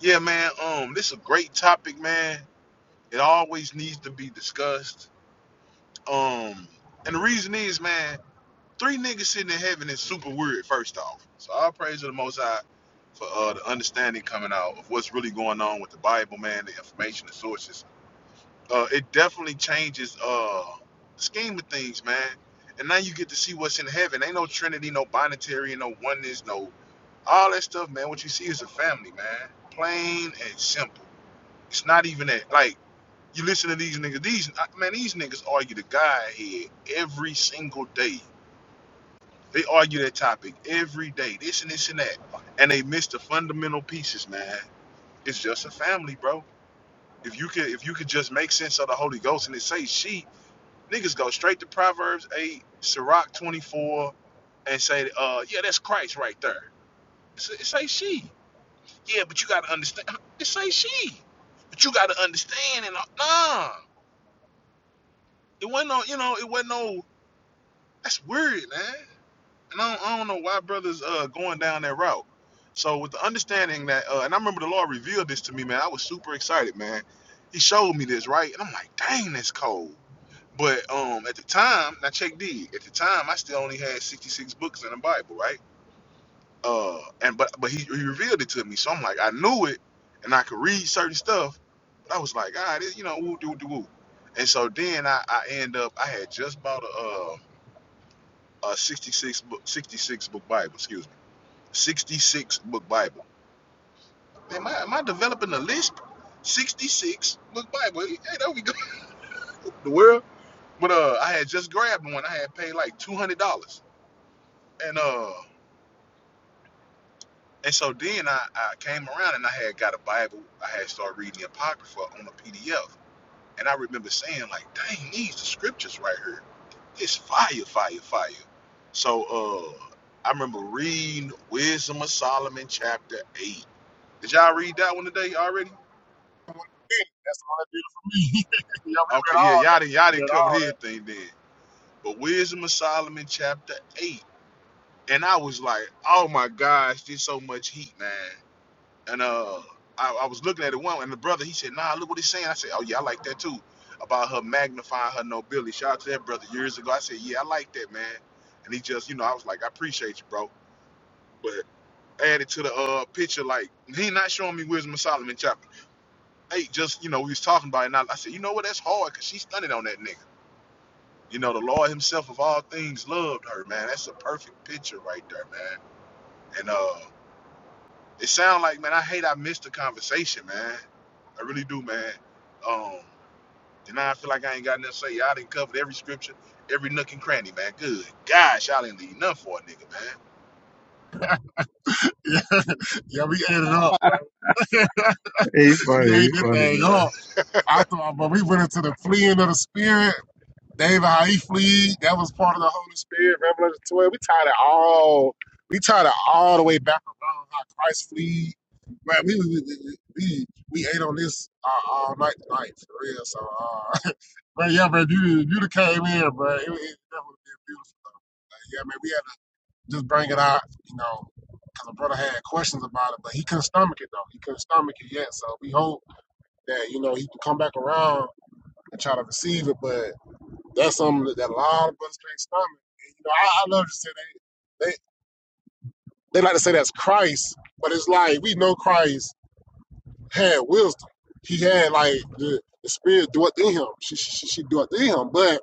Speaker 5: Yeah, man. Um, this is a great topic, man. It always needs to be discussed. Um, and the reason is, man. three niggas sitting in heaven is super weird, first off. So all praise to the Most High for uh, the understanding coming out of what's really going on with the Bible, man, the information, the sources. Uh, it definitely changes uh, the scheme of things, man. And now you get to see what's in heaven. Ain't no Trinity, no binary, no oneness, no all that stuff, man. What you see is a family, man. Plain and simple. It's not even that. Like you listen to these niggas. These man, these niggas argue the guy here every single day they argue that topic every day, this and this and that, and they miss the fundamental pieces, man. It's just a family, bro. If you could, if you could just make sense of the Holy Ghost and it say she, niggas go straight to Proverbs eight, Sirach twenty four, and say, uh, yeah, that's Christ right there. It's- It say she. Yeah, but you gotta understand. huh, It say she. But you gotta understand and uh, nah. It wasn't no, you know, it wasn't no. That's weird, man. and I don't, I don't know why brothers uh going down that route. So with the understanding that, uh, and I remember the Lord revealed this to me, man. I was super excited, man. He showed me this, right? And I'm like, dang, that's cold. But um, at the time, now check D. At the time, I still only had 66 books in the Bible, right? Uh, and but but he, he revealed it to me, so I'm like, I knew it, and I could read certain stuff. But I was like, ah, this, you know, woo, doo, doo, woo. And so then I, I end up, I had just bought a uh, a 66 book, 66 book Bible, excuse me 66 book Bible. Am I, am I developing a list? 66 book Bible. Hey, hey, there we go. The world. But uh, I had just grabbed one. I had paid like $200. And uh, and so then I, I came around and I had got a Bible. I had started reading the Apocrypha on a PDF. And I remember saying like, dang, these the scriptures right here. It's fire, fire, fire. So uh, I remember reading Wisdom of Solomon chapter 8. Did y'all read that one today already?
Speaker 2: yeah, we
Speaker 5: Okay,
Speaker 2: read
Speaker 5: yeah,
Speaker 2: all
Speaker 5: y'all
Speaker 2: that.
Speaker 5: didn't, y'all
Speaker 2: We
Speaker 5: didn't
Speaker 2: read
Speaker 5: cover
Speaker 2: all that.
Speaker 5: everything then. But Wisdom of Solomon, chapter 8. And I was like, oh my gosh, there's so much heat, man. And uh, I, I was looking at it one, and the brother, he said, nah, look what he's saying. I said, oh yeah, I like that too. About her magnifying her nobility. Shout out to that brother years ago. I said, yeah, I like that, man. And he just, you know, I was like, I appreciate you, bro. But added to the uh picture, like, he not showing me Wisdom of Solomon, chapter 8. Just, you know, we was talking about it. And I, I said, you know what, that's hard because she's stunning on that nigga. You know, the Lord Himself of all things loved her, man. That's a perfect picture right there, man. And uh it sound like, man, I hate I missed the conversation, man. I really do, man. Um, and now I feel like I ain't got nothing to say. Y'all didn't cover every scripture, every nook and cranny, man. Good gosh, y'all didn't leave nothing for a nigga, man.
Speaker 2: Yeah, we ate it up.
Speaker 1: He's
Speaker 2: We
Speaker 1: funny.
Speaker 2: ate
Speaker 1: He's
Speaker 2: that
Speaker 1: funny,
Speaker 2: thing
Speaker 1: man.
Speaker 2: up. I thought, but we went into the fleeing of the spirit. David, how he fled, that was part of the Holy Spirit, Revelation 12. We tied it all, we tied it all the way back around how Christ fled. Man, we, we, we, we, we ate on this uh, all night tonight, for real. So, uh, but yeah, man, you, you done came in, bro. It, it, that would have been beautiful. Like, yeah, man, we had to just bring it out, you know, because the brother had questions about it, but he couldn't stomach it, though. He couldn't stomach it yet. So we hope that, you know, he can come back around and try to receive it, but that's something that, that a lot of us can't stomach. And, you know, I, I love to say they, they they like to say that's Christ, but it's like we know Christ had wisdom. He had like the, the spirit do it in him. She she, she do it in him. But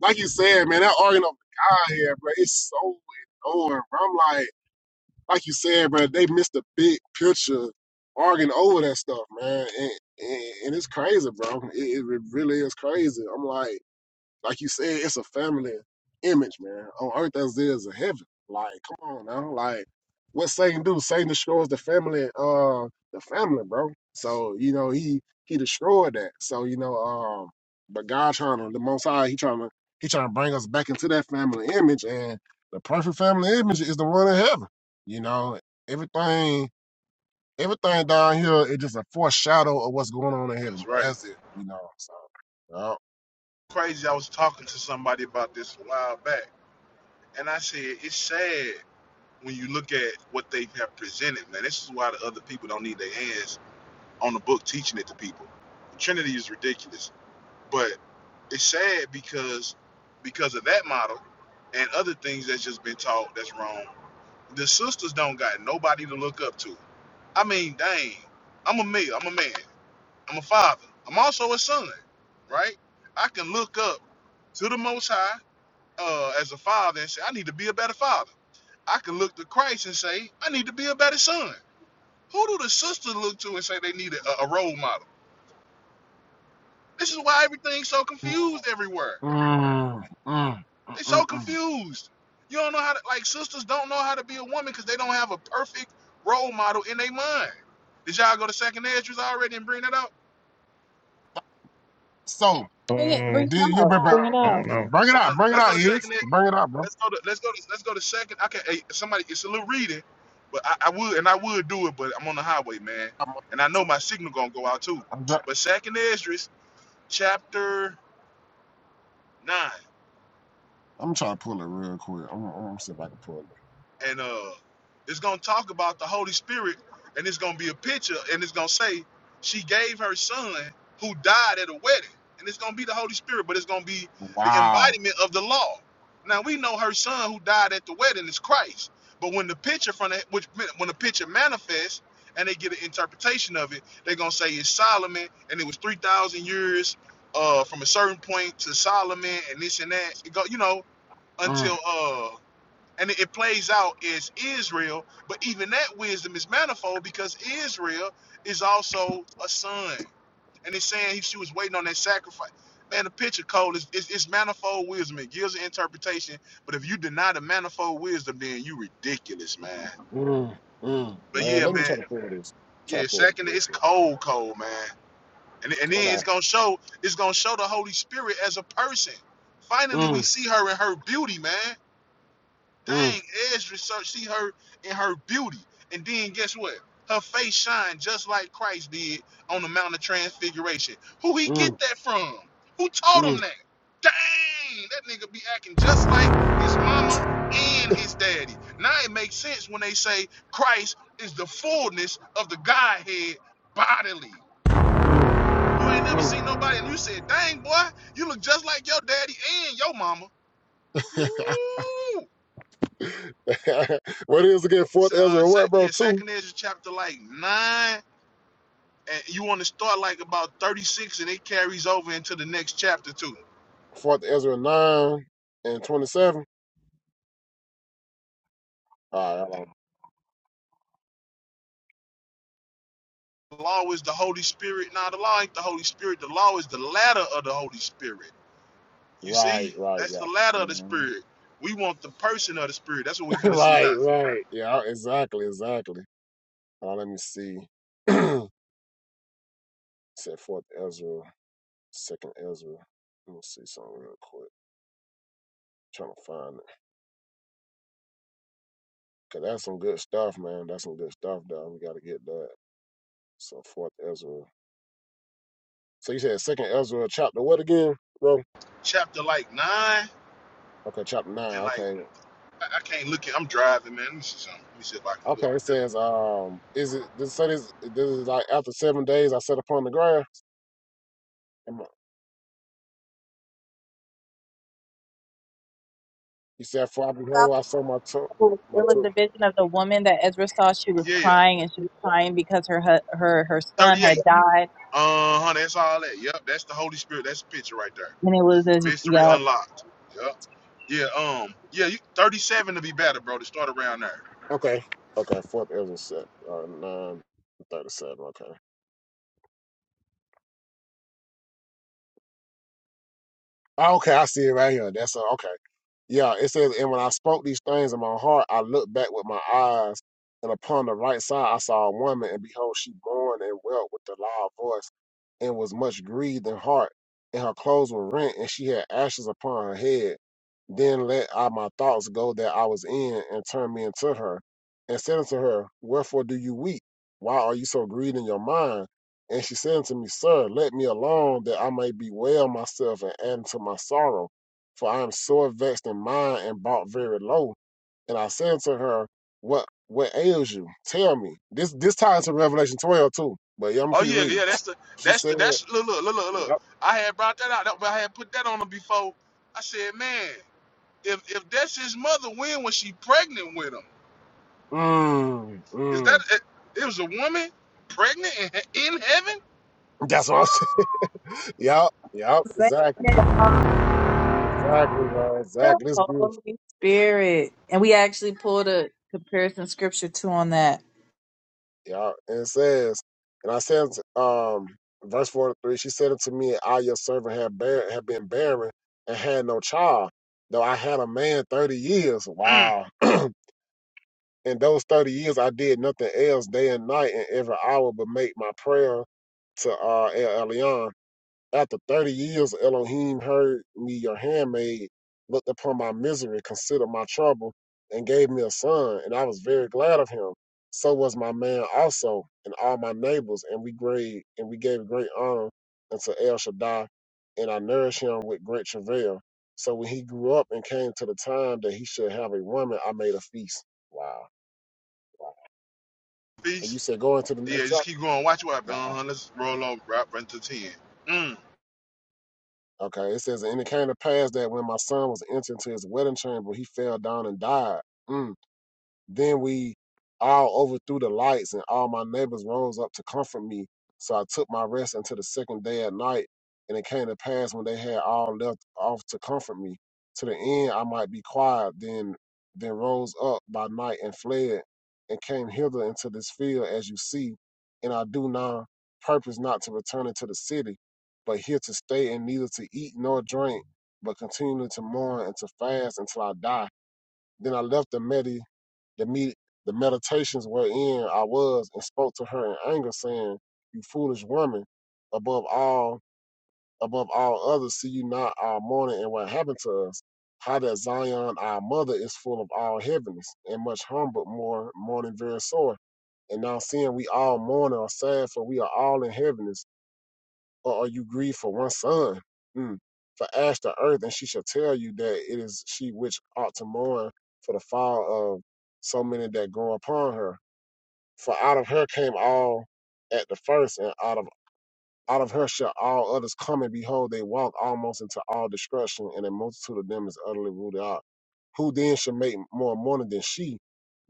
Speaker 2: like you said, man, that argument of God here, bro, it's so annoying. Bro. I'm like, like you said, bro, they missed the big picture arguing over that stuff, man. And and, and it's crazy, bro. It, it really is crazy. I'm like. Like you said, it's a family image, man. On earth as it is in heaven. Like, come on now. Like, what Satan do? Satan destroys the family, uh, the family, bro. So, you know, he he destroyed that. So, you know, um, but God trying to the most high, he trying to he trying to bring us back into that family image and the perfect family image is the one in heaven. You know, everything everything down here is just a foreshadow of what's going on in heaven,
Speaker 5: That's
Speaker 2: bro.
Speaker 5: right.
Speaker 2: That's it, you know. So, yeah.
Speaker 5: Crazy, I was talking to somebody about this a while back, and I said, it's sad when you look at what they have presented, man. This is why the other people don't need their hands on the book teaching it to people. The Trinity is ridiculous, but it's sad because because of that model and other things that's just been taught that's wrong. The sisters don't got nobody to look up to. I mean, dang, I'm a male, I'm a man, I'm a father, I'm also a son, right? I can look up to the Most High uh, as a father and say, I need to be a better father. I can look to Christ and say, I need to be a better son. Who do the sisters look to and say they need a, a role model? This is why everything's so confused everywhere.
Speaker 2: Mm.
Speaker 5: They are so confused. You don't know how to like sisters don't know how to be a woman because they don't have a perfect role model in their mind. Did y'all go to second edges already and bring that up?
Speaker 2: so
Speaker 4: bring it, bring
Speaker 1: Um,
Speaker 2: Did
Speaker 4: it
Speaker 2: you
Speaker 4: out,
Speaker 2: bring,
Speaker 4: bring it
Speaker 1: I don't
Speaker 4: out
Speaker 1: know.
Speaker 2: bring it
Speaker 5: Uh,
Speaker 2: out? Bring it
Speaker 5: let's go
Speaker 2: out,
Speaker 5: to
Speaker 2: is
Speaker 5: second ed.
Speaker 2: bring it out, bro.
Speaker 5: Let's go to let's go to let's go to second. I can hey, somebody it's a little reading, but I, I would and I would do it, but I'm on the highway, man,
Speaker 2: I'm,
Speaker 5: and I know my signal gonna go out too.
Speaker 2: I'm, try-
Speaker 5: But second Esdras chapter nine.
Speaker 2: I'm trying to pull it real quick. I'm, I'm gonna see if I can pull it.
Speaker 5: and uh it's gonna talk about the Holy Spirit and it's gonna be a picture and it's gonna say she gave her son who died at a wedding and it's gonna be the Holy Spirit but it's gonna be the
Speaker 2: Wow.
Speaker 5: embodiment of the law now we know her son who died at the wedding is Christ but when the picture from the, which when the picture manifests and they get an interpretation of it they're gonna say it's Solomon and it was 3,000 years uh from a certain point to Solomon and this and that it go, you know
Speaker 2: Mm,
Speaker 5: until uh and it plays out as Israel, but even that wisdom is manifold because Israel is also a son. And it's saying he- she was waiting on that sacrifice. Man, the picture code is it's, it's manifold wisdom. It gives an interpretation, but if you deny the manifold wisdom, then you ridiculous, man.
Speaker 2: mm, mm.
Speaker 5: But
Speaker 2: Man,
Speaker 5: yeah,
Speaker 2: let me
Speaker 5: man,
Speaker 2: try to pull this. Try to
Speaker 5: yeah.
Speaker 2: pull this
Speaker 5: Second,
Speaker 2: real
Speaker 5: it's
Speaker 2: quick.
Speaker 5: cold, cold, man. And, and
Speaker 2: Cause
Speaker 5: then
Speaker 2: I
Speaker 5: it's
Speaker 2: got.
Speaker 5: gonna show it's gonna show the Holy Spirit as a person. Finally, we
Speaker 2: Mm,
Speaker 5: see her in her beauty, man.
Speaker 2: mm,
Speaker 5: Dang, Edge research see her in her beauty. And then guess what? Her face shined just like Christ did on the Mount of Transfiguration. Who he get
Speaker 2: mm,
Speaker 5: that from? Who taught
Speaker 2: mm,
Speaker 5: him that? Dang, that nigga be acting just like his mama and his daddy. Now it makes sense when they say Christ is the fullness of the Godhead bodily.
Speaker 2: mm,
Speaker 5: You ain't never
Speaker 2: mm.
Speaker 5: seen nobody and you said, dang boy, you look just like your daddy and your mama. Ooh.
Speaker 2: what is again?
Speaker 5: So,
Speaker 2: Fourth
Speaker 5: uh,
Speaker 2: Ezra and
Speaker 5: sec-
Speaker 2: what, bro?
Speaker 5: yeah,
Speaker 2: Two.
Speaker 5: Second Ezra chapter like nine, and you want to start like about thirty six, and it carries over into the next chapter too.
Speaker 2: Fourth Ezra nine and twenty-seven. All right.
Speaker 5: The law is the Holy Spirit. Now, the law ain't the Holy Spirit. The law is the ladder of the Holy Spirit. You
Speaker 2: Right.
Speaker 5: see,
Speaker 2: Right.
Speaker 5: that's
Speaker 2: Yeah.
Speaker 5: the ladder of the
Speaker 2: Mhm.
Speaker 5: Spirit. We want the person of the Spirit. That's what we finna see now.
Speaker 2: right. Right. Yeah. Exactly. Exactly. Uh, let me see. Said fourth Ezra, second Ezra. Let me see something real quick. Trying to find it. Cause that's some good stuff, man. That's some good stuff, dog. We gotta get that. So fourth Ezra. So you said second Ezra, chapter what again, bro?
Speaker 5: Chapter like nine,
Speaker 2: Okay, chapter nine.
Speaker 5: and like
Speaker 2: Okay.
Speaker 5: I, I can't look at. I'm driving, man. Let me see something. Let me see if I can look.
Speaker 2: Okay, it says, um, is it this so this this is like after seven days I sat upon the grass and my, he said, For I behold, I saw my toe
Speaker 4: Well,
Speaker 2: my
Speaker 4: There was
Speaker 2: toe.
Speaker 4: a vision of the woman that Ezra saw. She was
Speaker 5: Yeah, yeah,
Speaker 4: crying, and she was crying because her hu- her her son
Speaker 5: thirty
Speaker 4: had
Speaker 5: eight.
Speaker 4: died,
Speaker 5: Uh huh. That's all that. Yep, that's the Holy Spirit. That's the picture right there.
Speaker 4: and it was as
Speaker 5: Mystery
Speaker 4: yup.
Speaker 5: unlocked. Yeah. Yeah, um, yeah, you 37 to be better, bro, to start around there.
Speaker 2: Okay. Okay, fourth Ezra set uh, nine thirty seven, okay. Oh, Okay, I see it right here. That's uh, okay. Yeah, it says, and when I spoke these things in my heart, I looked back with my eyes, and upon the right side I saw a woman, and behold, she mourned and wept with a loud voice, and was much grieved in heart, and her clothes were rent, and she had ashes upon her head. Then let I my thoughts go that I was in, and turned me into her, and said unto her, Wherefore do you weep? Why are you so grieved in your mind? And she said unto me, Sir, let me alone, that I may bewail myself and add to my sorrow for I am sore vexed in mind and brought very low. And I said to her, What what ails you? Tell me. This this ties to Revelation 12 too. But yeah, I'm gonna
Speaker 5: Oh
Speaker 2: keep
Speaker 5: yeah,
Speaker 2: reading.
Speaker 5: yeah, that's the
Speaker 2: She
Speaker 5: that's the
Speaker 2: said,
Speaker 5: that's look look look look look.
Speaker 2: Yep.
Speaker 5: I had brought that out, that- but I had put that on him before. I said, man, if if that's his mother, when was she pregnant with him?
Speaker 2: Mm,
Speaker 5: Is that
Speaker 2: mm.
Speaker 5: it, it was a woman pregnant in, he- in heaven?
Speaker 2: That's what I'm saying. Yep, yep,
Speaker 4: Same
Speaker 2: exactly.
Speaker 4: as, um,
Speaker 2: Exactly, bro.
Speaker 4: the
Speaker 2: Exactly. It's beautiful.
Speaker 4: Holy Spirit, and we actually pulled a comparison scripture too on that.
Speaker 2: Yep. And it says, and I said um verse 43, she said unto me, I your servant have bear have been barren and had no child, though I had a man thirty years.
Speaker 5: Mm.
Speaker 2: Wow. in those 30 years i did nothing else day and night and every hour but make my prayer to uh El Elyon. after 30 years elohim heard me your handmaid looked upon my misery considered my trouble and gave me a son and i was very glad of him so was my man also and all my neighbors and we great and we gave great honor unto el shaddai and i nourished him with great travail so when he grew up and came to the time that he should have a woman i made a feast wow and you
Speaker 5: Peace.
Speaker 2: said go into the
Speaker 5: Yeah,
Speaker 2: next
Speaker 5: just
Speaker 2: chapter?
Speaker 5: keep going. Watch what happens.
Speaker 2: Wow.
Speaker 5: Uh-huh. Let's roll over right, right to ten. Mm.
Speaker 2: Okay. It says, and it came to pass that when my son was entering into his wedding chamber, he fell down and died. Mm. Then we all overthrew the lights, and all my neighbors rose up to comfort me. So I took my rest until the second day at night, and it came to pass when they had all left off to comfort me. To the end, I might be quiet. Then, then rose up by night and fled, and came hither into this field, as you see. And I do now purpose not to return into the city, but here to stay, and neither to eat nor drink, but continually to mourn and to fast until I die. Then I left the Medes the meet the meditations wherein I was and spoke to her in anger, saying, You foolish woman, above all above all others, see you not our mourning and what happened to us. How that Zion our mother is full of all heaviness, and much harm but more mourning very sore. And now seeing we all mourn and are sad, for we are all in heaviness or are you grieved for one son? Mm. For ash the earth, and she shall tell you that it is she which ought to mourn for the fall of so many that grow upon her. For out of her came all at the first, and out of out of her shall all others come, and behold, they walk almost into all destruction, and a multitude of them is utterly rooted out. Who then shall make more mourning than she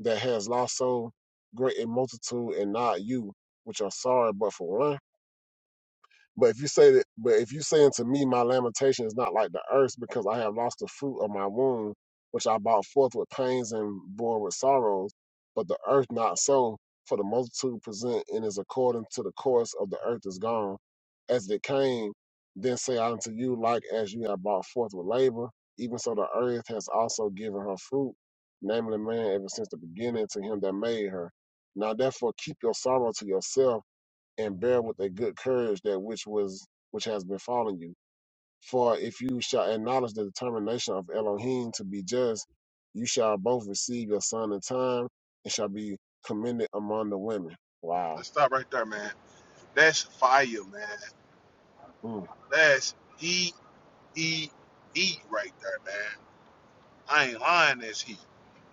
Speaker 2: that has lost so great a multitude, and not you, which are sorry but for one? But if you say that, but if you say unto me, my lamentation is not like the earth, because I have lost the fruit of my womb, which I brought forth with pains and bore with sorrows. But the earth not so, for the multitude present and is according to the course of the earth is gone, as it came. Then say I unto you, like as you have brought forth with labor, even so the earth has also given her fruit, namely man, ever since the beginning to him that made her. Now therefore keep your sorrow to yourself and bear with a good courage that which was which has befallen you. For if you shall acknowledge the determination of Elohim to be just, you shall both receive your son in time and shall be commended among the women. Wow.
Speaker 5: Let's stop right there, man. That's fire, man.
Speaker 2: Mm.
Speaker 5: That's heat. E E right there, man. I ain't lying. That's heat.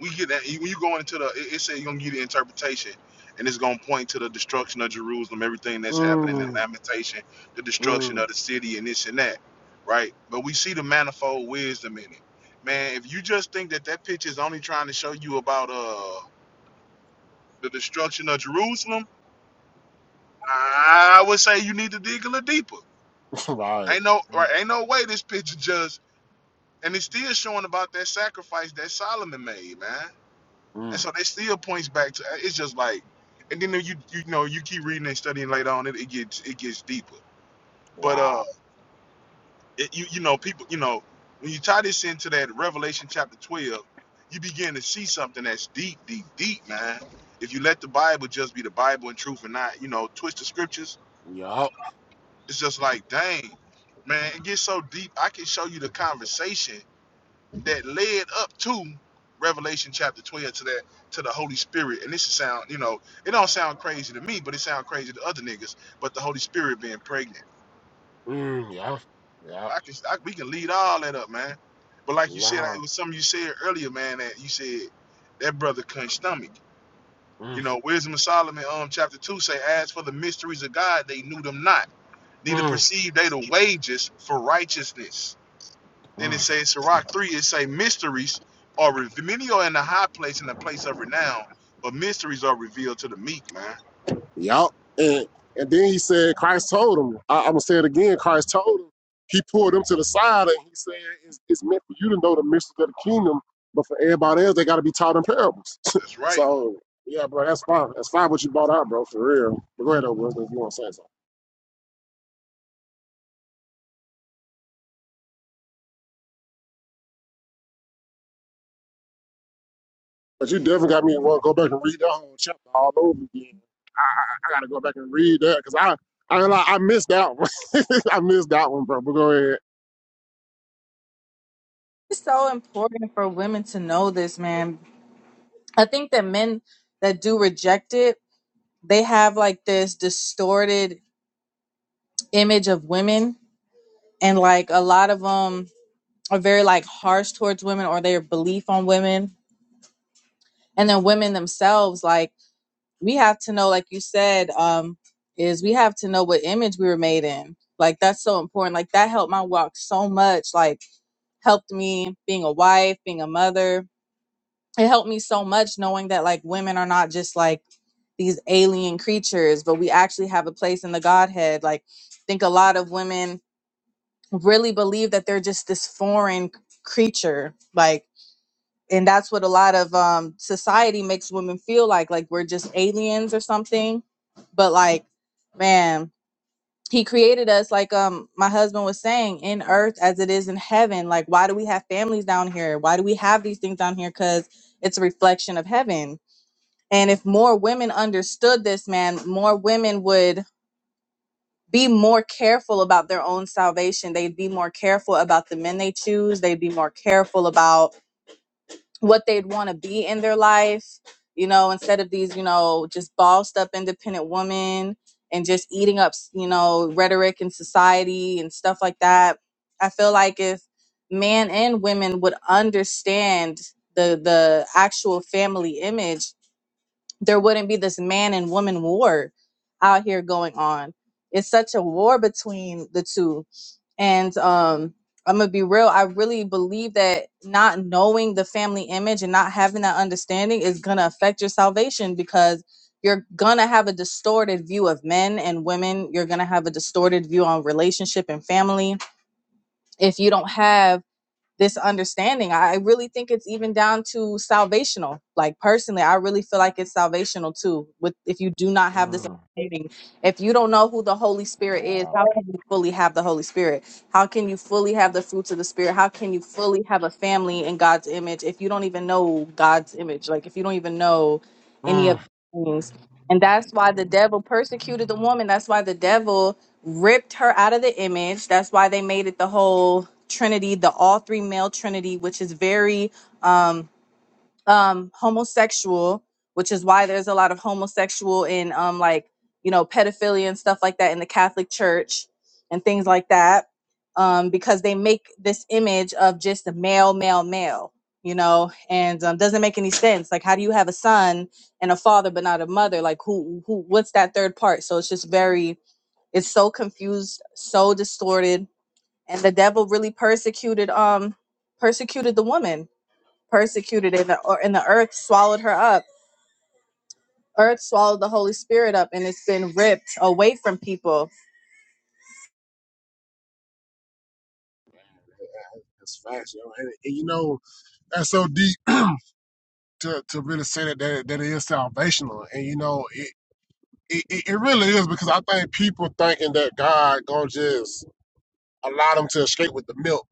Speaker 5: We get that when you go into the. It, it say you're gonna give the interpretation, and it's gonna point to the destruction of Jerusalem, everything that's happening in
Speaker 2: Mm.
Speaker 5: Lamentation, the destruction
Speaker 2: Mm.
Speaker 5: of the city, and this and that, right? But we see the manifold wisdom in it, man. If you just think that that picture is only trying to show you about uh the destruction of Jerusalem, I would say you need to dig a little deeper.
Speaker 2: right.
Speaker 5: Ain't no right. Ain't no way this picture just And it's still showing about that sacrifice that Solomon made, man. And
Speaker 2: Mm.
Speaker 5: so that still points back to it's just like and then you you know you keep reading and studying later on it, it gets it gets deeper. But uh
Speaker 2: Wow.
Speaker 5: it, you you know people you know when you tie this into that Revelation chapter 12, you begin to see something that's deep deep deep, man. If you let the Bible just be the Bible and truth and not, you know, twist the scriptures,
Speaker 2: Yup.
Speaker 5: it's just like, dang, man, it gets so deep. I can show you the conversation that led up to Revelation chapter 12 to that to the Holy Spirit. And this is sound, you know, it don't sound crazy to me, but it sound crazy to other niggas. But the Holy Spirit being pregnant,
Speaker 2: Mm. Yup. Yup.
Speaker 5: I can I, we can lead all that up, man. But like you said,
Speaker 2: Wow.
Speaker 5: it was something you said earlier, man. That you said that brother couldn't stomach.
Speaker 2: Mm.
Speaker 5: You know, Wisdom of Solomon, um, chapter two say, as for the mysteries of God, they knew them not, neither
Speaker 2: Mm.
Speaker 5: perceived they the wages for righteousness Then it
Speaker 2: Mm.
Speaker 5: says Sirach 3, it say mysteries are revealed. Many are in the high place and the place of renown, but mysteries are revealed to the meek, man.
Speaker 2: Yup. And and then he said, Christ told him. I, I'm gonna say it again. Christ told him. He pulled him to the side and he said, "It's, it's meant for you to know the mysteries of the kingdom, but for everybody else, they got to be taught in parables."
Speaker 5: That's right.
Speaker 2: so yeah, bro, that's fine. That's fine. What you brought out, bro, for real. But go ahead, though, Wilson, if you want to say something. But you definitely got me to want go back and read that whole chapter all over again. I I, I got to go back and read that because I I ain't lie, I missed that one. I missed that one, bro. But go ahead.
Speaker 4: It's so important for women to know this, man. I think that men that do reject it, they have like this distorted image of women, and like a lot of them are very like harsh towards women or their belief on women and then women themselves like we have to know like you said um is we have to know what image we were made in like that's so important like that helped my walk so much like helped me being a wife being a mother it helped me so much knowing that like women are not just like these alien creatures but we actually have a place in the godhead like I think a lot of women really believe that they're just this foreign creature like and that's what a lot of um society makes women feel like like we're just aliens or something but like man he created us like um my husband was saying in earth as it is in heaven like why do we have families down here why do we have these things down here cuz it's a reflection of heaven and if more women understood this man more women would be more careful about their own salvation they'd be more careful about the men they choose they'd be more careful about what they'd want to be in their life, you know, instead of these, you know, just bossed up independent women and just eating up, you know, rhetoric in society and stuff like that. I feel like if men and women would understand the the actual family image there wouldn't be this man and woman war out here going on. It's such a war between the two. And um I'm gonna be real, I really believe that not knowing the family image and not having that understanding is gonna affect your salvation because you're gonna have a distorted view of men and women. You're gonna have a distorted view on relationship and family. If you don't have this understanding. I really think it's even down to salvational. Like personally, I really feel like it's salvational too. With if you do not have this
Speaker 2: Mm,
Speaker 4: understanding, if you don't know who the Holy Spirit is,
Speaker 2: wow.
Speaker 4: how can you fully have the Holy Spirit? How can you fully have the fruits of the Spirit? How can you fully have a family in God's image if you don't even know God's image? Like if you don't even know any of
Speaker 2: Mm.
Speaker 4: these things. And that's why the devil persecuted the woman. That's why the devil ripped her out of the image. That's why they made it the whole trinity, the all three male trinity, which is very um um homosexual, which is why there's a lot of homosexual and um like, you know, pedophilia and stuff like that in the Catholic Church and things like that. Um, because they make this image of just a male, male, male, you know, and um, doesn't make any sense. Like, how do you have a son and a father but not a mother? Like, who, who, what's that third part? So it's just very, it's so confused, so distorted, and the devil really persecuted um persecuted the woman, persecuted in the or and the earth swallowed her up. Earth swallowed the Holy Spirit up, and it's been ripped away from people.
Speaker 2: That's facts, yo. And, and you know, that's so deep to, to really say that, that that it is salvational. And you know, it, it it it really is because I think people thinking that God gonna just allow them to escape with the milk.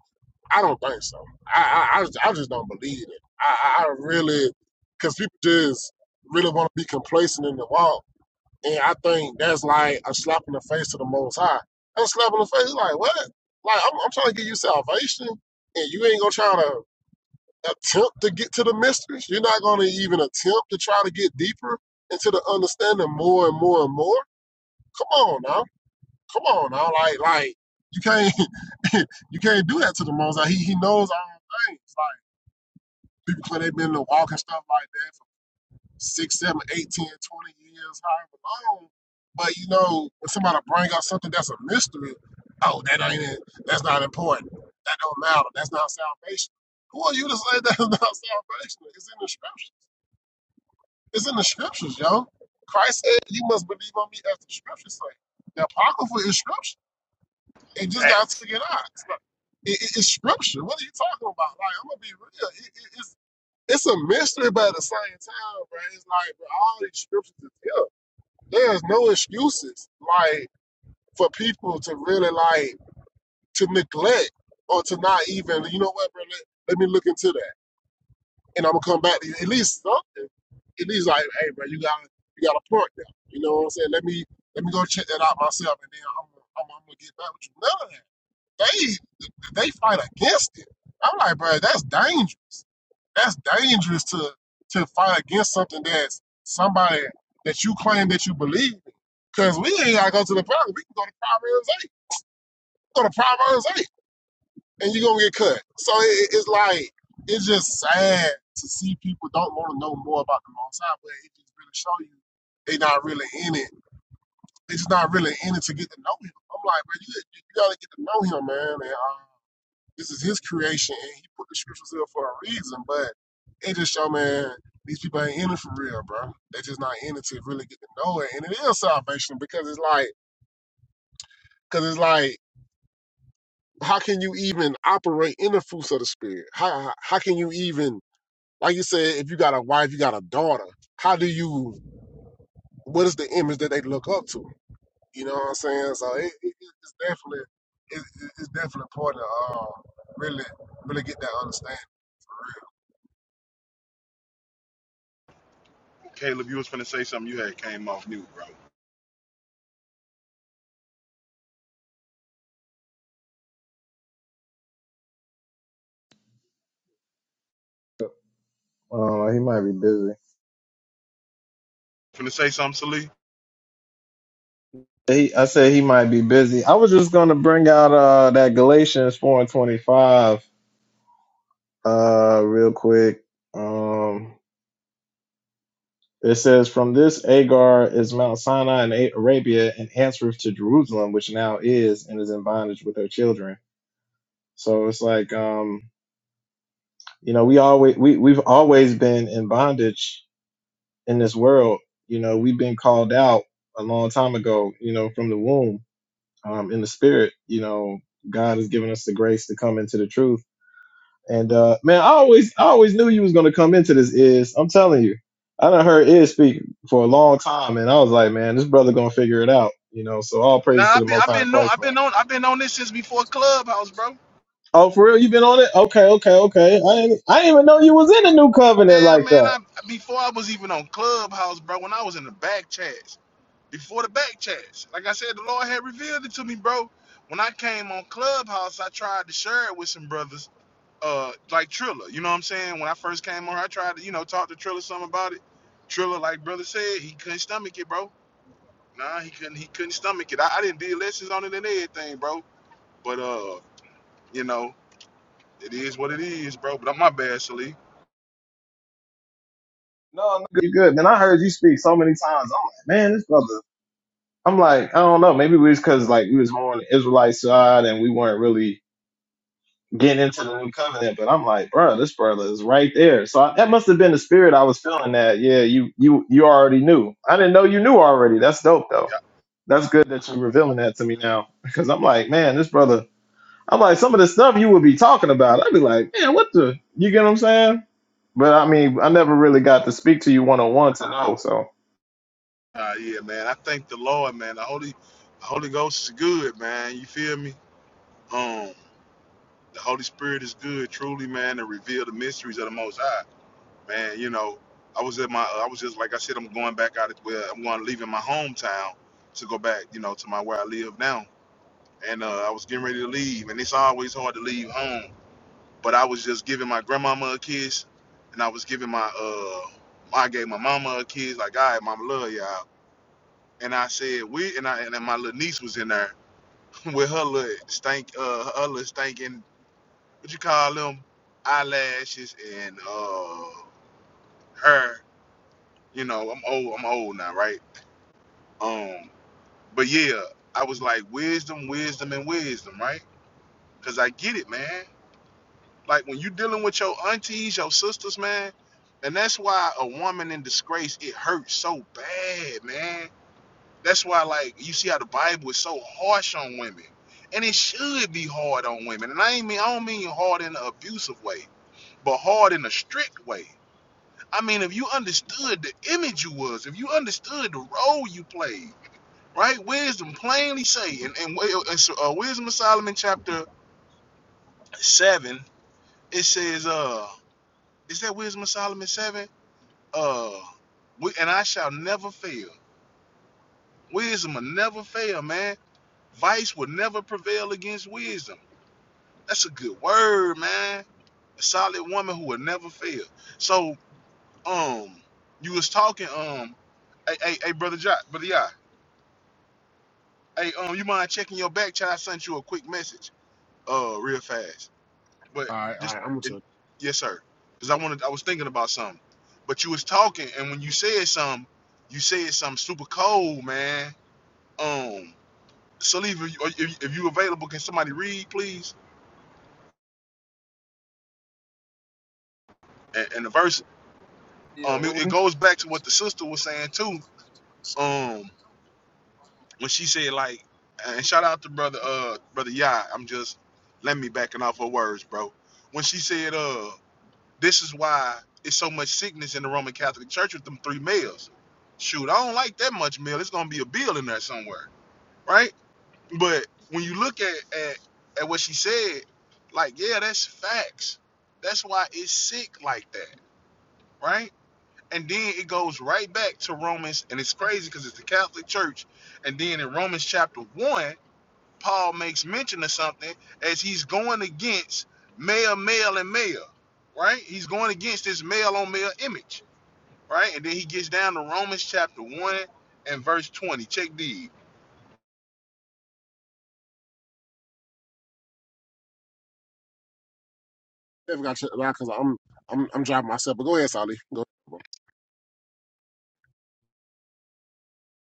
Speaker 2: I don't think so. I I, I, just, I just don't believe it. I I I really because people just really want to be complacent in the walk, and I think that's like a slap in the face to the Most High. That's a slap in the face. Like what? Like I'm, I'm trying to give you salvation, and you ain't gonna try to attempt to get to the mysteries. You're not going to even attempt to try to get deeper into the understanding more and more and more. Come on now, come on now, like like you can't you can't do that to the most. Like, he he knows all things. Like people claim they've been in the walk and stuff like that for six, seven, eight, ten, twenty years, however long. But you know, when somebody bring out something that's a mystery, oh, that ain't it. That's not important. That don't matter. That's not salvation. Who are you to say that's not salvation? It's in the scripture. It's in the scriptures, yo. Christ said, "You must believe on me as the scriptures say." The apocrypha is scripture. It just
Speaker 5: Ah,
Speaker 2: got to get out. It's, not- it- it- it's scripture. What are you talking about? Like I'm gonna be real. It, it, it's it's a mystery, but at the same time, bro, it's like bro, all these scriptures is here. There's no excuses, like for people to really like to neglect or to not even. You know what, bro? Let, let me look into that. and I'm gonna come back to at least something. At least like, hey, bro, you got you got a point there. You know what I'm saying? Let me let me go check that out myself, and then I'm gonna- I'm, I'm gonna get back with you. None of that. They they fight against it. I'm like, bro, that's dangerous. That's dangerous to to fight against something that's somebody that you claim that you believe. in. Cause we ain't gotta go to the Bible. We can go to Proverbs eight. Go to Proverbs eight and you're gonna get cut. So it, it's like it's just sad to see people don't want to know more about the Most High, but it just really show you they not really in it. They just not really in it to get to know him. I'm like, bro, you, you gotta get to know him, man. And uh, this is his creation, and he put the scriptures there for a reason. But it just show, man, these people ain't in it for real, bro. They just not in it to really get to know it, and it is salvation because it's like, because it's like. How can you even operate in the fruits of the spirit? How how how can you even Like you said, if you got a wife, you got a daughter. How do you? What is the image that they look up to? You know what I'm saying? So it, it, it's definitely it, it- it's definitely important to uh, really really get that understanding.
Speaker 5: Caleb, you was finna say something you had came off mute, bro.
Speaker 1: Uh, he might be busy.
Speaker 5: Finna say something, Salih?
Speaker 1: He, I said he might be busy. I was just gonna bring out uh that Galatians four and twenty five uh real quick. Um, it says from this Agar is Mount Sinai in A- Arabia and answereth to Jerusalem, which now is and is in bondage with her children. So it's like um you know we always we we've always been in bondage in this world. You know we've been called out a long time ago. You know from the womb um, in the spirit. You know, God has given us the grace to come into the truth. And uh, man, I always, I always knew you was gonna come into this. Is I'm telling you, I done heard Is speak for a long time, and I was like, man, this brother gonna figure it out. You know, so all
Speaker 5: Nah,
Speaker 1: praises to the
Speaker 5: I've been
Speaker 1: Most
Speaker 5: I've
Speaker 1: High
Speaker 5: been on
Speaker 1: Christ,
Speaker 5: I've
Speaker 1: man.
Speaker 5: been on I've been on this since before Clubhouse, bro.
Speaker 1: Oh, for real, you been on it? Okay, okay, okay. I didn't, I didn't even know you was in the new covenant
Speaker 5: Yeah,
Speaker 1: like
Speaker 5: man,
Speaker 1: that.
Speaker 5: I before I was even on Clubhouse, bro, when I was in the back chats. Before the back chats. Like I said, the Lord had revealed it to me, bro. When I came on Clubhouse, I tried to share it with some brothers uh like Triller. You know what I'm saying? When I first came on, I tried to, you know, talk to Triller some about it. Triller, like brother said, he couldn't stomach it, bro. Nah, he couldn't he couldn't stomach it. I, I didn't do lessons on it and everything, bro. But uh, you know, it is what it is, bro. But I'm my bad, Shalif.
Speaker 1: No, no, you good, man. I heard you speak so many times. I'm like, man, this brother. I'm like, I don't know. Maybe we was because like we was more on the Israelite side, and we weren't really getting into the new covenant, but I'm like, bro, this brother is right there. So I, that must have been the spirit I was feeling. That yeah, you you you already knew. I didn't know you knew already. That's dope though.
Speaker 5: Yeah,
Speaker 1: That's good that you're revealing that to me now because I'm like, man, this brother. I'm like, some of the stuff you would be talking about, I'd be like, man, what the? You get what I'm saying? But I mean, I never really got to speak to you one on one to know. So
Speaker 5: uh, yeah, man. I thank the Lord, man. The Holy the Holy Ghost is good, man. You feel me? Um, the Holy Spirit is good, truly, man, to reveal the mysteries of the most high. man, you know, I was at my, I was just like I said, I'm going back out. of Where I'm going, leaving my hometown to go back, you know, to my where I live now. And uh, I was getting ready to leave, and it's always hard to leave home. But I was just giving my grandmama a kiss, and I was giving my, uh, I gave my mama a kiss, like, all right, mama, love y'all. And I said, we, and I, and then my little niece was in there with her little stank, uh, her little stinking, what you call them, eyelashes and uh, her you know, I'm old, I'm old now, right? Um, but yeah, I was like wisdom, wisdom, and wisdom, right? Cause I get it, man. Like when you dealing with your aunties, your sisters, man, and that's why a woman in disgrace, it hurts so bad, man. That's why, like, you see how the Bible is so harsh on women. And it should be hard on women. And I ain't mean I don't mean hard in an abusive way, but hard in a strict way. I mean, if you understood the image you was, if you understood the role you played, right? Wisdom plainly say, and and, wi- and so, uh, Wisdom of Solomon chapter seven, it says, uh, is that Wisdom of Solomon seven? Uh, we, and I shall never fail. Wisdom will never fail, man. Vice will never prevail against wisdom. That's a good word, man. A solid woman who will never fail. So, um, you was talking, um, hey, hey, hey brother Jock, brother Yah. Hey, um, you mind checking your back? Child sent you a quick message, uh, real fast. But
Speaker 2: All right, all
Speaker 5: just,
Speaker 2: right. I'm gonna
Speaker 5: and,
Speaker 2: check.
Speaker 5: yes, sir. Cause I wanted, I was thinking about something. But you was talking, and when you said something, you said something super cold, man. Um, Saliva, if, you- if if you available, can somebody read, please? And, and the verse,
Speaker 1: yeah,
Speaker 5: um, it,
Speaker 1: what
Speaker 5: it
Speaker 1: we,
Speaker 5: goes back to what the sister was saying too. Um, when she said like, and shout out to brother, uh, brother Yah. I'm just, let me backing off her words, bro. When she said, uh. This is why it's so much sickness in the Roman Catholic Church with them three males. Shoot, I don't like that much male. It's gonna be a bill in there somewhere, right? But when you look at at, at what she said, like, yeah, that's facts. That's why it's sick like that, right? And then it goes right back to Romans, and it's crazy because it's the Catholic Church. And then in Romans chapter one, Paul makes mention of something as he's going against male, male, and male, right? He's going against this male on male image, right? And then he gets down to Romans chapter 1 and verse 20. Check the
Speaker 2: Definitely gotta check it out because I'm I'm I'm driving myself. But go ahead, Sally. Go.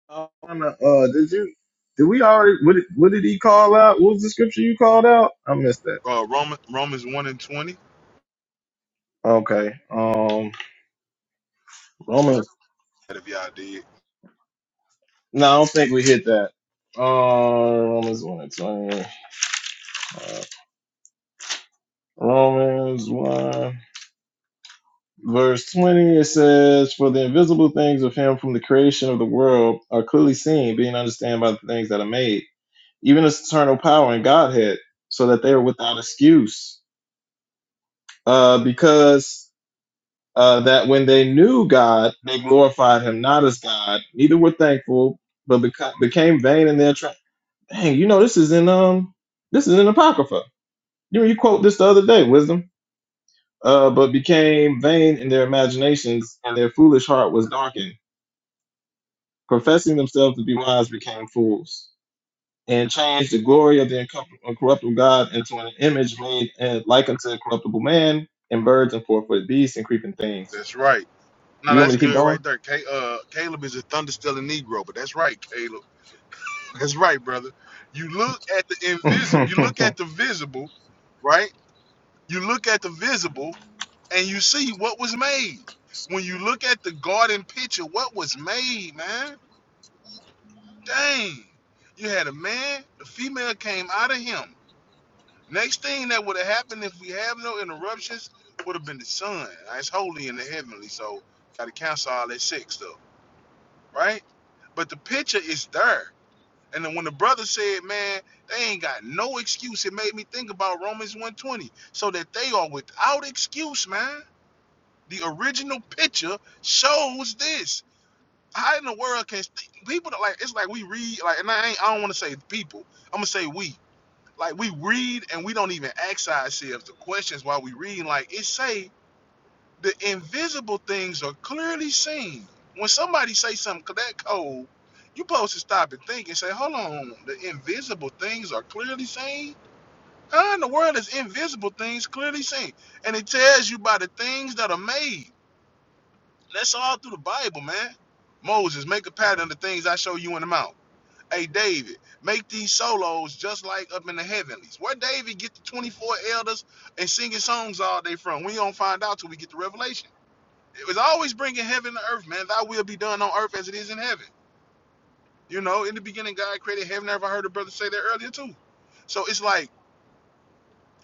Speaker 1: uh, wanna, uh, did you? Did we already? What did, what did he call out? What was the scripture you called out? I missed that.
Speaker 5: uh, Roman, Romans 1 and 20.
Speaker 1: Okay. Um. Romans.
Speaker 5: If y'all did,
Speaker 1: No, I don't think we hit that. Uh, Romans one and twenty. Uh, Romans one verse twenty. It says, "For the invisible things of Him from the creation of the world are clearly seen, being understood by the things that are made, even His eternal power and Godhead, so that they are without excuse. Uh, because uh, that when they knew God, they glorified Him not as God, neither were thankful, but beca- became vain in their hey, you know, this is in um this is in Apocrypha. You know, you quote this the other day, wisdom. Uh, but became vain in their imaginations, and their foolish heart was darkened. Professing themselves to be wise, became fools, and changed the glory of the incorrupt- incorruptible God into an image made uh, like unto a corruptible man, and birds, and four-footed beasts, and creeping things.
Speaker 5: that's right. No,
Speaker 1: You want
Speaker 5: that's
Speaker 1: me to keep
Speaker 5: good
Speaker 1: going?
Speaker 5: right there. Ca uh, Caleb is a thunder stealing Negro, but that's right, Caleb. That's right, brother. You look at the invisible, you look at the visible, right? You look at the visible and you see what was made. When you look at the garden picture, what was made, man? Dang. You had a man, the female came out of him. Next thing that would have happened if we have no interruptions would have been the sun. Now, It's holy in the heavenly, so gotta cancel all that sick stuff, right? But the picture is there. And then when the brother said, man, they ain't got no excuse, it made me think about Romans 120. So that they are without excuse, man The original picture shows this. How in the world can people don't- like? It's like we read like, and I ain't, I don't want to say people. I'm gonna say we. Like we read and we don't even ask ourselves the questions while we reading. Like it say the invisible things are clearly seen. When somebody say something that cold, you supposed to stop and think and say, hold on, the invisible things are clearly seen. How in the world is invisible things clearly seen? And it tells you by the things that are made. That's all through the Bible, man. Moses, make a pattern of the things I show you in the mount. Hey, David, make these solos just like up in the heavenlies. Where David get the 24 elders and singing songs all day from? We don't find out till we get to Revelation. It was always bringing heaven to earth, man. Thy will be done on earth as it is in heaven. You know, in the beginning, God created heaven. I Ever heard a brother say that earlier too? So it's like,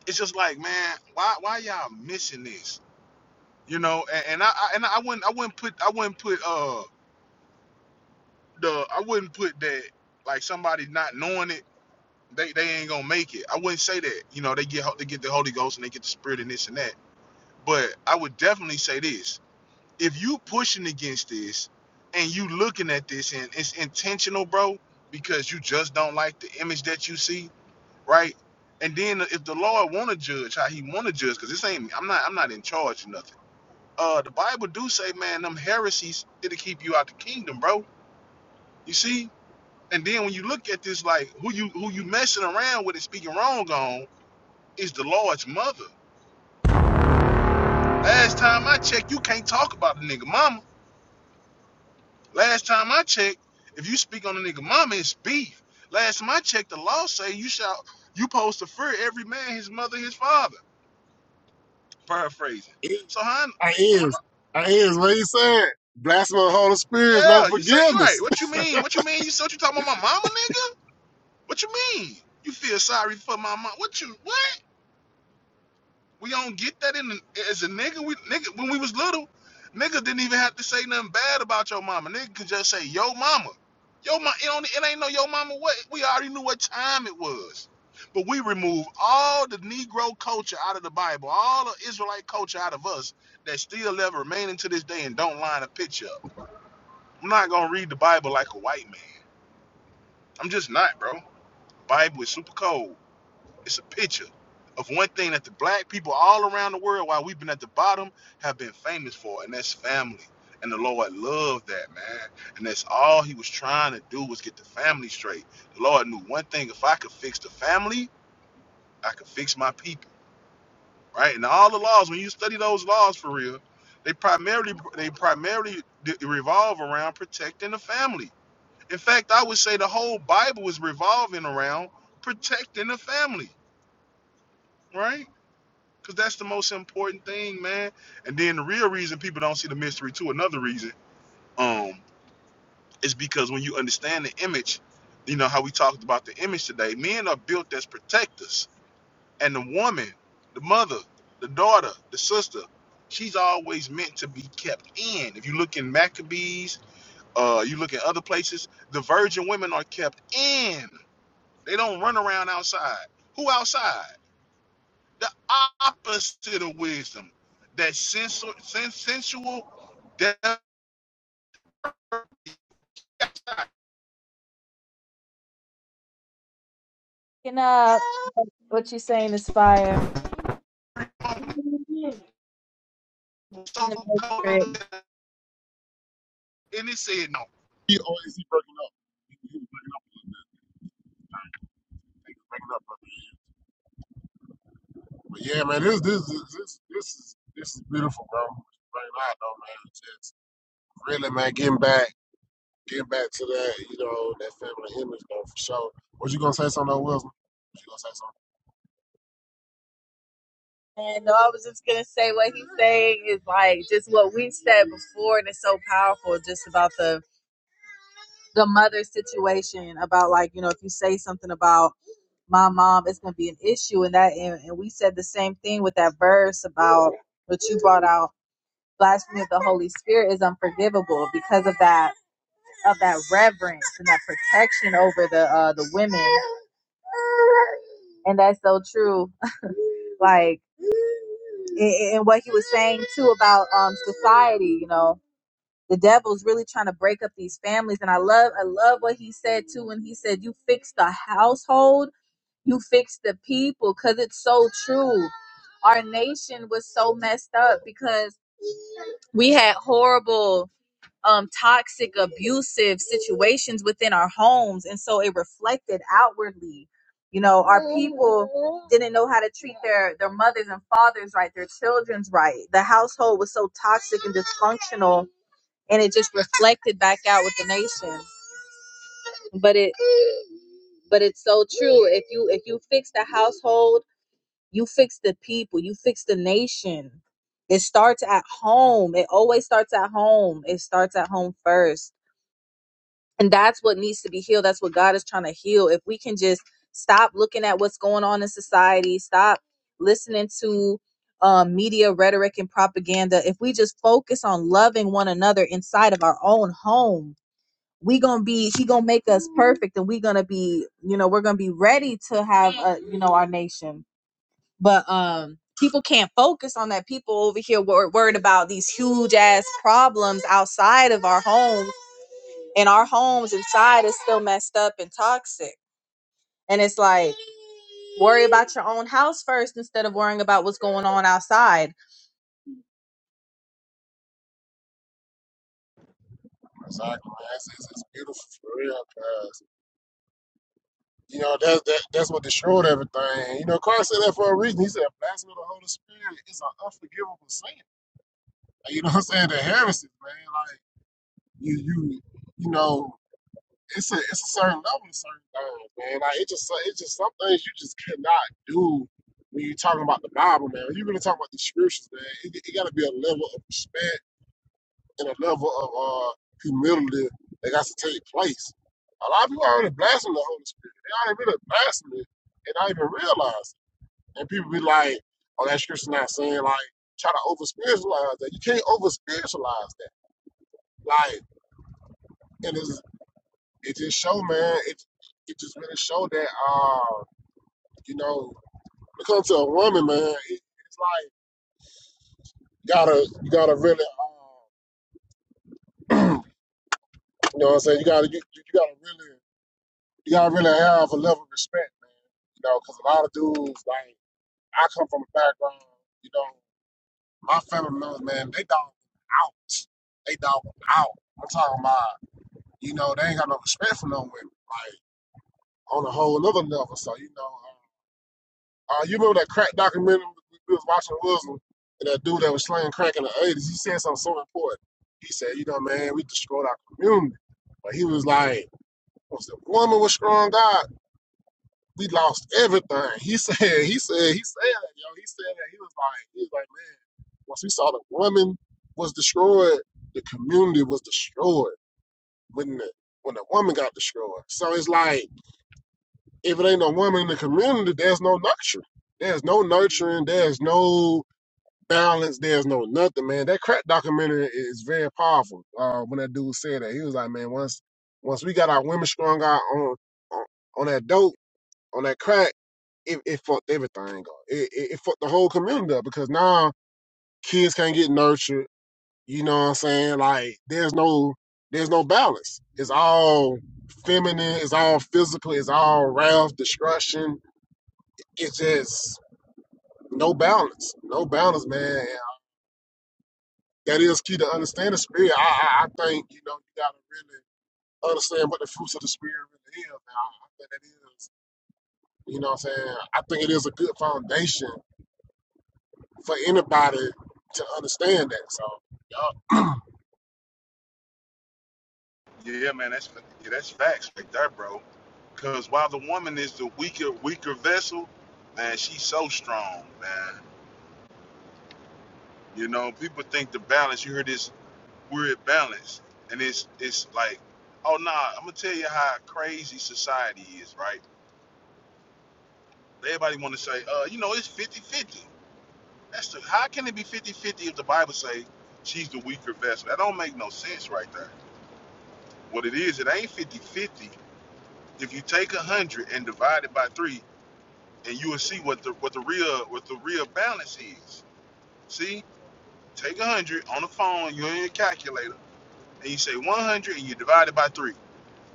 Speaker 5: it's just like, man, why, why y'all missing this? You know, and, and I, I, and I wouldn't, I wouldn't put, I wouldn't put, uh the I wouldn't put that like somebody not knowing it, they, they ain't gonna make it. I wouldn't say that. You know, they get they get the Holy Ghost and they get the Spirit and this and that. But I would definitely say this: if you pushing against this and you looking at this and it's intentional, bro, because you just don't like the image that you see, right? And then if the Lord want to judge how He want to judge, because this ain't I'm not I'm not in charge of nothing. Uh, the Bible do say, man, them heresies it'll keep you out the kingdom, bro. You see, and then when you look at this, like who you who you messing around with and speaking wrong on is the Lord's mother. Last time I checked, you can't talk about the nigga mama. Last time I checked, if you speak on the nigga mama, it's beef. Last time I checked, the law say you shall you post to fear every man his mother his father. Paraphrasing.
Speaker 2: Ahead.
Speaker 5: So how?
Speaker 2: I is I is what he said. Blasphemy of the Holy Spirit is no
Speaker 5: Yeah, you say right.
Speaker 2: forgiveness.
Speaker 5: What you mean? What you mean? You said you talking about my mama, nigga? What you mean? You feel sorry for my mom? What you what? We don't get that in as a nigga. We nigga when we was little, niggas didn't even have to say nothing bad about your mama. Nigga could just say yo mama, yo mama. It, only, it ain't no yo mama. What we already knew what time it was. But we remove all the Negro culture out of the Bible, all the Israelite culture out of us that still live remaining to this day and don't line a picture up. I'm not gonna read the Bible like a white man. I'm just not, bro. Bible is super cold. It's a picture of one thing that the black people all around the world, while we've been at the bottom, have been famous for, and that's family. And the Lord loved that, man. And that's all he was trying to do was get the family straight. The Lord knew one thing if I could fix the family, I could fix my people, right? And all the laws, when you study those laws for real, they primarily they primarily d- revolve around protecting the family. In fact, I would say the whole Bible is revolving around protecting the family, right? Cause that's the most important thing, man. And then the real reason people don't see the mystery too, another reason, um, is because when you understand the image, you know how we talked about the image today. Men are built as protectors, and the woman, the mother, the daughter, the sister, she's always meant to be kept in. If you look in Maccabees, uh, you look at other places, the virgin women are kept in. They don't run around outside. Who outside? the opposite of wisdom. That sensual, sen- sensual,
Speaker 4: Picking up what you saying is fire. In
Speaker 5: so
Speaker 4: the Matrix.
Speaker 5: and it said no.
Speaker 2: he always he breaking up. He, he breaking up a little bit. He breaking up. But yeah, man, this this this this this is this is beautiful, bro. Right now, though, man, it's just really, man, getting back, getting back to that, you know, that family image, though, for sure. What you gonna say, something, though, Wilson? What you gonna say something?
Speaker 4: And no, I was just gonna say what he's saying is like just what we said before, and it's so powerful. Just about the the mother situation, about like you know if you say something about my mom it's going to be an issue and that and, and we said the same thing with that verse about what you brought out blasphemy of the holy spirit is unforgivable because of that of that reverence and that protection over the uh the women and that's so true like a- and what he was saying too about um society you know the devil's really trying to break up these families and i love i love what he said too when he said you fix the household you fix the people because it's so true our nation was so messed up because we had horrible um toxic abusive situations within our homes and so it reflected outwardly you know our people didn't know how to treat their their mothers and fathers right their children's right the household was so toxic and dysfunctional and it just reflected back out with the nation but it but it's so true if you if you fix the household You fix the people, you fix the nation. It starts at home. It always starts at home. It starts at home first. And that's what needs to be healed. That's what God is trying to heal. If we can just stop looking at what's going on in society, stop listening to um, media rhetoric and propaganda. If we just focus on loving one another inside of our own home, we gonna be he gonna make us perfect and we gonna be you know we're gonna be ready to have a, you know our nation but um people can't focus on that people over here were worried about these huge ass problems outside of our homes and our homes inside is still messed up and toxic and it's like worry about your own house first instead of worrying about what's going on outside
Speaker 2: Exactly, man. It's, it's, it's beautiful for real, cause you know that's that, that's what destroyed everything. You know, Christ said that for a reason. He said, "Blasphemy of the Holy Spirit is an unforgivable sin." Like, you know what I'm saying? The heresies, man. Like you, you, you know. it's a it's a certain level of certain things, man. Like it just so, it's just some things you just cannot do when you're talking about the Bible, man. When you really talking about the scriptures, man, it, it got to be a level of respect and a level of uh, humility that got to take place. A lot of people already blaspheme the Holy Spirit. They already really blaspheme it and not even realize. It. And people be like, "Oh, that scripture not saying like try to over spiritualize that. You can't over spiritualize that. Like, and it's it just show, man. It it just really show that, uh, you know, when it comes to a woman, man, it, it's like you gotta you gotta really, uh, you know, what I'm saying you gotta you, you gotta really you gotta really have a level of respect, man. You know, because a lot of dudes, like I come from a background, you know, my family members, man, they dog out, they dog out. I'm talking about, you know, they ain't got no respect for no women, like on a whole other level. So you know. uh, Uh, you remember that crack documentary we was watching Wilson and that dude that was slaying crack in the eighties? He said something so important. He said, "You know, man, we destroyed our community." But he was like, "Once the woman was strong, God, we lost everything." He said, he said, he said that, yo. He said that he was like, he was like, man, once we saw the woman was destroyed, the community was destroyed when the when the woman got destroyed. So it's like, if it ain't no woman in the community, there's no nurturing. There's no nurturing. There's no balance. There's no nothing, man. That crack documentary is very powerful. Uh, when that dude said that, he was like, man, once once we got our women strung out on on, on that dope, on that crack, it, it fucked everything up. It, it, it fucked the whole community up because now kids can't get nurtured. You know what I'm saying? Like there's no there's no balance. It's all feminine. It's all physical. It's all wrath, destruction. It's just no balance. No balance, man. that is key to understand the spirit. I, I, I think you know you gotta really understand what the fruits of the spirit really is. Now, I I think that is, you know, what I'm saying I think it is a good foundation for anybody to understand that. So y'all
Speaker 5: Yeah, man, that's yeah, that's facts like that, bro. Cause while the woman is the weaker, weaker vessel, man, she's so strong, man. You know, people think the balance. You hear this word balance, and it's it's like, oh nah, I'm gonna tell you how crazy society is, right? Everybody want to say, uh, you know, it's fifty fifty. That's the, how can it be fifty-fifty if the Bible say she's the weaker vessel? That don't make no sense right there. What it is, it ain't fifty-fifty. If you take a hundred and divide it by three, and you will see what the what the real what the real balance is. See, take a hundred on the phone, you're in your calculator, and you say 100 and you divide it by three.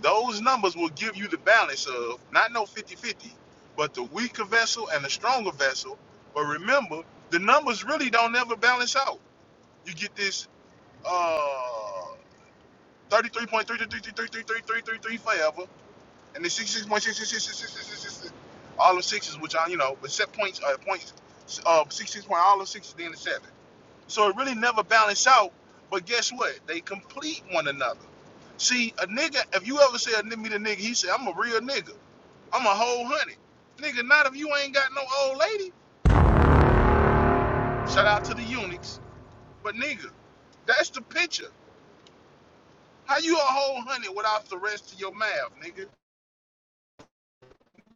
Speaker 5: Those numbers will give you the balance of not no fifty-fifty, but the weaker vessel and the stronger vessel. But remember, the numbers really don't ever balance out you get this uh, 33.33333333 forever, and the 66.6666666 all the sixes, which are, you know, but set points, uh, points, uh, 66 point, all the sixes, then the seven. So it really never balance out, but guess what? They complete one another. See, a nigga, if you ever say a nigga, meet a nigga, he say, I'm a real nigga. I'm a whole honey. Nigga, not if you ain't got no old lady. Shout out to the eunuchs. But nigga, that's the picture. How you a whole honey without the rest of your math, nigga?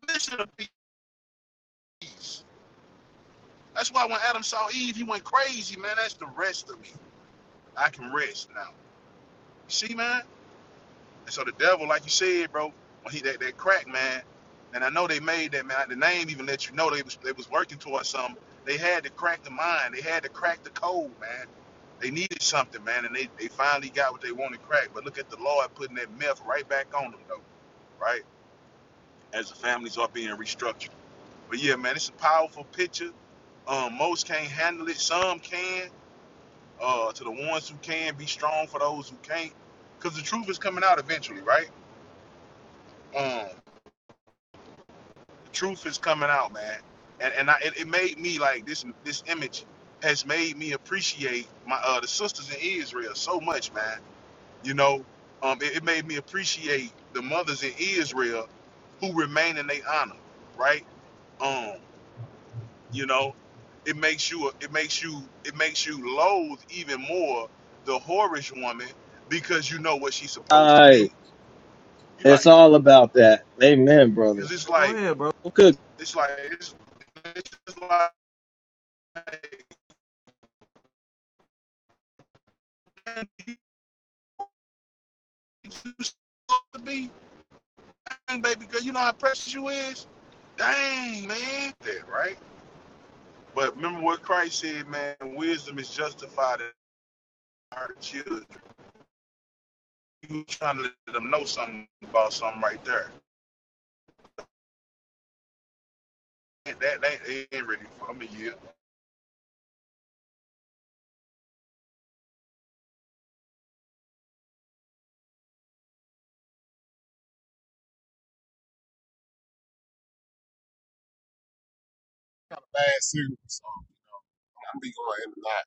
Speaker 5: vision of peace. That's why when Adam saw Eve, he went crazy, man. That's the rest of me. I can rest now. You see, man? And so the devil, like you said, bro, when he that, that crack, man, and I know they made that man, the name even let you know they was they was working towards something. They had to crack the mind, they had to crack the code, man. They needed something, man, and they, they finally got what they wanted cracked. But look at the Lord putting that meth right back on them though, right? As the families are being restructured. But yeah, man, it's a powerful picture. Um, most can't handle it. Some can. Uh, to the ones who can, be strong for those who can't. Cause the truth is coming out eventually, right? Um, the truth is coming out, man. And and I, it, it made me like this. This image has made me appreciate my uh, the sisters in Israel so much, man. You know, um, it, it made me appreciate the mothers in Israel who remain in their honor, right? Um, you know it makes you it makes you it makes you loathe even more the whorish woman because you know what she's
Speaker 1: Oh, All
Speaker 5: supposed to be
Speaker 1: right.
Speaker 5: you
Speaker 1: It's
Speaker 5: like
Speaker 1: all about that. Amen, brother.
Speaker 5: because it's
Speaker 1: oh, go
Speaker 5: like
Speaker 1: ahead, bro.
Speaker 5: it's like it's, it's just like you supposed to be dang, baby girl you know how precious you is dang man that right but remember what christ said man wisdom is justified in our children you trying to let them know something about something right there that, that that ain't ready for me yeah
Speaker 2: kind of bad series. So I'm be going in and out.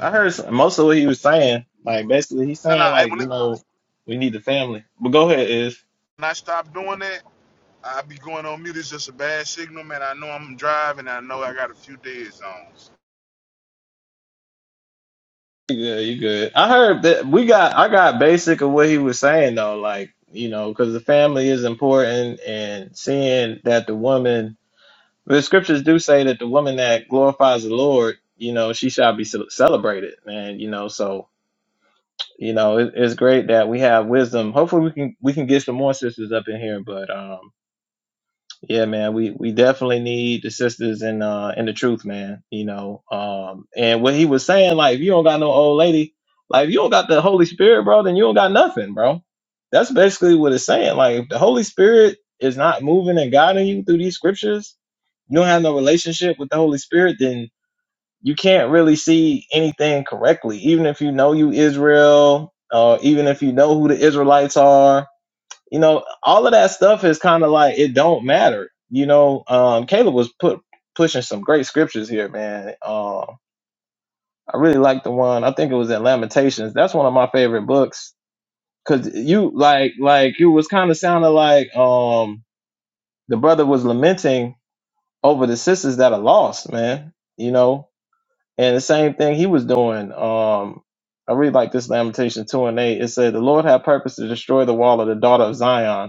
Speaker 1: I heard s- most of what he was saying. Like basically, he's
Speaker 5: No, no.
Speaker 1: saying
Speaker 5: I,
Speaker 1: like
Speaker 5: when,
Speaker 1: you
Speaker 5: it,
Speaker 1: know we need the family. But go ahead, is
Speaker 5: when I stop doing that, I be going on mute. It's just a bad signal, man. I know I'm driving. I know I got a few dead zones.
Speaker 1: you good? You good? I heard that we got. I got basic of what he was saying though. Like you know because the family is important and seeing that the woman. The scriptures do say that the woman that glorifies the Lord, you know, she shall be ce- celebrated, man. You know, so you know it, it's great that we have wisdom. Hopefully, we can we can get some more sisters up in here, but um. Yeah, man, we we definitely need the sisters and uh and the truth, man. You know, um, and what he was saying, like, if you don't got no old lady, like, if you don't got the Holy Spirit, bro, then you don't got nothing, bro. That's basically what it's saying. Like, if the Holy Spirit is not moving and guiding you through these scriptures, you don't have no relationship with the Holy Spirit, then you can't really see anything correctly. Even if you know you Israel, uh, even if you know who the Israelites are, you know, all of that stuff is kind of like it don't matter. You know, um, Caleb was put pushing some great scriptures here, man. Um, I really like the one. I think it was in Lamentations. That's one of my favorite books because you like like you was kind of sounding like um the brother was lamenting over the sisters that are lost, man. You know, and the same thing he was doing. Um, I really like this Lamentation two and eight. It said, "The Lord had purpose to destroy the wall of the daughter of Zion."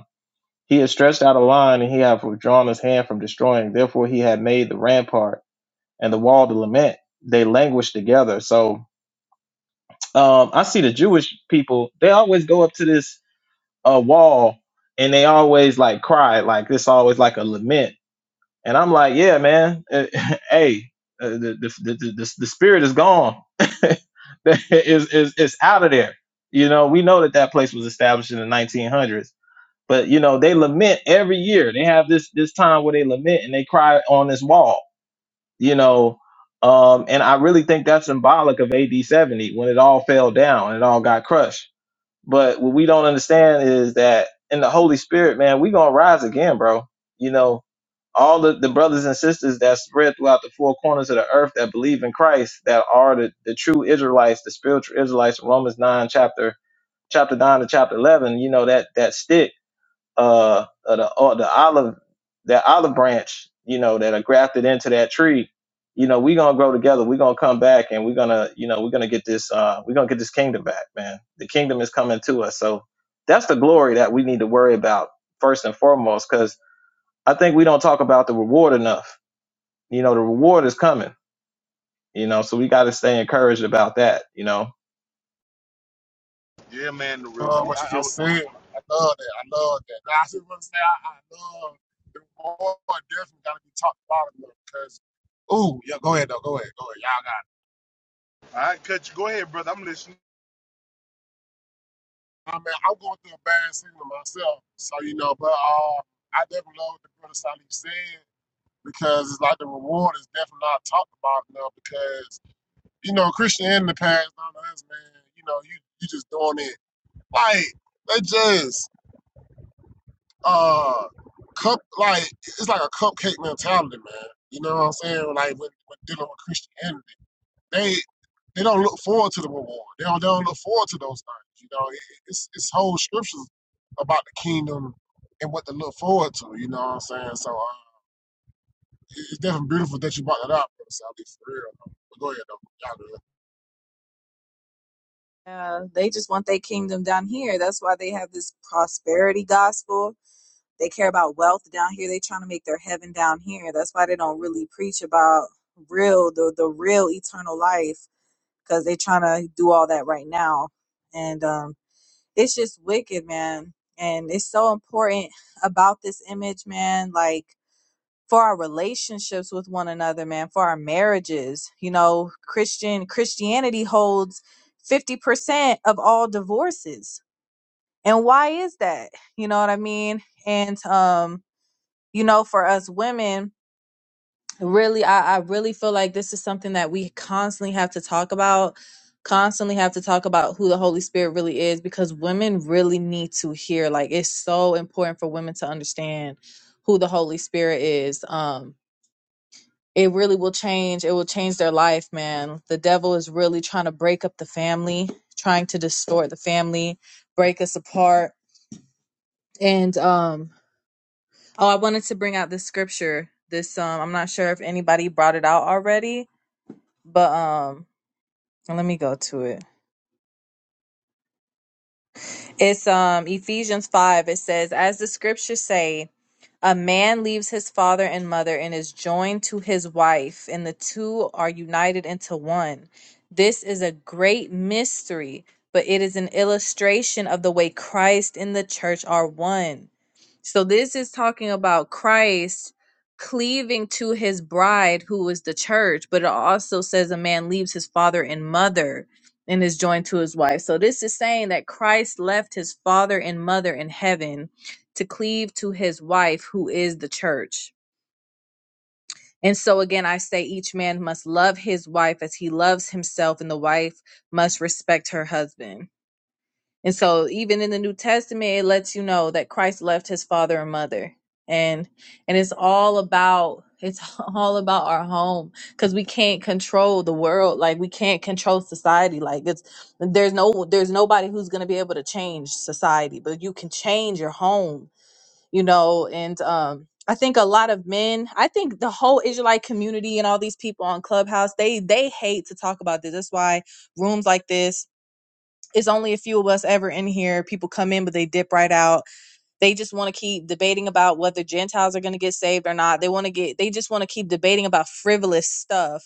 Speaker 1: He had stretched out a line, and he had withdrawn his hand from destroying. Therefore, he had made the rampart and the wall to lament. They languished together. So um, I see the Jewish people; they always go up to this uh, wall, and they always like cry, like this, always like a lament. And I'm like, yeah, man, eh, hey, uh, the, the, the the the the spirit is gone. is is it's out of there. You know, we know that that place was established in the 1900s but you know, they lament every year. They have this this time where they lament and they cry on this wall, you know. Um, and I really think that's symbolic of AD 70 when it all fell down and it all got crushed. But what we don't understand is that in the Holy Spirit, man, we gonna rise again, bro. You know, all the, the brothers and sisters that spread throughout the four corners of the earth that believe in Christ, that are the, the true Israelites, the spiritual Israelites, Romans nine chapter chapter nine to chapter eleven, you know, that that stick uh, uh the uh, the olive that olive branch you know that are grafted into that tree you know we're gonna grow together we're gonna come back and we're gonna you know we're gonna get this uh we're gonna get this kingdom back man the kingdom is coming to us so that's the glory that we need to worry about first and foremost because i think we don't talk about the reward enough you know the reward is coming you know so we got to stay encouraged about that you know
Speaker 5: Yeah, man. The
Speaker 2: Uh,
Speaker 5: reward.
Speaker 2: what you
Speaker 5: I, I, was-
Speaker 2: just said, I love that. I love that. Now, I just want to say I, I love the war. Definitely gotta be talked about it because. Ooh, yeah. Go ahead though. Go ahead. Go ahead. Y'all got.
Speaker 5: I cut you. Go ahead, brother. I'm listening.
Speaker 2: I mean, I'm going through a bad season myself. So, you know, but uh, I definitely love what the brother Salih said because it's like the reward is definitely not talked about enough because, you know, Christianity passed down to us, man. You know, you, you just doing it. Like, they just, uh, cup, like, it's like a cupcake mentality, man. You know what I'm saying? Like, when, when dealing with Christianity they they don't look forward to the reward. They don't, they don't look forward to those things. You know, It- it's it's whole scriptures about the kingdom and what to look forward to. You know what I'm saying? So uh, it- it's definitely beautiful that you brought that up, brother. Sally, for real. man. But go ahead, though. Y'all do it.
Speaker 4: uh, they just want their kingdom down here that's why they have this prosperity gospel they care about wealth down here they trying to make their heaven down here that's why they don't really preach about real the, the real eternal life because they're trying to do all that right now. And um, it's just wicked, man. And it's so important about this image, man. Like for our relationships with one another, man, for our marriages. You know, Christian Christianity holds 50% of all divorces. And why is that? You know what I mean? And um, you know, for us women, really I, I really feel like this is something that we constantly have to talk about constantly have to talk about who the holy spirit really is because women really need to hear like it's so important for women to understand who the holy spirit is um it really will change it will change their life man the devil is really trying to break up the family trying to distort the family break us apart and um oh i wanted to bring out this scripture this um i'm not sure if anybody brought it out already but um let me go to it it's um ephesians 5 it says as the scriptures say A man leaves his father and mother and is joined to his wife, and the two are united into one. This is a great mystery, but it is an illustration of the way Christ and the church are one. So, this is talking about Christ cleaving to his bride, who is the church, but it also says a man leaves his father and mother and is joined to his wife. So, this is saying that Christ left his father and mother in heaven to cleave to his wife, who is the church. And so again, I say each man must love his wife as he loves himself, and the wife must respect her husband. And so, even in the New Testament, it lets you know that Christ left his father and mother, and and it's all about it's all about our home because we can't control the world, like we can't control society. Like it's there's no there's nobody who's gonna be able to change society, but you can change your home you know and um i think a lot of men i think the whole israelite community and all these people on clubhouse they they hate to talk about this that's why rooms like this it's only a few of us ever in here people come in but they dip right out they just want to keep debating about whether Gentiles are going to get saved or not. They want to get, they just want to keep debating about frivolous stuff.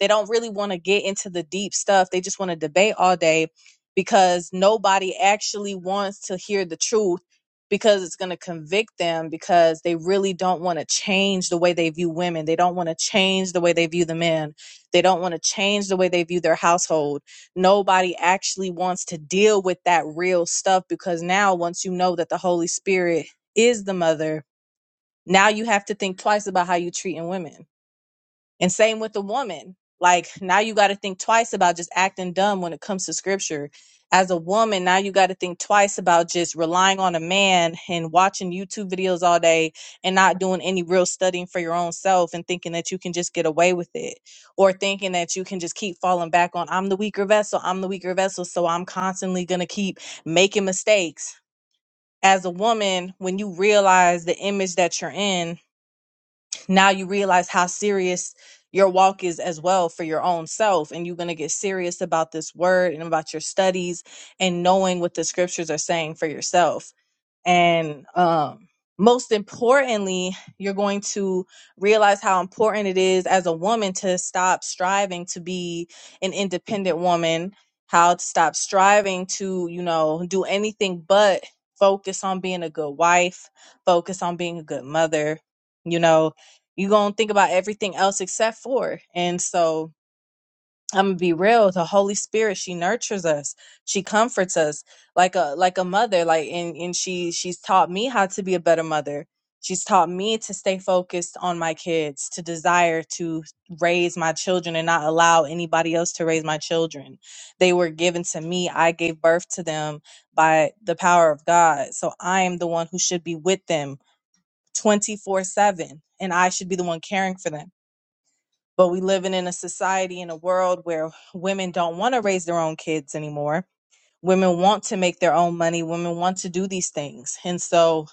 Speaker 4: They don't really want to get into the deep stuff. They just want to debate all day because nobody actually wants to hear the truth because it's going to convict them because they really don't want to change the way they view women. They don't want to change the way they view the men. They don't want to change the way they view their household nobody actually wants to deal with that real stuff because now once you know that the holy spirit is the mother now you have to think twice about how you treating women and same with the woman. Like now you got to think twice about just acting dumb when it comes to scripture. As a woman, now you got to think twice about just relying on a man and watching YouTube videos all day and not doing any real studying for your own self and thinking that you can just get away with it or thinking that you can just keep falling back on, I'm the weaker vessel, I'm the weaker vessel, so I'm constantly going to keep making mistakes. As a woman, when you realize the image that you're in now you realize how serious your walk is as well for your own self and you're going to get serious about this word and about your studies and knowing what the scriptures are saying for yourself and um most importantly you're going to realize how important it is as a woman to stop striving to be an independent woman how to stop striving to you know do anything but focus on being a good wife focus on being a good mother you know you gonna think about everything else except for and so i'm gonna be real the holy spirit she nurtures us she comforts us like a like a mother like and and she she's taught me how to be a better mother she's taught me to stay focused on my kids to desire to raise my children and not allow anybody else to raise my children they were given to me i gave birth to them by the power of god so i am the one who should be with them 24 7 and i should be the one caring for them but we living in a society in a world where women don't want to raise their own kids anymore women want to make their own money women want to do these things and so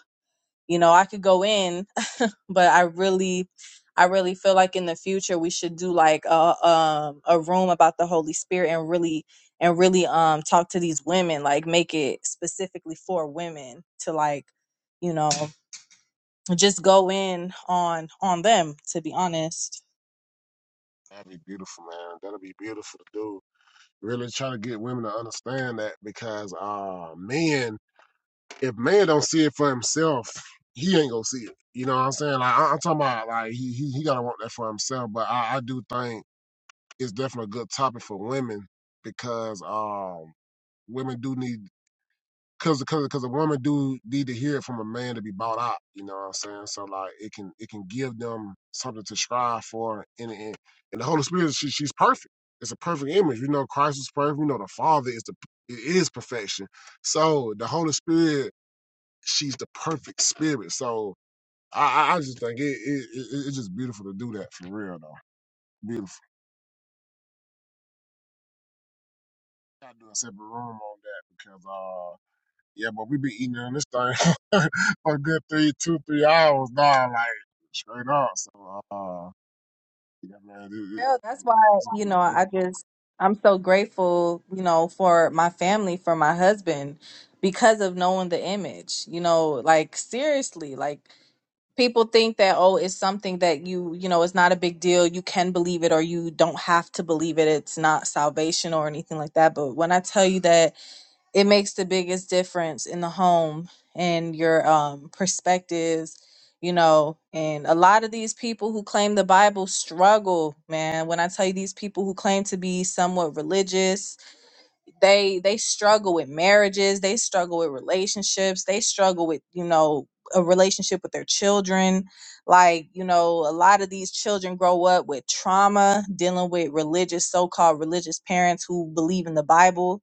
Speaker 4: you know i could go in but i really i really feel like in the future we should do like a um a room about the holy spirit and really and really um talk to these women like make it specifically for women to like you know just go in on on them to be honest
Speaker 2: That'd be beautiful, man. That'd be beautiful to do. Really try to get women to understand that because uh, men, if man don't see it for himself, he ain't gonna see it. You know what I'm saying? Like I, I'm talking about, like he he, he gotta want that for himself. But I, I do think. it's definitely a good topic for women because um women do need because because because a woman do need to hear it from a man to be bought out. You know what I'm saying? So like it can it can give them something to strive for. And and, and the Holy Spirit she, she's perfect. It's a perfect image. We know Christ is perfect. We know the Father is the it is perfection. So the Holy Spirit she's the perfect spirit. So I I just think it, it, it it's just beautiful to do that for real though. Beautiful. gotta do a separate room on that because uh yeah, but we be eating on this thing for a good three, two, three hours now, like straight up. So uh yeah, man, it, it,
Speaker 4: Well, that's why,
Speaker 2: it's a
Speaker 4: you
Speaker 2: good
Speaker 4: know,
Speaker 2: room.
Speaker 4: I just, I'm so grateful, you know, for my family, for my husband, because of knowing the image, you know, like seriously, like people think that, oh, it's something that you, you know, it's not a big deal. You can believe it or you don't have to believe it. It's not salvation or anything like that. But when I tell you that, it makes the biggest difference in the home and your um, perspectives you know and a lot of these people who claim the bible struggle man when i tell you these people who claim to be somewhat religious they they struggle with marriages they struggle with relationships they struggle with you know a relationship with their children like you know a lot of these children grow up with trauma dealing with religious so-called religious parents who believe in the bible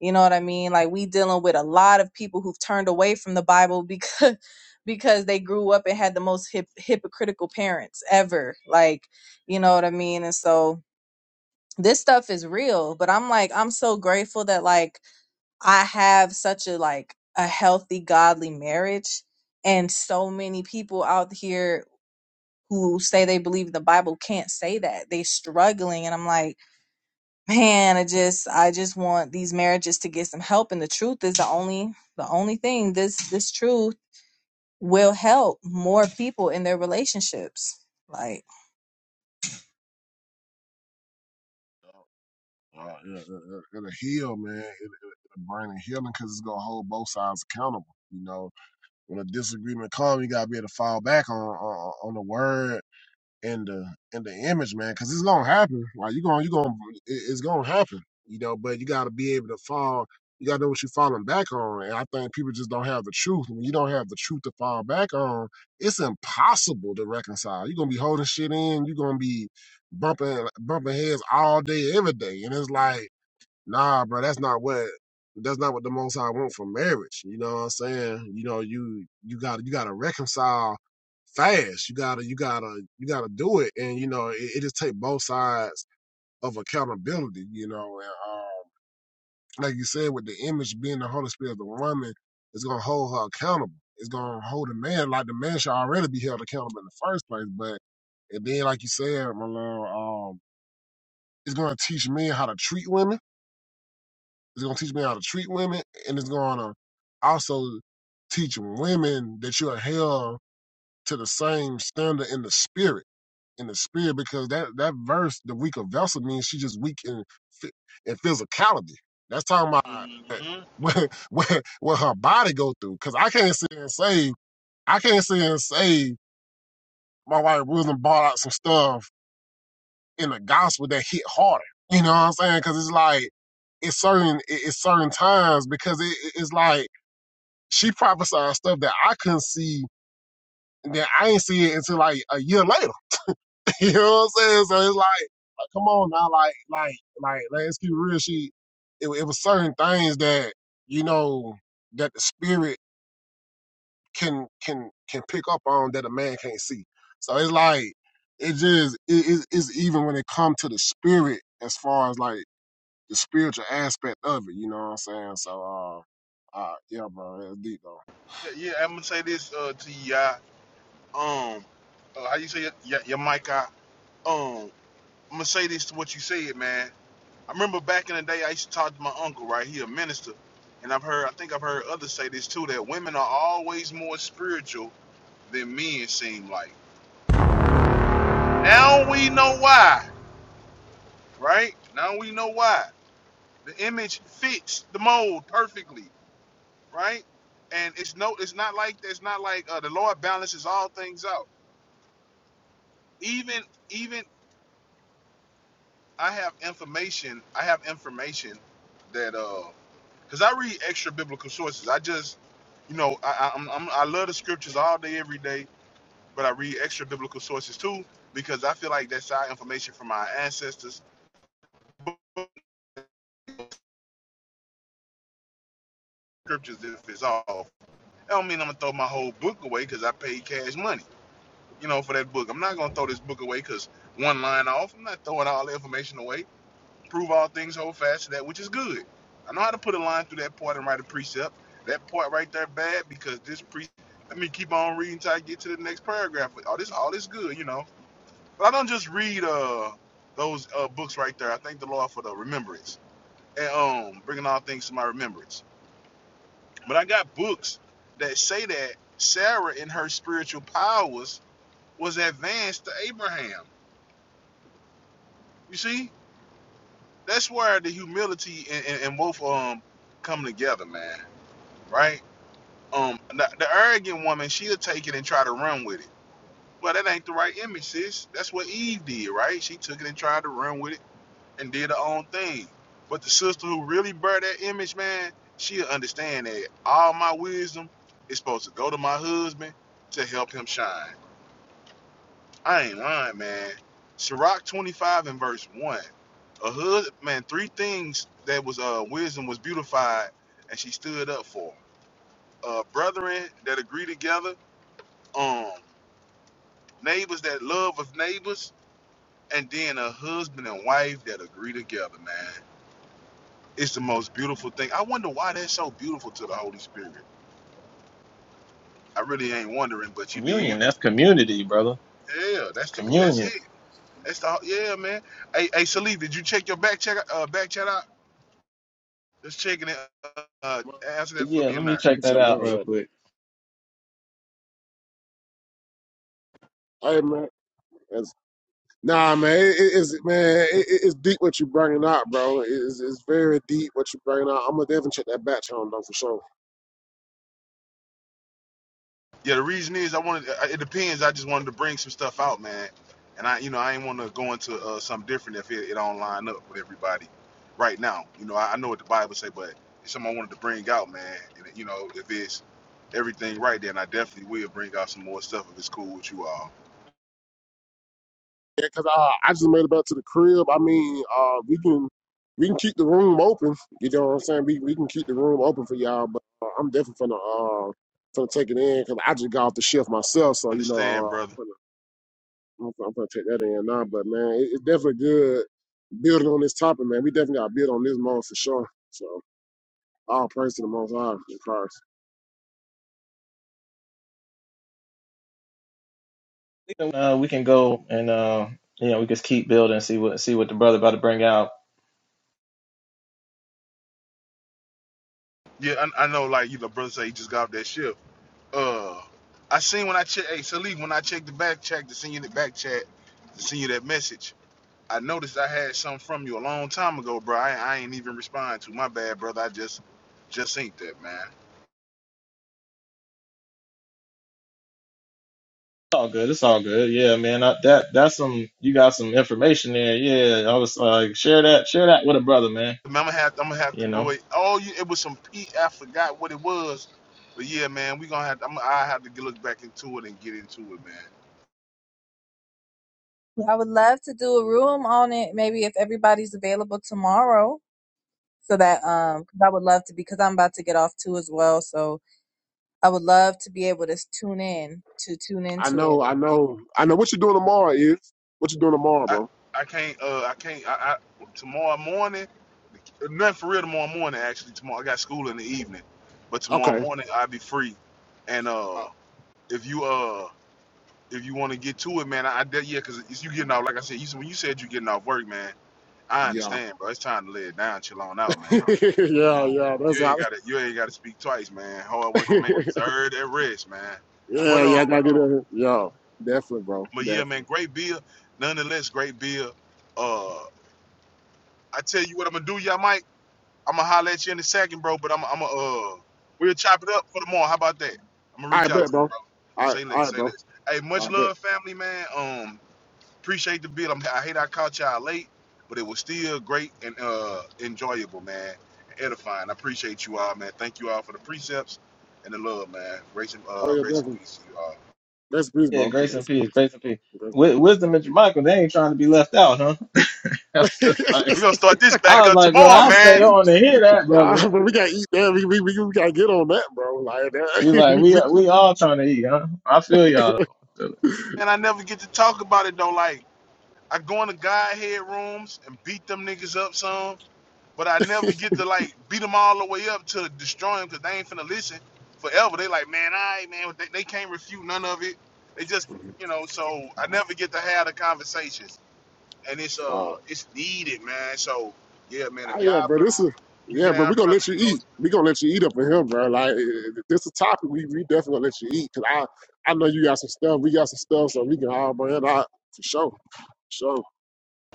Speaker 4: you know what i mean like we dealing with a lot of people who've turned away from the bible because because they grew up and had the most hip, hypocritical parents ever like you know what i mean and so this stuff is real but i'm like i'm so grateful that like I have such a like a healthy godly marriage and so many people out here who say they believe the Bible can't say that. They struggling and I'm like, man, I just I just want these marriages to get some help and the truth is the only the only thing this this truth will help more people in their relationships. Like
Speaker 2: dog. Uh, yeah, it, it, it'll heal, man. It, it, it'll bring the healing because it's gonna hold both sides accountable. You know, when a disagreement comes, you gotta be able to fall back on on, on the word in the in the image, man, because it's gonna happen. Like you gonna you gonna it- it's gonna happen, you know. But you gotta be able to fall. You gotta know what you're falling back on. And I think people just don't have the truth. When you don't have the truth to fall back on, it's impossible to reconcile. You're gonna be holding shit in. You're gonna be bumping bumping heads all day, every day, and it's like nah, bro, that's not what that's not what the most I want for marriage. You know what I'm saying? You know, you you gotta you gotta reconcile fast. You gotta you gotta you gotta do it. And you know, it, it just take both sides of accountability, you know, and um like you said, with the image being the Holy Spirit of the woman, it's gonna hold her accountable. It's gonna hold the man like the man should already be held accountable in the first place. But and then like you said, my love, um, it's gonna teach men how to treat women It's gonna teach me how to treat women, and it's gonna also teach women that you are held to the same standard in the spirit, in the spirit, because that that verse, the weaker vessel, means she's just weak in phy- in physicality. That's talking about
Speaker 5: hmm
Speaker 2: what what what her body go through. Because I can't sit and say I can't sit and say my wife wasn't bought out some stuff in the gospel that hit harder. You know what I'm saying? Because it's like it's certain it- it's certain times because it, it- it's like she prophesied stuff that I couldn't see, and then I ain't see it until like a year later. you know what I'm saying? So it's like, like come on now, like, like, like, like, let's keep it real. She, it, it was certain things that you know that the spirit can can can pick up on that a man can't see. So it's like it just it, it, it's even when it come to the spirit as far as like the spiritual aspect of it. You know what I'm saying? So uh, uh yeah, bro, it's deep though.
Speaker 5: Yeah, I'm gonna say this uh, to you. yeah. Um, uh, how you say it? Your, your mic. I, um, I'm gonna say this to what you said, man. I remember back in the day, I used to talk to my uncle. Right, he a minister, and I've heard. I think I've heard others say this too. That women are always more spiritual than men seem like Now we know why, right? Now we know why. The image fits the mold perfectly, right? And it's no, it's not like it's not like uh, the Lord balances all things out. Even even I have information. I have information that uh, because I read extra biblical sources. I just, you know, I I, I'm, I'm, I love the scriptures all day every day, but I read extra biblical sources too because I feel like that's our information from our ancestors. Scriptures if it's off. That don't mean I'm gonna throw my whole book away because I paid cash money, you know, for that book. I'm not gonna throw this book away because one line off. I'm not throwing all the information away. Prove all things, hold fast to that which is good. I know how to put a line through that part and write a precept. That part right there bad because this pre. Let me keep on reading till I get to the next paragraph. All this, all this good, you know. But I don't just read uh those uh books right there. I thank the Lord for the remembrance and um bringing all things to my remembrance. But I got books that say that Sarah in her spiritual powers was advanced to Abraham. You see, that's where the humility and, and, and both um come together, man. Right? Um, the, the arrogant woman, she'll take it and try to run with it. Well, that ain't the right image, sis. That's what Eve did, right? She took it and tried to run with it and did her own thing. But the sister who really bear that image, man, she'll understand that all my wisdom is supposed to go to my husband to help him shine. I ain't lying, man. Sirach 25 and verse 1. A hood, man, three things that was uh wisdom was beautified and she stood up for. Uh brethren that agree together, um, neighbors that love of neighbors, and then a husband and wife that agree together, man. It's the most beautiful thing. I wonder why that's so beautiful to the Holy Spirit. I really ain't wondering, but you
Speaker 1: communion
Speaker 5: did.
Speaker 1: that's community brother
Speaker 5: Yeah, that's the that's
Speaker 1: communion
Speaker 5: it. That's the yeah, man. Hey, hey, Salif, did you check your back check uh back chat out? Just checking it. Uh, answer that for
Speaker 1: yeah
Speaker 5: me
Speaker 1: let
Speaker 5: in
Speaker 1: me
Speaker 5: there.
Speaker 1: check
Speaker 2: What's
Speaker 1: that
Speaker 2: up, man?
Speaker 1: out
Speaker 2: Right
Speaker 1: real
Speaker 2: there.
Speaker 1: quick
Speaker 2: Hey man. That's, nah, man, it, it- it's man, it, it- it's deep what you bringing out, bro. It- It's, it's very deep what you bringing out. I'm gonna definitely check that back channel though for sure.
Speaker 5: Yeah, the reason is I wanted. uh, It depends. I just wanted to bring some stuff out, man. And I, you know, I ain't want to go into uh, something different if it, it don't line up with everybody right now. You know, I, I know what the Bible say, but it's something I wanted to bring out, man. And you know, if it's everything right, then I definitely will bring out some more stuff if it's cool with you all.
Speaker 2: Yeah, cause uh, I just made it back to the crib. I mean, uh, we can we can keep the room open. You know what I'm saying? We we can keep the room open for y'all, but uh, I'm definitely gonna uh gonna take it in because I just got off the shift myself, so you know uh,
Speaker 5: Understand, brother?
Speaker 2: I'm, gonna, I'm gonna I'm gonna take that in now. But man, it, it's definitely good building on this topic, man. We definitely gotta build on this more for sure. So. All praise to the Most High in Christ.
Speaker 1: Uh, we can go and uh, you know we just keep building, see what see what the brother about to bring out.
Speaker 5: Yeah, I, I know. Like you know, brother say he just got off that ship. Uh, I seen when I check. Hey, Salif, when I checked the back check to send you the back chat to send you that message, I noticed I had something from you a long time ago, bro. I, I ain't even respond to. My bad, brother. I just just seen that, man.
Speaker 1: It's all good. It's all good. Yeah, man. I, that that's some. You got some information there. Yeah, I was like, share that, share that with a brother, man.
Speaker 5: I'm gonna have I'm gonna have to
Speaker 1: You
Speaker 5: go.
Speaker 1: know.
Speaker 5: Oh, you, it was some P. I forgot what it was, but yeah, man, we gonna have. I'm, I have to look back into it and get into it, man.
Speaker 4: I would love to do a room on it maybe if everybody's available tomorrow so that um 'cause I would love to because I'm about to get off too as well. So I would love to be able to s- tune in to tune
Speaker 2: I
Speaker 4: into
Speaker 2: know,
Speaker 4: it.
Speaker 2: I know, I know what you're doing tomorrow is. What you doing tomorrow,
Speaker 5: I,
Speaker 2: bro?
Speaker 5: I can't. Uh, I can't. I, I tomorrow morning. Nothing for real tomorrow morning. Actually, tomorrow I got school in the evening, but tomorrow
Speaker 2: Okay.
Speaker 5: morning I'll be free. And uh,
Speaker 2: Uh,
Speaker 5: if you uh, if you want to get to it, man, I, I de- yeah, cause it's you getting off. Like I said, you when you said you getting off work, man, I
Speaker 2: yeah.
Speaker 5: understand, bro. It's time to lay it down, chill on out, man.
Speaker 2: yeah,
Speaker 5: Um,
Speaker 2: yeah, that's
Speaker 5: you ain't
Speaker 2: how.
Speaker 5: gotta, you ain't gotta speak twice, man. Hard working man deserve that rest, man. But
Speaker 2: yeah, yeah, I
Speaker 5: um,
Speaker 2: gotta get in here. Yeah, definitely, bro.
Speaker 5: but yeah, man,
Speaker 2: Definitely.
Speaker 5: great bill. Nonetheless, great bill. Uh, I tell you what I'm gonna do, y'all, Mike. I'm gonna holler at you in a second, bro. But I'm I'm gonna, uh we'll chop it up for tomorrow. How about that? I'm gonna
Speaker 2: All
Speaker 5: reach
Speaker 2: right,
Speaker 5: out
Speaker 2: bet,
Speaker 5: to you,
Speaker 2: bro.
Speaker 5: bro.
Speaker 2: All right,
Speaker 5: Say
Speaker 2: all
Speaker 5: less,
Speaker 2: right,
Speaker 5: say
Speaker 2: bro.
Speaker 5: less. Hey,
Speaker 2: All
Speaker 5: much
Speaker 2: right, bet.
Speaker 5: love, family, man. Um, appreciate the bill. I'm, I hate I caught y'all late, but it was still great and uh enjoyable, man. Edifying. I appreciate you all, man. Thank you all for the precepts and the love, man. Grace and
Speaker 2: Oh,
Speaker 5: uh
Speaker 2: yeah,
Speaker 5: grace
Speaker 2: definitely.
Speaker 5: and peace to you all.
Speaker 2: That's peace,
Speaker 1: Yeah,
Speaker 2: bro.
Speaker 1: grace and
Speaker 2: That's
Speaker 1: peace,
Speaker 2: peace.
Speaker 1: grace and peace.
Speaker 2: That's
Speaker 1: Wi-
Speaker 2: peace.
Speaker 1: Wisdom and Michael, they ain't trying to be left out, huh? It's like,
Speaker 5: We're gonna start this
Speaker 1: I
Speaker 5: back
Speaker 1: was
Speaker 5: up
Speaker 1: like, bro,
Speaker 5: tomorrow,
Speaker 1: I'll stay
Speaker 5: man.
Speaker 1: on to hear that,
Speaker 2: nah,
Speaker 1: brothers.
Speaker 2: but we gotta eat that. We, we, we, we gotta get on that, bro. Like
Speaker 1: He's
Speaker 2: that.
Speaker 1: like,
Speaker 2: we,
Speaker 1: we we all trying to eat, huh? I feel y'all.
Speaker 2: we.
Speaker 5: And I never get to talk about it though. Like I go into Godhead rooms and beat them niggas up some but I never get to like beat them all the way up to destroy them because they ain't finna listen forever. They like, man, I man, they, they can't refute none of it. They just, you know, so I never get to have the conversations, and it's
Speaker 2: Wow.
Speaker 5: uh, it's needed, man. So yeah, man, if
Speaker 2: Oh, yeah,
Speaker 5: y'all
Speaker 2: bro. This
Speaker 5: brothers,
Speaker 2: is
Speaker 5: you
Speaker 2: yeah,
Speaker 5: get
Speaker 2: bro.
Speaker 5: our
Speaker 2: We gonna
Speaker 5: brother,
Speaker 2: let you
Speaker 5: you know,
Speaker 2: eat.
Speaker 5: it's
Speaker 2: We gonna let you eat up in here, bro. Like if this is a topic. We we definitely gonna let you eat because I I know you got some stuff. We got some stuff, so we can all bring it out for sure. Sure.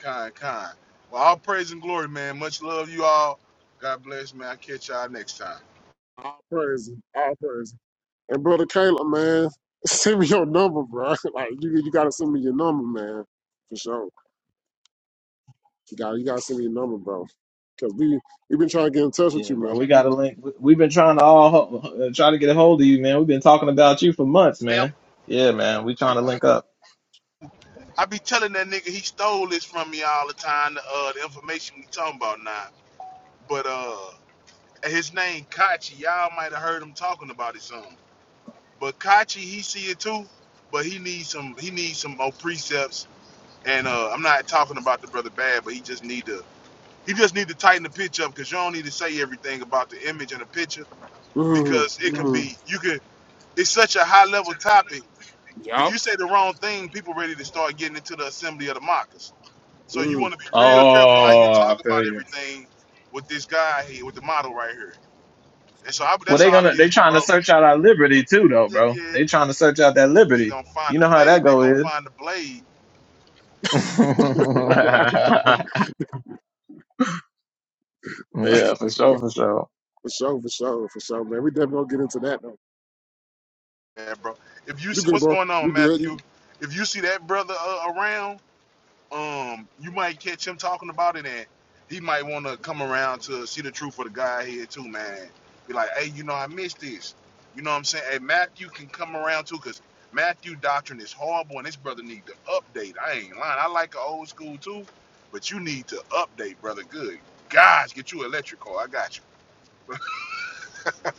Speaker 5: kind, kind. Well, all praise and glory, man. Much love, you all. God bless, man. I catch y'all next time.
Speaker 2: All praise, all praise. And brother Caleb, man, send me your number, bro. Like you you gotta send me your number, man. For sure. You got to you gotta send me your number, bro. Cause we we been trying to get in touch with
Speaker 1: Yeah,
Speaker 2: you,
Speaker 1: bro,
Speaker 2: man.
Speaker 1: we got a link. We- We've been trying to all ho- uh, try to get a hold of you, man. We've been talking about you for months,
Speaker 5: Hey, i
Speaker 1: man. Yeah, man, we trying to link up.
Speaker 5: I be telling that nigga he stole this from me all the time. The, uh, the information we talking about now, but uh. his name Kachi. Y'all might have heard him talking about it some. But Kachi, he see it too, but he needs some he needs some more precepts. And uh, I'm not talking about the brother bad, but he just need to he just need to tighten the pitch up because you don't need to say everything about the image and the picture
Speaker 2: Mm,
Speaker 5: because it can
Speaker 2: mm,
Speaker 5: be you can it's such a high level topic. If
Speaker 2: yup.
Speaker 5: you say the wrong thing, people ready to start getting into the assembly of the mockers. So you
Speaker 2: Mm.
Speaker 5: want to be real careful how you
Speaker 1: Oh, I
Speaker 5: talk
Speaker 1: feel
Speaker 5: about
Speaker 1: you.
Speaker 5: everything with this guy here, with the model right here. And so I,
Speaker 1: Well,
Speaker 5: that's
Speaker 1: they
Speaker 5: all it
Speaker 1: gonna they
Speaker 5: is, but
Speaker 1: trying to
Speaker 5: bro
Speaker 1: search out our liberty too, though,
Speaker 5: Yeah,
Speaker 1: bro.
Speaker 5: yeah.
Speaker 1: They trying to search out that
Speaker 5: They're just
Speaker 1: liberty.
Speaker 5: gonna find
Speaker 1: You
Speaker 5: the
Speaker 1: know how
Speaker 5: blade.
Speaker 1: that
Speaker 5: They're
Speaker 1: go
Speaker 5: gonna
Speaker 1: is.
Speaker 5: find the blade,
Speaker 1: yeah, for sure, for sure.
Speaker 2: For sure, for sure, for sure, man. We definitely gonna get into that though.
Speaker 5: man, bro. If you
Speaker 2: You
Speaker 5: see
Speaker 2: good,
Speaker 5: what's
Speaker 2: bro?
Speaker 5: going on,
Speaker 2: You good?
Speaker 5: Matthew,
Speaker 2: You-
Speaker 5: if you see that brother uh, around, um, you might catch him talking about it, and he might want to come around to see the truth of the guy here too, man. Be like, hey, you know, I missed this. You know what I'm saying? Hey, Matthew can come around too, cause Matthew doctrine is horrible, and this brother need to update. I ain't lying. I like the old school too, but you need to update, brother. Good. Gosh, get you an electric car. I got you.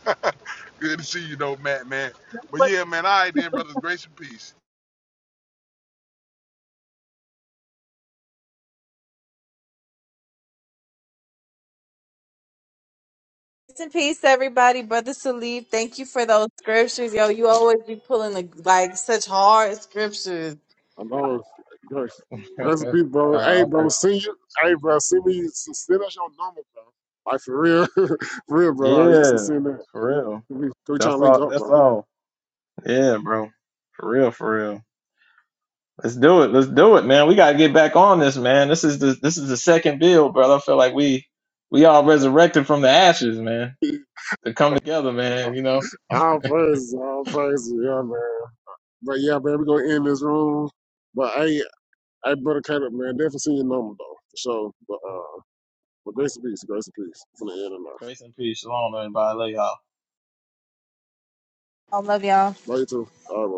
Speaker 5: Good to see you, though, Matt, man. But yeah, man, all right then, brothers. Grace and peace.
Speaker 4: Peace and peace, everybody. Brother Salif, thank you for those scriptures. Yo, you always be pulling the, like such hard scriptures.
Speaker 2: I know. Good. That's the people, bro.
Speaker 1: nah, I
Speaker 2: Hey,
Speaker 1: will
Speaker 2: bro,
Speaker 1: feel
Speaker 2: see you. Hey, bro, see me. s- Send us your number, bro. Like for real, for real, bro. Like, s-
Speaker 1: Yeah,
Speaker 2: send that.
Speaker 1: for real.
Speaker 2: We, we trying to
Speaker 1: That's
Speaker 2: link
Speaker 1: all.
Speaker 2: up,
Speaker 1: That's
Speaker 2: bro.
Speaker 1: all. Yeah, bro. For real, for real. Let's do it. Let's do it, man. We gotta get back on this, man. This is the this is the second build, brother. I feel like we we all resurrected from the ashes, man. To come together, man. You know,
Speaker 2: All praise, all praise, yeah, man. But yeah, man, we gonna end this room. But hey, hey, brother Caleb, man, definitely see your number though. For sure. But uh, but grace and peace, grace and peace. From the end of now.
Speaker 1: grace and peace. Shalom, everybody. I love y'all.
Speaker 4: I love y'all.
Speaker 2: Love you too. All right, bro.